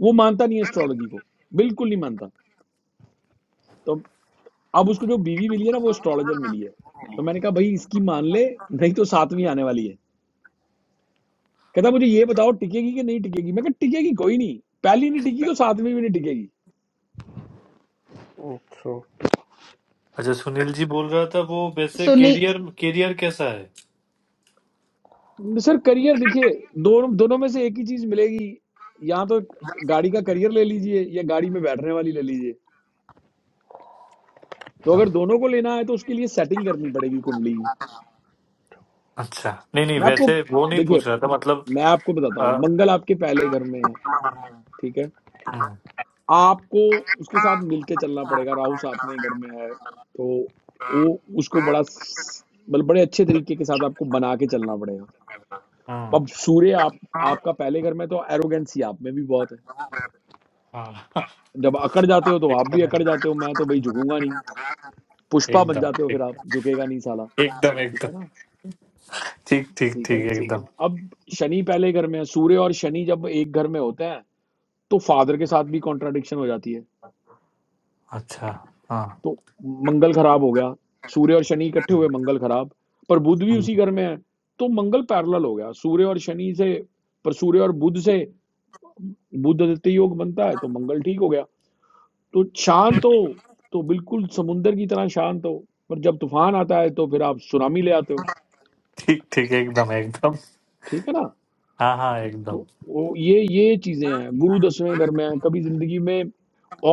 वो मानता नहीं है एस्ट्रोलॉजी को बिल्कुल नहीं मानता तो अब उसको जो बीवी मिली है ना वो एस्ट्रोलॉजर मिली है तो मैंने कहा भाई इसकी मान ले नहीं तो सातवीं आने वाली है कहता मुझे ये बताओ टिकेगी कि नहीं टिकेगी मैं कहा टिकेगी कोई नहीं पहली नहीं टिकी तो सातवीं भी नहीं टिकेगी
अच्छा
अच्छा सुनील जी बोल रहा था वो वैसे
Sunil
कैरियर कैरियर कैसा है
सर करियर देखिए दोनों दोनों में से एक ही चीज मिलेगी या तो गाड़ी का करियर ले लीजिए या गाड़ी में बैठने वाली ले लीजिए तो अगर
हाँ,
दोनों को लेना है तो उसके लिए सेटिंग करनी पड़ेगी कुंडली की।
अच्छा नहीं नहीं
मैं आपको
वैसे वो नहीं
देखिए
पूछ रहा था मतलब
मैं आपको बताता
अ,
हूँ मंगल आपके पहले घर में है ठीक है
हम्म
आपको उसके साथ मिलके चलना पड़ेगा राहु सातवें घर में है तो वो उसको बड़ा स- मतलब बड़े अच्छे तरीके के साथ आपको बना के चलना पड़ेगा
हम्म
अब सूर्य आप आपका पहले घर में तो एरोगेंसी आप में भी बहुत है
हाँ
जब अकड़ जाते हो
<laughs>
तो आप भी
एकदम
अकड़ जाते हो मैं तो भाई झुकूंगा नहीं पुष्पा बन
एकदम
जाते हो फिर आप
एकदम
झुकेगा नहीं साला
एकदम
ठीक
एकदम
है ना
ठीक ठीक
ठीक है
ठीक
ना
एकदम
अब शनि पहले घर में है सूर्य और शनि जब एक घर में होते हैं तो फादर के साथ भी कॉन्ट्राडिक्शन हो जाती है
अच्छा हाँ
तो मंगल खराब हो गया सूर्य और शनि इकट्ठे हुए मंगल खराब पर बुध भी
हम्म,
उसी घर में है तो मंगल पैरेलल हो गया सूर्य और शनि से पर सूर्य और बुध से बुध आदित्य योग बनता है तो मंगल ठीक हो गया तो शांत हो तो बिल्कुल समुंदर की तरह शांत हो पर जब तूफान आता है तो फिर आप सुनामी ले आते हो
ठीक ठीक एकदम एकदम
ठीक है ना
हाँ हाँ
तो
एकदम
वो ये ये चीजें हैं गुरु दसवें घर में है कभी जिंदगी में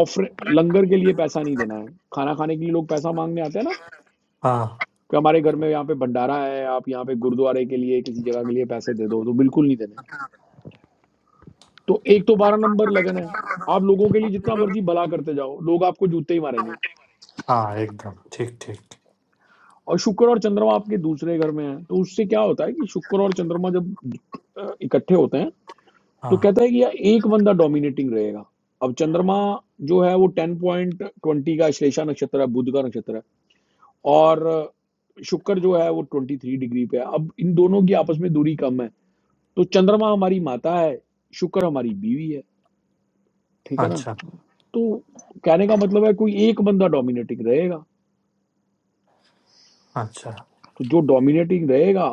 ऑफर लंगर के लिए पैसा नहीं देना है खाना खाने के लिए लोग पैसा मांगने आते हैं ना
हाँ
कि हमारे घर में यहाँ पे भंडारा है आप यहाँ पे गुरुद्वारे के लिए किसी जगह के लिए पैसे दे दो तो बिल्कुल नहीं देने तो एक तो बारह नंबर लगन है आप लोगों के लिए जितना मर्जी भला करते जाओ लोग आपको जूते ही मारेंगे
हाँ एकदम ठीक ठीक
और शुक्र और चंद्रमा आपके दूसरे घर में है तो उससे क्या होता है कि शुक्र और चंद्रमा जब अ, इकट्ठे होते हैं तो
हाँ
कहता है कि यार एक बंदा डोमिनेटिंग रहेगा अब चंद्रमा जो है वो टेन पॉइंट ट्वेंटी का श्लेषा नक्षत्र है बुध का नक्षत्र है और शुक्र जो है वो ट्वेंटी थ्री डिग्री पे है अब इन दोनों की आपस में दूरी कम है तो चंद्रमा हमारी माता है शुक्र हमारी बीवी है ठीक है ना
अच्छा
तो कहने का मतलब है कोई एक बंदा डोमिनेटिंग रहेगा
अच्छा
तो जो डोमिनेटिंग रहेगा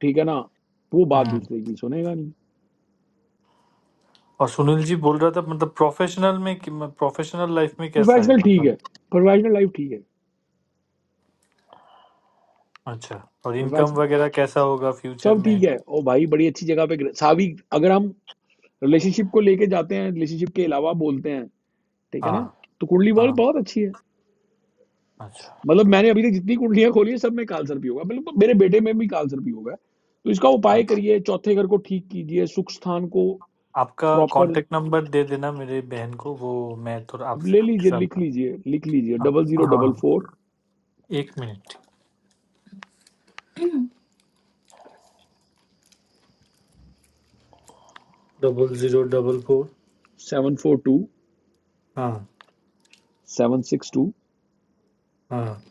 ठीक है ना वो बात
हम्म
दूसरे की सुनेगा नहीं
और सुनील जी बोल रहा था मतलब प्रोफेशनल में कि- प्रोफेशनल लाइफ में कैसा है
प्रोफेशनल ठीक है
मतलब
प्रोफेशनल लाइफ ठीक है
अच्छा और इनकम
प्रोफेशनल
वगैरह कैसा होगा फ्यूचर
सब
में
ठीक है ओ भाई बड़ी अच्छी जगह पे गिरे- सावी अगर हम रिलेशनशिप को लेके जाते हैं रिलेशनशिप के अलावा बोलते हैं ठीक है
हाँ
ना तो कुंडली बॉल
हाँ
बहुत अच्छी है
अच्छा
मतलब मैंने अभी तक जितनी कुंडलियां खोली है सब में काल सर्प होगा मतलब मेरे बेटे में भी काल सर्प होगा तो इसका उपाय
हाँ।
करिए चौथे घर को ठीक कीजिए सुख स्थान को
आपका
प्रॉपर
कांटेक्ट नंबर दे देना मेरे बहन को वो मैं थोड़ा
अब
आपसे
ले
आपके
लीजिए
साथ
लिख
बात
लीजिए लिख लीजिए
हाँ
डबल जीरो डबल
हाँ,
फोर
एक मिनट double zero double four
seven four two
हाँ
सेवन सिक्स टू
हाँ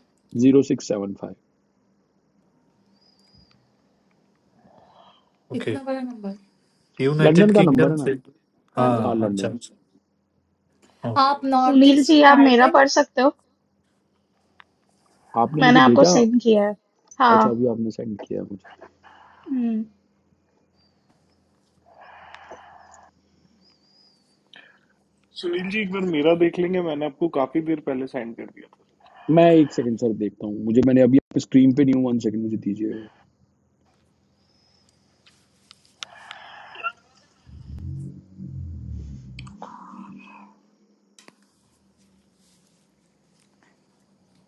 zero six seven five
okay इतना बड़ा नंबर यूनाइटेड
लंदन का नंबर
किंगडम
है ना
से हाँ
ये- हाँ
हाँ अच्छा
लंदन
अच्छा हाँ आप north
Sunil ji, you
east में
can read
आइए
आपने
my. I
मुझे
have
भेजा
sent you. Yes.
अच्छा
Yes.
अभी आपने सेंड किया है मुझे
सुनील जी एक बार मेरा देख लेंगे मैंने आपको काफी देर पहले सेंड कर दिया था सर
मैं एक सेकंड सर देखता हूँ मुझे मैंने अभी स्क्रीन पे नहीं हूँ वन सेकंड मुझे दीजिए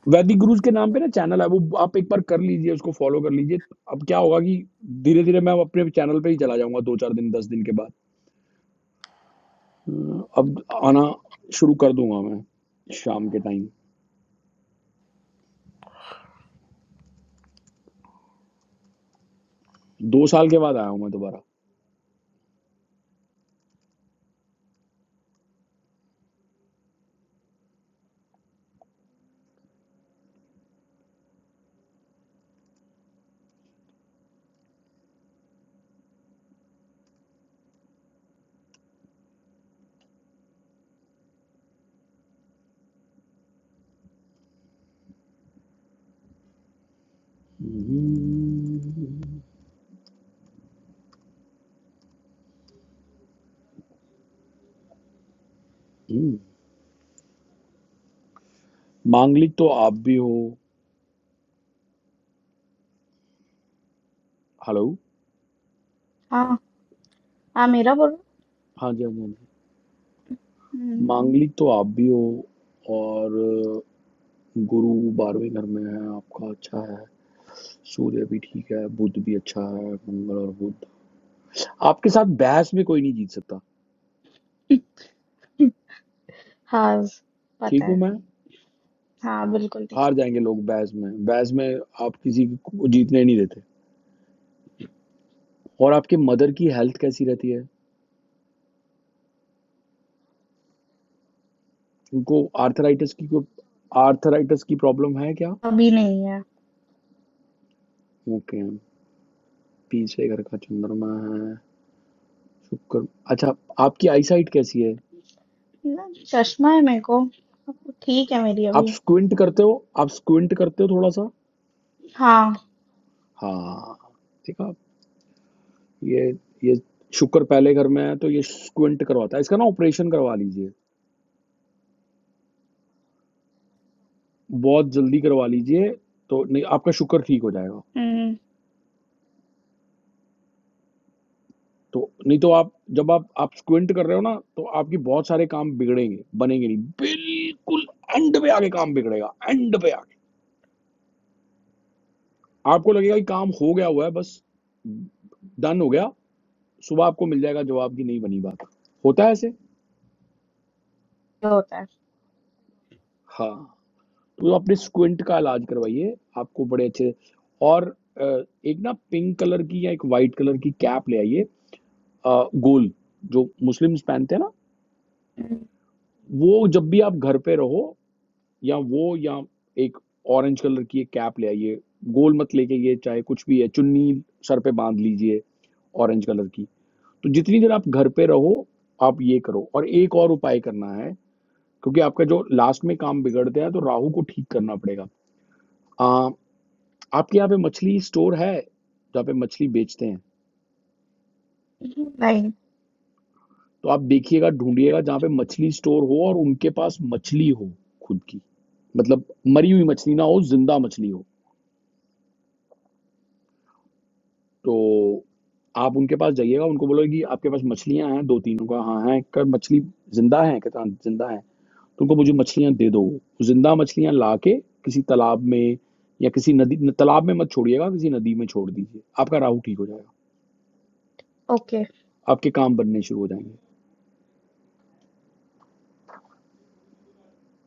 वैदिक गुरुज के नाम पे ना चैनल है वो आप एक बार कर लीजिए उसको फॉलो कर लीजिए अब क्या होगा कि धीरे धीरे मैं अब अपने चैनल पे ही चला जाऊंगा दो चार दिन दस दिन के बाद अ, अब आना शुरू कर दूंगा मैं शाम के टाइम दो साल के बाद आया हूं मैं दोबारा हम्म। मांगलिक तो आप भी हो हेलो
Yes. My. Yes.
हाँ जी हाँ जी हाँ जी मांगलिक तो आप भी हो और गुरु बारहवें घर में है आपका अच्छा है सूर्य भी ठीक है बुध भी अच्छा है मंगल और बुध आपके साथ बहस में कोई नहीं जीत सकता
I know.
ठीक हूं
Yes.
मैं हाँ
Absolutely.
हार जाएंगे लोग बहस में बहस में आप किसी को जीतने नहीं देते और आपके मदर की हेल्थ कैसी रहती है उनको आर्थराइटिस की कोई आर्थराइटिस की प्रॉब्लम है क्या
Not yet. My eyes.
Okay पीछे घर का चंद्रमा है शुक्र अच्छा आपकी आईसाइट कैसी है
I am fine. My. Yes. Yes. It
आप स्क्विंट करते हो आप स्क्विंट करते हो थोड़ा सा हाँ ठीक है आप ये ये शुक्र पहले घर में है तो ये स्क्विंट करवाता है इसका ना ऑपरेशन करवा लीजिए बहुत जल्दी करवा लीजिए तो नहीं आपका शुगर ठीक हो जाएगा तो नहीं तो आप जब आप आप स्क्विंट कर रहे हो ना तो आपकी बहुत सारे काम बिगड़ेंगे बनेंगे नहीं बिल्कुल एंड पे आके काम बिगड़ेगा एंड पे आके आपको लगेगा कि काम हो गया हुआ है बस डन हो गया सुबह आपको मिल जाएगा जवाब की नहीं बनी बात होता है ऐसे हाँ तो अपने स्क्विंट का इलाज करवाइए आपको बड़े अच्छे और अ, एक ना पिंक कलर की या एक वाइट कलर की कैप ले आइए अ, गोल जो मुस्लिम्स पहनते हैं ना वो जब भी आप घर पे रहो या वो या एक ऑरेंज कलर की एक कैप ले आइए गोल मत लेके ये चाहे कुछ भी है चुन्नी सर पे बांध लीजिए ऑरेंज कलर की तो जितनी देर आप घर पे रहो आप ये करो और एक और उपाय करना है क्योंकि आपका जो लास्ट में काम बिगड़ते हैं तो राहु को ठीक करना पड़ेगा आ, आपके यहाँ पे मछली स्टोर है जहाँ पे मछली बेचते हैं
is. No.
तो आप देखिएगा ढूंढिएगा जहाँ पे मछली स्टोर हो और उनके पास मछली हो खुद की मतलब मरी हुई मछली ना हो जिंदा मछली हो तो आप उनके पास जाइएगा उनको बोलोगे कि आपके पास मछलियाँ हैं दो तीनों का हाँ हैं कर मछली जिंदा है कहता हाँ, जिंदा है तो उनको मुझे मछलियाँ दे दो तो जिंदा मछलियाँ ला के किसी तालाब में या किसी नदी तालाब में मत छोड़िएगा किसी नदी में छोड़ दीजिए आपका राहु ठीक हो जाएगा
Okay.
आपके काम बनने शुरू हो जाएंगे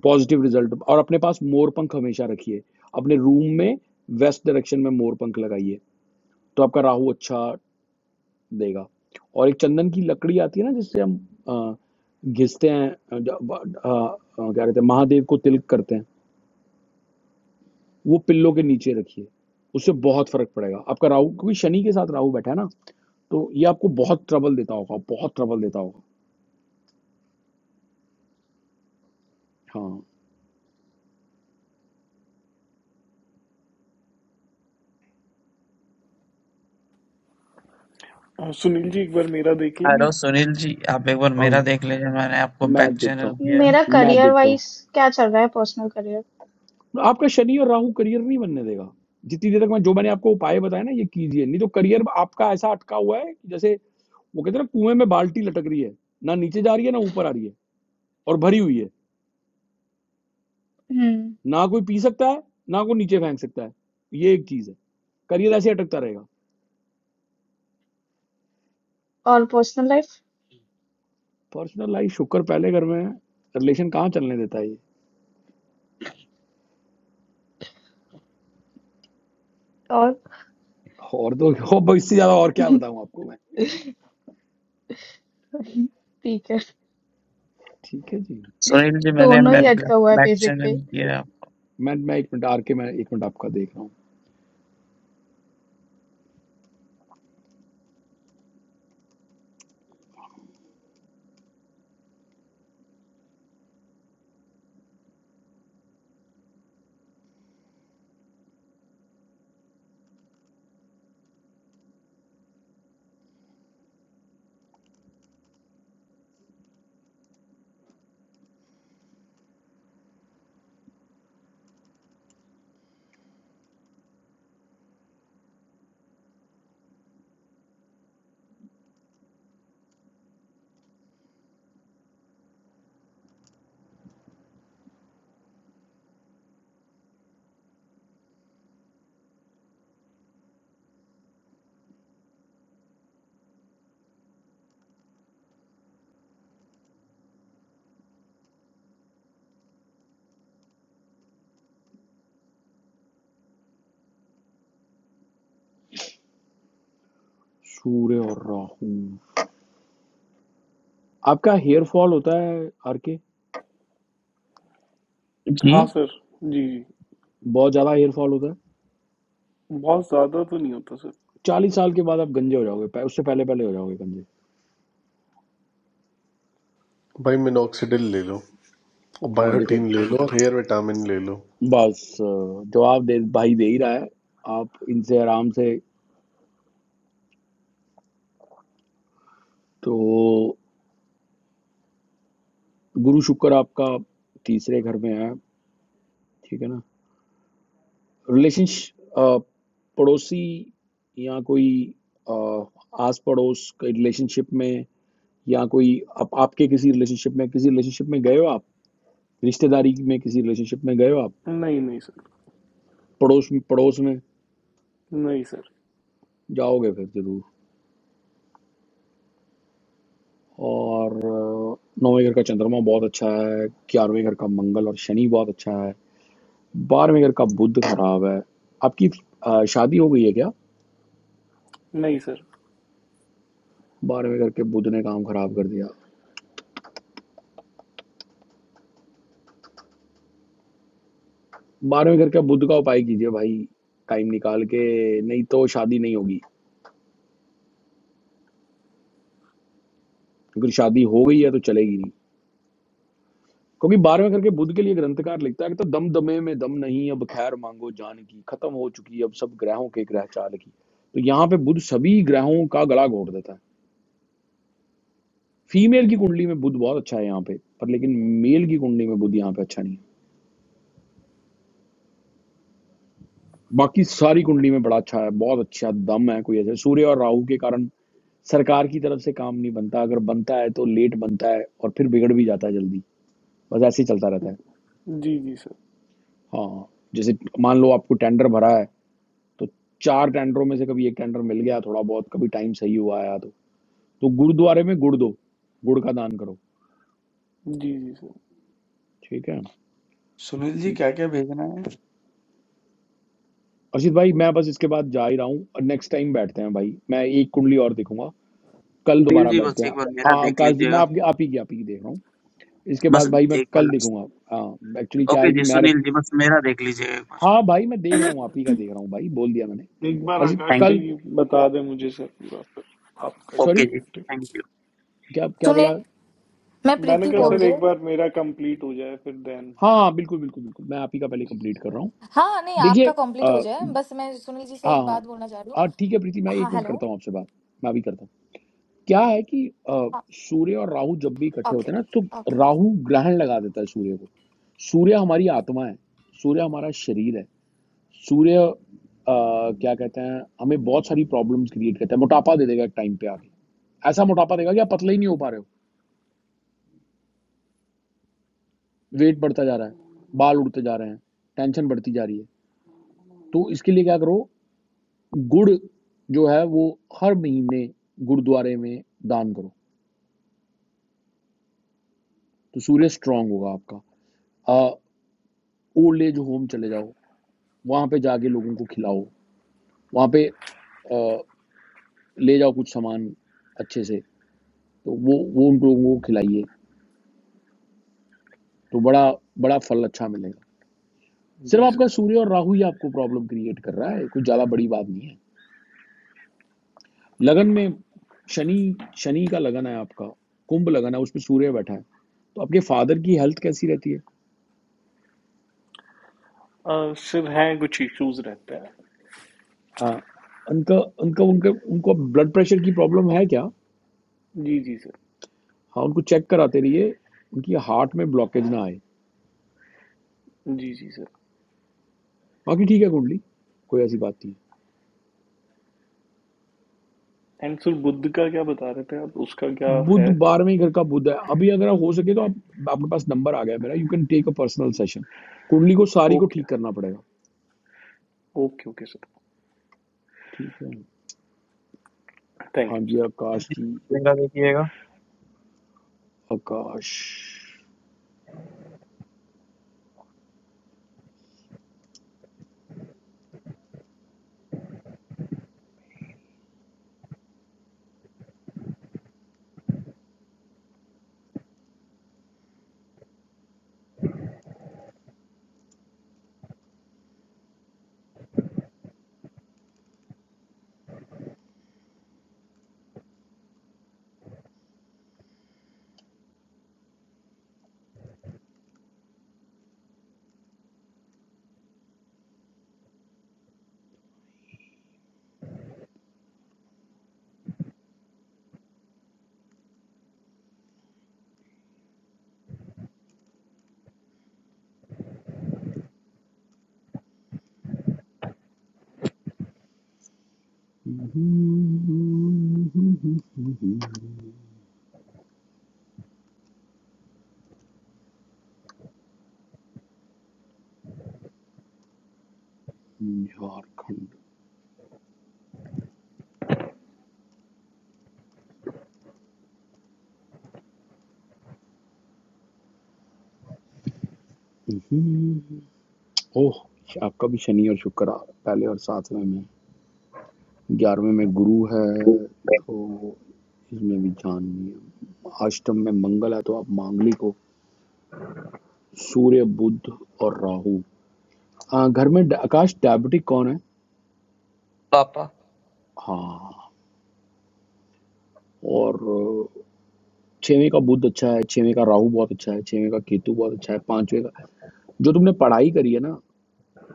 पॉजिटिव रिजल्ट और अपने पास मोर पंख हमेशा रखिए अपने रूम में वेस्ट डायरेक्शन में मोर पंख लगाइए तो आपका राहु अच्छा देगा और एक चंदन की लकड़ी आती है ना जिससे हम अ, घिसते हैं अ, ज- अ, अ, क्या कहते हैं महादेव को तिलक करते हैं वो पिल्लों के नीचे रखिए उससे बहुत फर्क पड़ेगा आपका राहु क्योंकि शनि के साथ राहु बैठा है ना तो ये आपको बहुत ट्रबल देता होगा बहुत ट्रबल देता होगा हाँ
आ, सुनील जी एक बार मेरा देख लेंगे
हेलो सुनील जी आप एक बार मेरा
हाँ
देख लीजिए मैंने आपको बैक
मैं देखता
चैनल
हूँ
किया है।
My
मैं देखता हूँ
career-wise. What is happening? Personal career.
आपका शनि और राहु करियर नहीं बनने देगा जितनी देर तक मैं जो मैंने आपको उपाय बताया ना ये कीजिए नहीं तो करियर आपका ऐसा अटका हुआ है कि जैसे वो कहते हैं ना कुएं में बाल्टी लटक रही है ना नीचे जा रही है ना ऊपर आ रही है और भरी हुई है
And
ना कोई पी सकता है ना कोई नीचे फेंक सकता है ये एक चीज है करियर ऐसे अटकता रहेगा
personal life.
पर्सनल लाइफ शुक्र पहले घर में रिलेशन कहाँ चलने देता है ये
And.
और तो <laughs> और बस इससे ज्यादा और क्या बताऊं आपको मैं
Okay. <laughs> <laughs>
ठीक है जी
सुनील जी मैंने
दोनों
मैं
ही अटका हुआ है
बैक
बेसिक पे
चैनल किया है आपको।
मैं मैं एक मिनट आर के मैं एक मिनट आपका देख रहा हूँ सूर्य और राहु आपका हेयर फॉल होता है आरके
जी
हाँ सर जी जी
बहुत ज्यादा हेयर फॉल होता है
बहुत ज्यादा तो नहीं होता सर
चालीस साल के बाद आप गंजे हो जाओगे पह- उससे पहले पहले हो जाओगे गंजे
भाई मिनोक्सिडिल ले लो और
हाँ देखो
बायोटीन ले लो और हेयर विटामिन ले लो
बस अ, जवाब दे भाई दे ही रहा है आप इनसे आराम से तो गुरु शुक्र आपका तीसरे घर में है ठीक है ना रिलेशनशिप पड़ोसी या कोई अ, आस पड़ोस के रिलेशनशिप में या कोई आप, आपके किसी रिलेशनशिप में किसी रिलेशनशिप में गए हो आप रिश्तेदारी में किसी रिलेशनशिप में गए हो आप
नहीं नहीं सर
पड़ोस पड़ोस में
नहीं सर
जाओगे फिर जरूर और अ, नौवें घर का चंद्रमा बहुत अच्छा है ग्यारहवें घर का मंगल और शनि बहुत अच्छा है बारहवें घर का बुध खराब है आपकी अ, शादी हो गई है क्या
नहीं सर
बारहवें घर के बुध ने काम खराब कर दिया बारहवें घर के बुध का उपाय कीजिए भाई टाइम निकाल के नहीं तो शादी नहीं होगी क्योंकि शादी हो गई है तो चलेगी नहीं। क्योंकि बारहवें करके बुद्ध के लिए ग्रंथकार लिखता है कि तो दम दमे में दम नहीं अब खैर मांगो जान की खत्म हो चुकी अब सब ग्रहों के ग्रह चाल की तो यहाँ पे बुद्ध सभी ग्रहों का गला घोट देता है फीमेल की कुंडली में बुद्ध बहुत अच्छा है यहाँ पे पर लेकिन मेल की कुंडली में बुद्ध यहाँ पे अच्छा नहीं है बाकी सारी कुंडली में बड़ा अच्छा है बहुत अच्छा दम है कोई ऐसे सूर्य और राहु के कारण सरकार की तरफ से काम नहीं बनता अगर बनता है तो लेट बनता है और फिर बिगड़ भी जाता है जल्दी बस ऐसे ही चलता रहता है
जी जी सर
हाँ जैसे मान लो आपको टेंडर भरा है तो चार टेंडरों में से कभी एक टेंडर मिल गया थोड़ा बहुत कभी टाइम सही हुआ आया तो तो गुरुद्वारे में गुड़ दो गुड़ का दान करो
जी जी सर
ठीक है
Sunil ji, क्या-क्या भेजना है?
अर्षित भाई मैं बस इसके बाद जा ही रहा हूँ और नेक्स्ट टाइम बैठते हैं भाई मैं एक कुंडली और देखूंगा कल
सुनील
दोबारा
जी बस
बैठते हैं
एक बार मेरा
हाँ
देख
आकाश जी मैं
लीजिएगा
आपकी आप ही की आप ही की देख रहा हूँ इसके
बस
बाद भाई मैं
एक बार
कल
लास्ट
देखूंगा हाँ एक्चुअली क्या
ओके
है कि
जी
मैं
सुनील जी बस मेरा देख लीजिएगा एक बार
हाँ भाई मैं देख रहा हूँ आप ही का देख रहा हूँ भाई बोल दिया मैंने
एक बार
हर्षित
आकाश
थैंक
कल
यू
भाई बता दें मुझे सर पूरा फिर आप कर
ओके
सॉरी
लीजिएगा
जी थैंक
इंटरव्यू
यू
क्या क्या
सुने
बोला
मैं
मैंने
प्रीति
कहा
क्या
बोल
सर
रही
एक
हूँ
बार मेरा कंप्लीट हो जाए फिर देन
हाँ बिल्कुल बिल्कुल बिल्कुल मैं आप ही का पहले
जी जी
कंप्लीट
सर।
कर रहा हूँ
हाँ नहीं आपका कंप्लीट हो
देखिए
जाए बस मैं सुनील जी से
हाँ
एक बात बोलना चाह रही हूँ
हाँ ठीक है प्रीति मैं
हाँ
एक मिनट
हेलो
करता हूँ आपसे बात मैं भी करता हूँ क्या है कि अ,
ओके
सूर्य और राहु जब भी इकट्ठे
ओके
होते हैं ना तो
ओके।
राहु ग्रहण लगा देता है सूर्य को सूर्य हमारी आत्मा है सूर्य हमारा शरीर है सूर्य अ, क्या कहते हैं हमें बहुत सारी प्रॉब्लम्स क्रिएट करता है मोटापा दे देगा एक टाइम पे आके ऐसा मोटापा देगा कि आप पतले ही नहीं हो पा रहे हो वेट बढ़ता जा रहा है बाल उड़ते जा रहे हैं टेंशन बढ़ती जा रही है तो इसके लिए क्या करो गुड़ जो है वो हर महीने गुरुद्वारे में दान करो तो सूर्य स्ट्रांग होगा आपका आ, ओल्ड एज होम चले जाओ वहां पे जाके लोगों को खिलाओ वहां पे आ, ले जाओ कुछ सामान अच्छे से तो वो वो उन लोगों को खिलाइए तो बड़ा बड़ा फल अच्छा मिलेगा सिर्फ
जी सर
आपका सूर्य और राहु ही आपको प्रॉब्लम क्रिएट कर रहा है कुछ ज्यादा बड़ी बात नहीं है लगन में शनि शनि का लगन है आपका कुंभ लगन है उस पर सूर्य बैठा है तो आपके फादर की हेल्थ कैसी रहती है
अ, सर हैं कुछ इश्यूज रहते हैं
आ, उनका उनका उनका उनको ब्लड प्रेशर की प्रॉब्लम है क्या
जी जी सर
हाँ उनको चेक कराते रहिए उनकी हार्ट में ब्लॉकेज ना आए
जी जी सर
बाकी ठीक है कुंडली कोई ऐसी बात नहीं
एंड सर बुद्ध का क्या बता रहे थे आप उसका क्या
है।
है
बुध बारहवें ही घर का बुध है अभी अगर हो सके तो आप आपके पास नंबर आ गया है मेरा you can take a personal session कुंडली को सारी को
ओके
ठीक करना पड़ेगा
ओके ओके सर
ठीक है हाँ
थैंक यू
जी
सर
सुनील
आकाश
जी,
जी
मेरा देखिएगा
आकाश झारखंड ओह आपका भी शनि और शुक्र आ- पहले और सातवें में ग्यारहवें में गुरु है तो इसमें भी जान नहीं है अष्टम में मंगल है तो आप मांगली को सूर्य बुद्ध और राहु हाँ घर में डा- आकाश डायबिटिक कौन है
पापा
हाँ और अ, छेवें का बुद्ध अच्छा है छेवें का राहु बहुत अच्छा है छेवें का केतु बहुत अच्छा है पांचवें का जो तुमने पढ़ाई करी है ना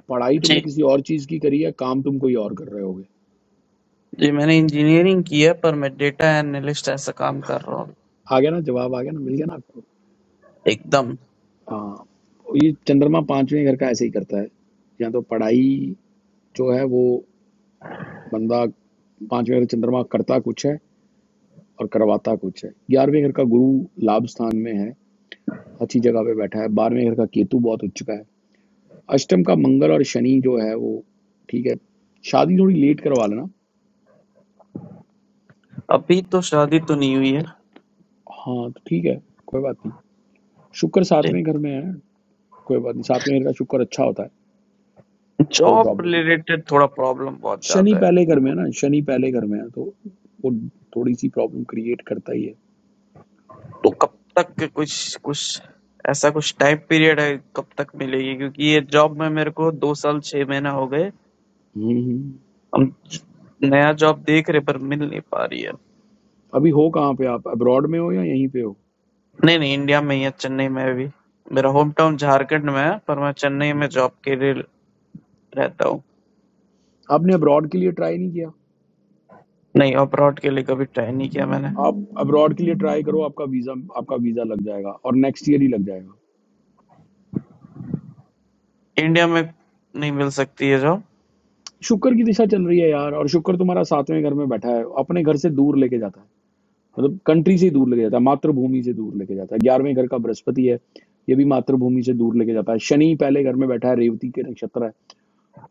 पढ़ाई
जी
तुमने किसी और चीज की करी है काम तुम कोई और कर रहे होगे
जी मैंने इंजीनियरिंग किया पर मैं डेटा एनालिस्ट ऐसा काम कर रहा हूँ
आ गया ना जवाब आ गया ना मिल गया ना आपको।
एकदम
हाँ ये चंद्रमा पांचवें घर का ऐसे ही करता है या तो पढ़ाई जो है वो बंदा पांचवें घर चंद्रमा करता कुछ है और करवाता कुछ है ग्यारहवें घर का गुरु लाभ स्थान में है अच्छी जगह पे बैठा है बारहवें घर का केतु बहुत उच्च का है अष्टम का मंगल और शनि जो है वो ठीक है शादी थोड़ी लेट करवा लेना
अभी तो शादी तो नहीं हुई
हाँ तो ठीक है कोई बात नहीं शुक्र
है
सातवें घर में है कोई बात नहीं सातवें घर का शुक्र अच्छा होता है कोई
जॉब
प्रॉब्लम
रिलेटेड थोड़ा प्रॉब्लम बहुत
शनि
ज्यादा
पहले घर
है
में है ना शनि पहले घर में है तो वो थोड़ी सी प्रॉब्लम क्रिएट करता ही है
तो कब तक कुछ कुछ ऐसा कुछ टाइम पीरियड है कब तक मिलेगी क्योंकि ये जॉब में मेरे को दो साल छह महीना हो गए हम नया जॉब देख रहे पर मिल नहीं पा रही है
अभी हो कहाँ पे आप अब्रॉड में हो या यहीं पे हो
नहीं नहीं इंडिया में ही है चेन्नई में अभी मेरा होम टाउन झारखंड में है पर मैं चेन्नई में जॉब के लिए रहता हूँ
आपने अब्रॉड के लिए ट्राई नहीं किया
नहीं अब्रॉड के लिए कभी ट्राई नहीं किया मैंने
आप अब्रॉड के लिए ट्राई करो आपका वीजा आपका वीजा लग जाएगा और नेक्स्ट ईयर ही लग जाएगा
इंडिया में नहीं मिल सकती है जॉब
शुक्र की दिशा चल रही है यार और शुक्र तुम्हारा सातवें घर में बैठा है अपने घर से दूर लेके जाता है मतलब कंट्री से दूर लेके जाता है मातृभूमि से दूर लेके जाता है ग्यारहवें घर का बृहस्पति है ये भी मातृभूमि से दूर लेके जाता है शनि पहले घर में बैठा है रेवती के नक्षत्र है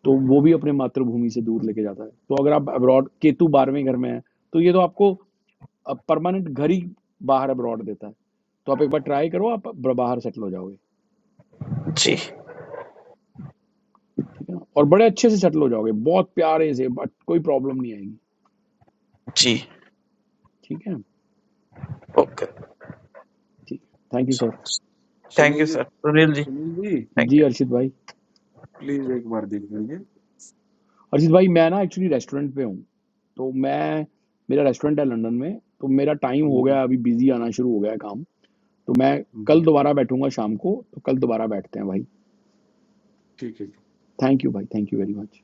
तो वो भी अपने मातृभूमि से दूर लेके जाता है तो अगर आप अब्रॉड केतु बारहवें घर में है तो ये तो आपको परमानेंट घर ही बाहर अब्रॉड देता है तो आप एक बार ट्राई करो आप ब- बाहर सेटल हो जाओगे
जी
ठीक है ना और बड़े अच्छे से सेटल हो जाओगे बहुत प्यारे से बट कोई प्रॉब्लम नहीं आएगी
जी
ठीक है
ओके
ठीक thank you sir
thank you
Sunil ji,
sir Sunil ji
Sunil ji,
thank you
जी अर्षित भाई
please एक बार देखेंगे.
अर्षित भाई मैं ना एक्चुअली रेस्टोरेंट पे हूँ तो मैं मेरा रेस्टोरेंट है लंदन में तो मेरा टाइम हो
हम्म,
गया अभी बिजी आना शुरू हो गया है काम तो मैं कल
हम्म,
दोबारा बैठूंगा शाम को तो कल दोबारा बैठते हैं भाई
ठीक, ठीक.
Thank you, bhai. Thank you very much.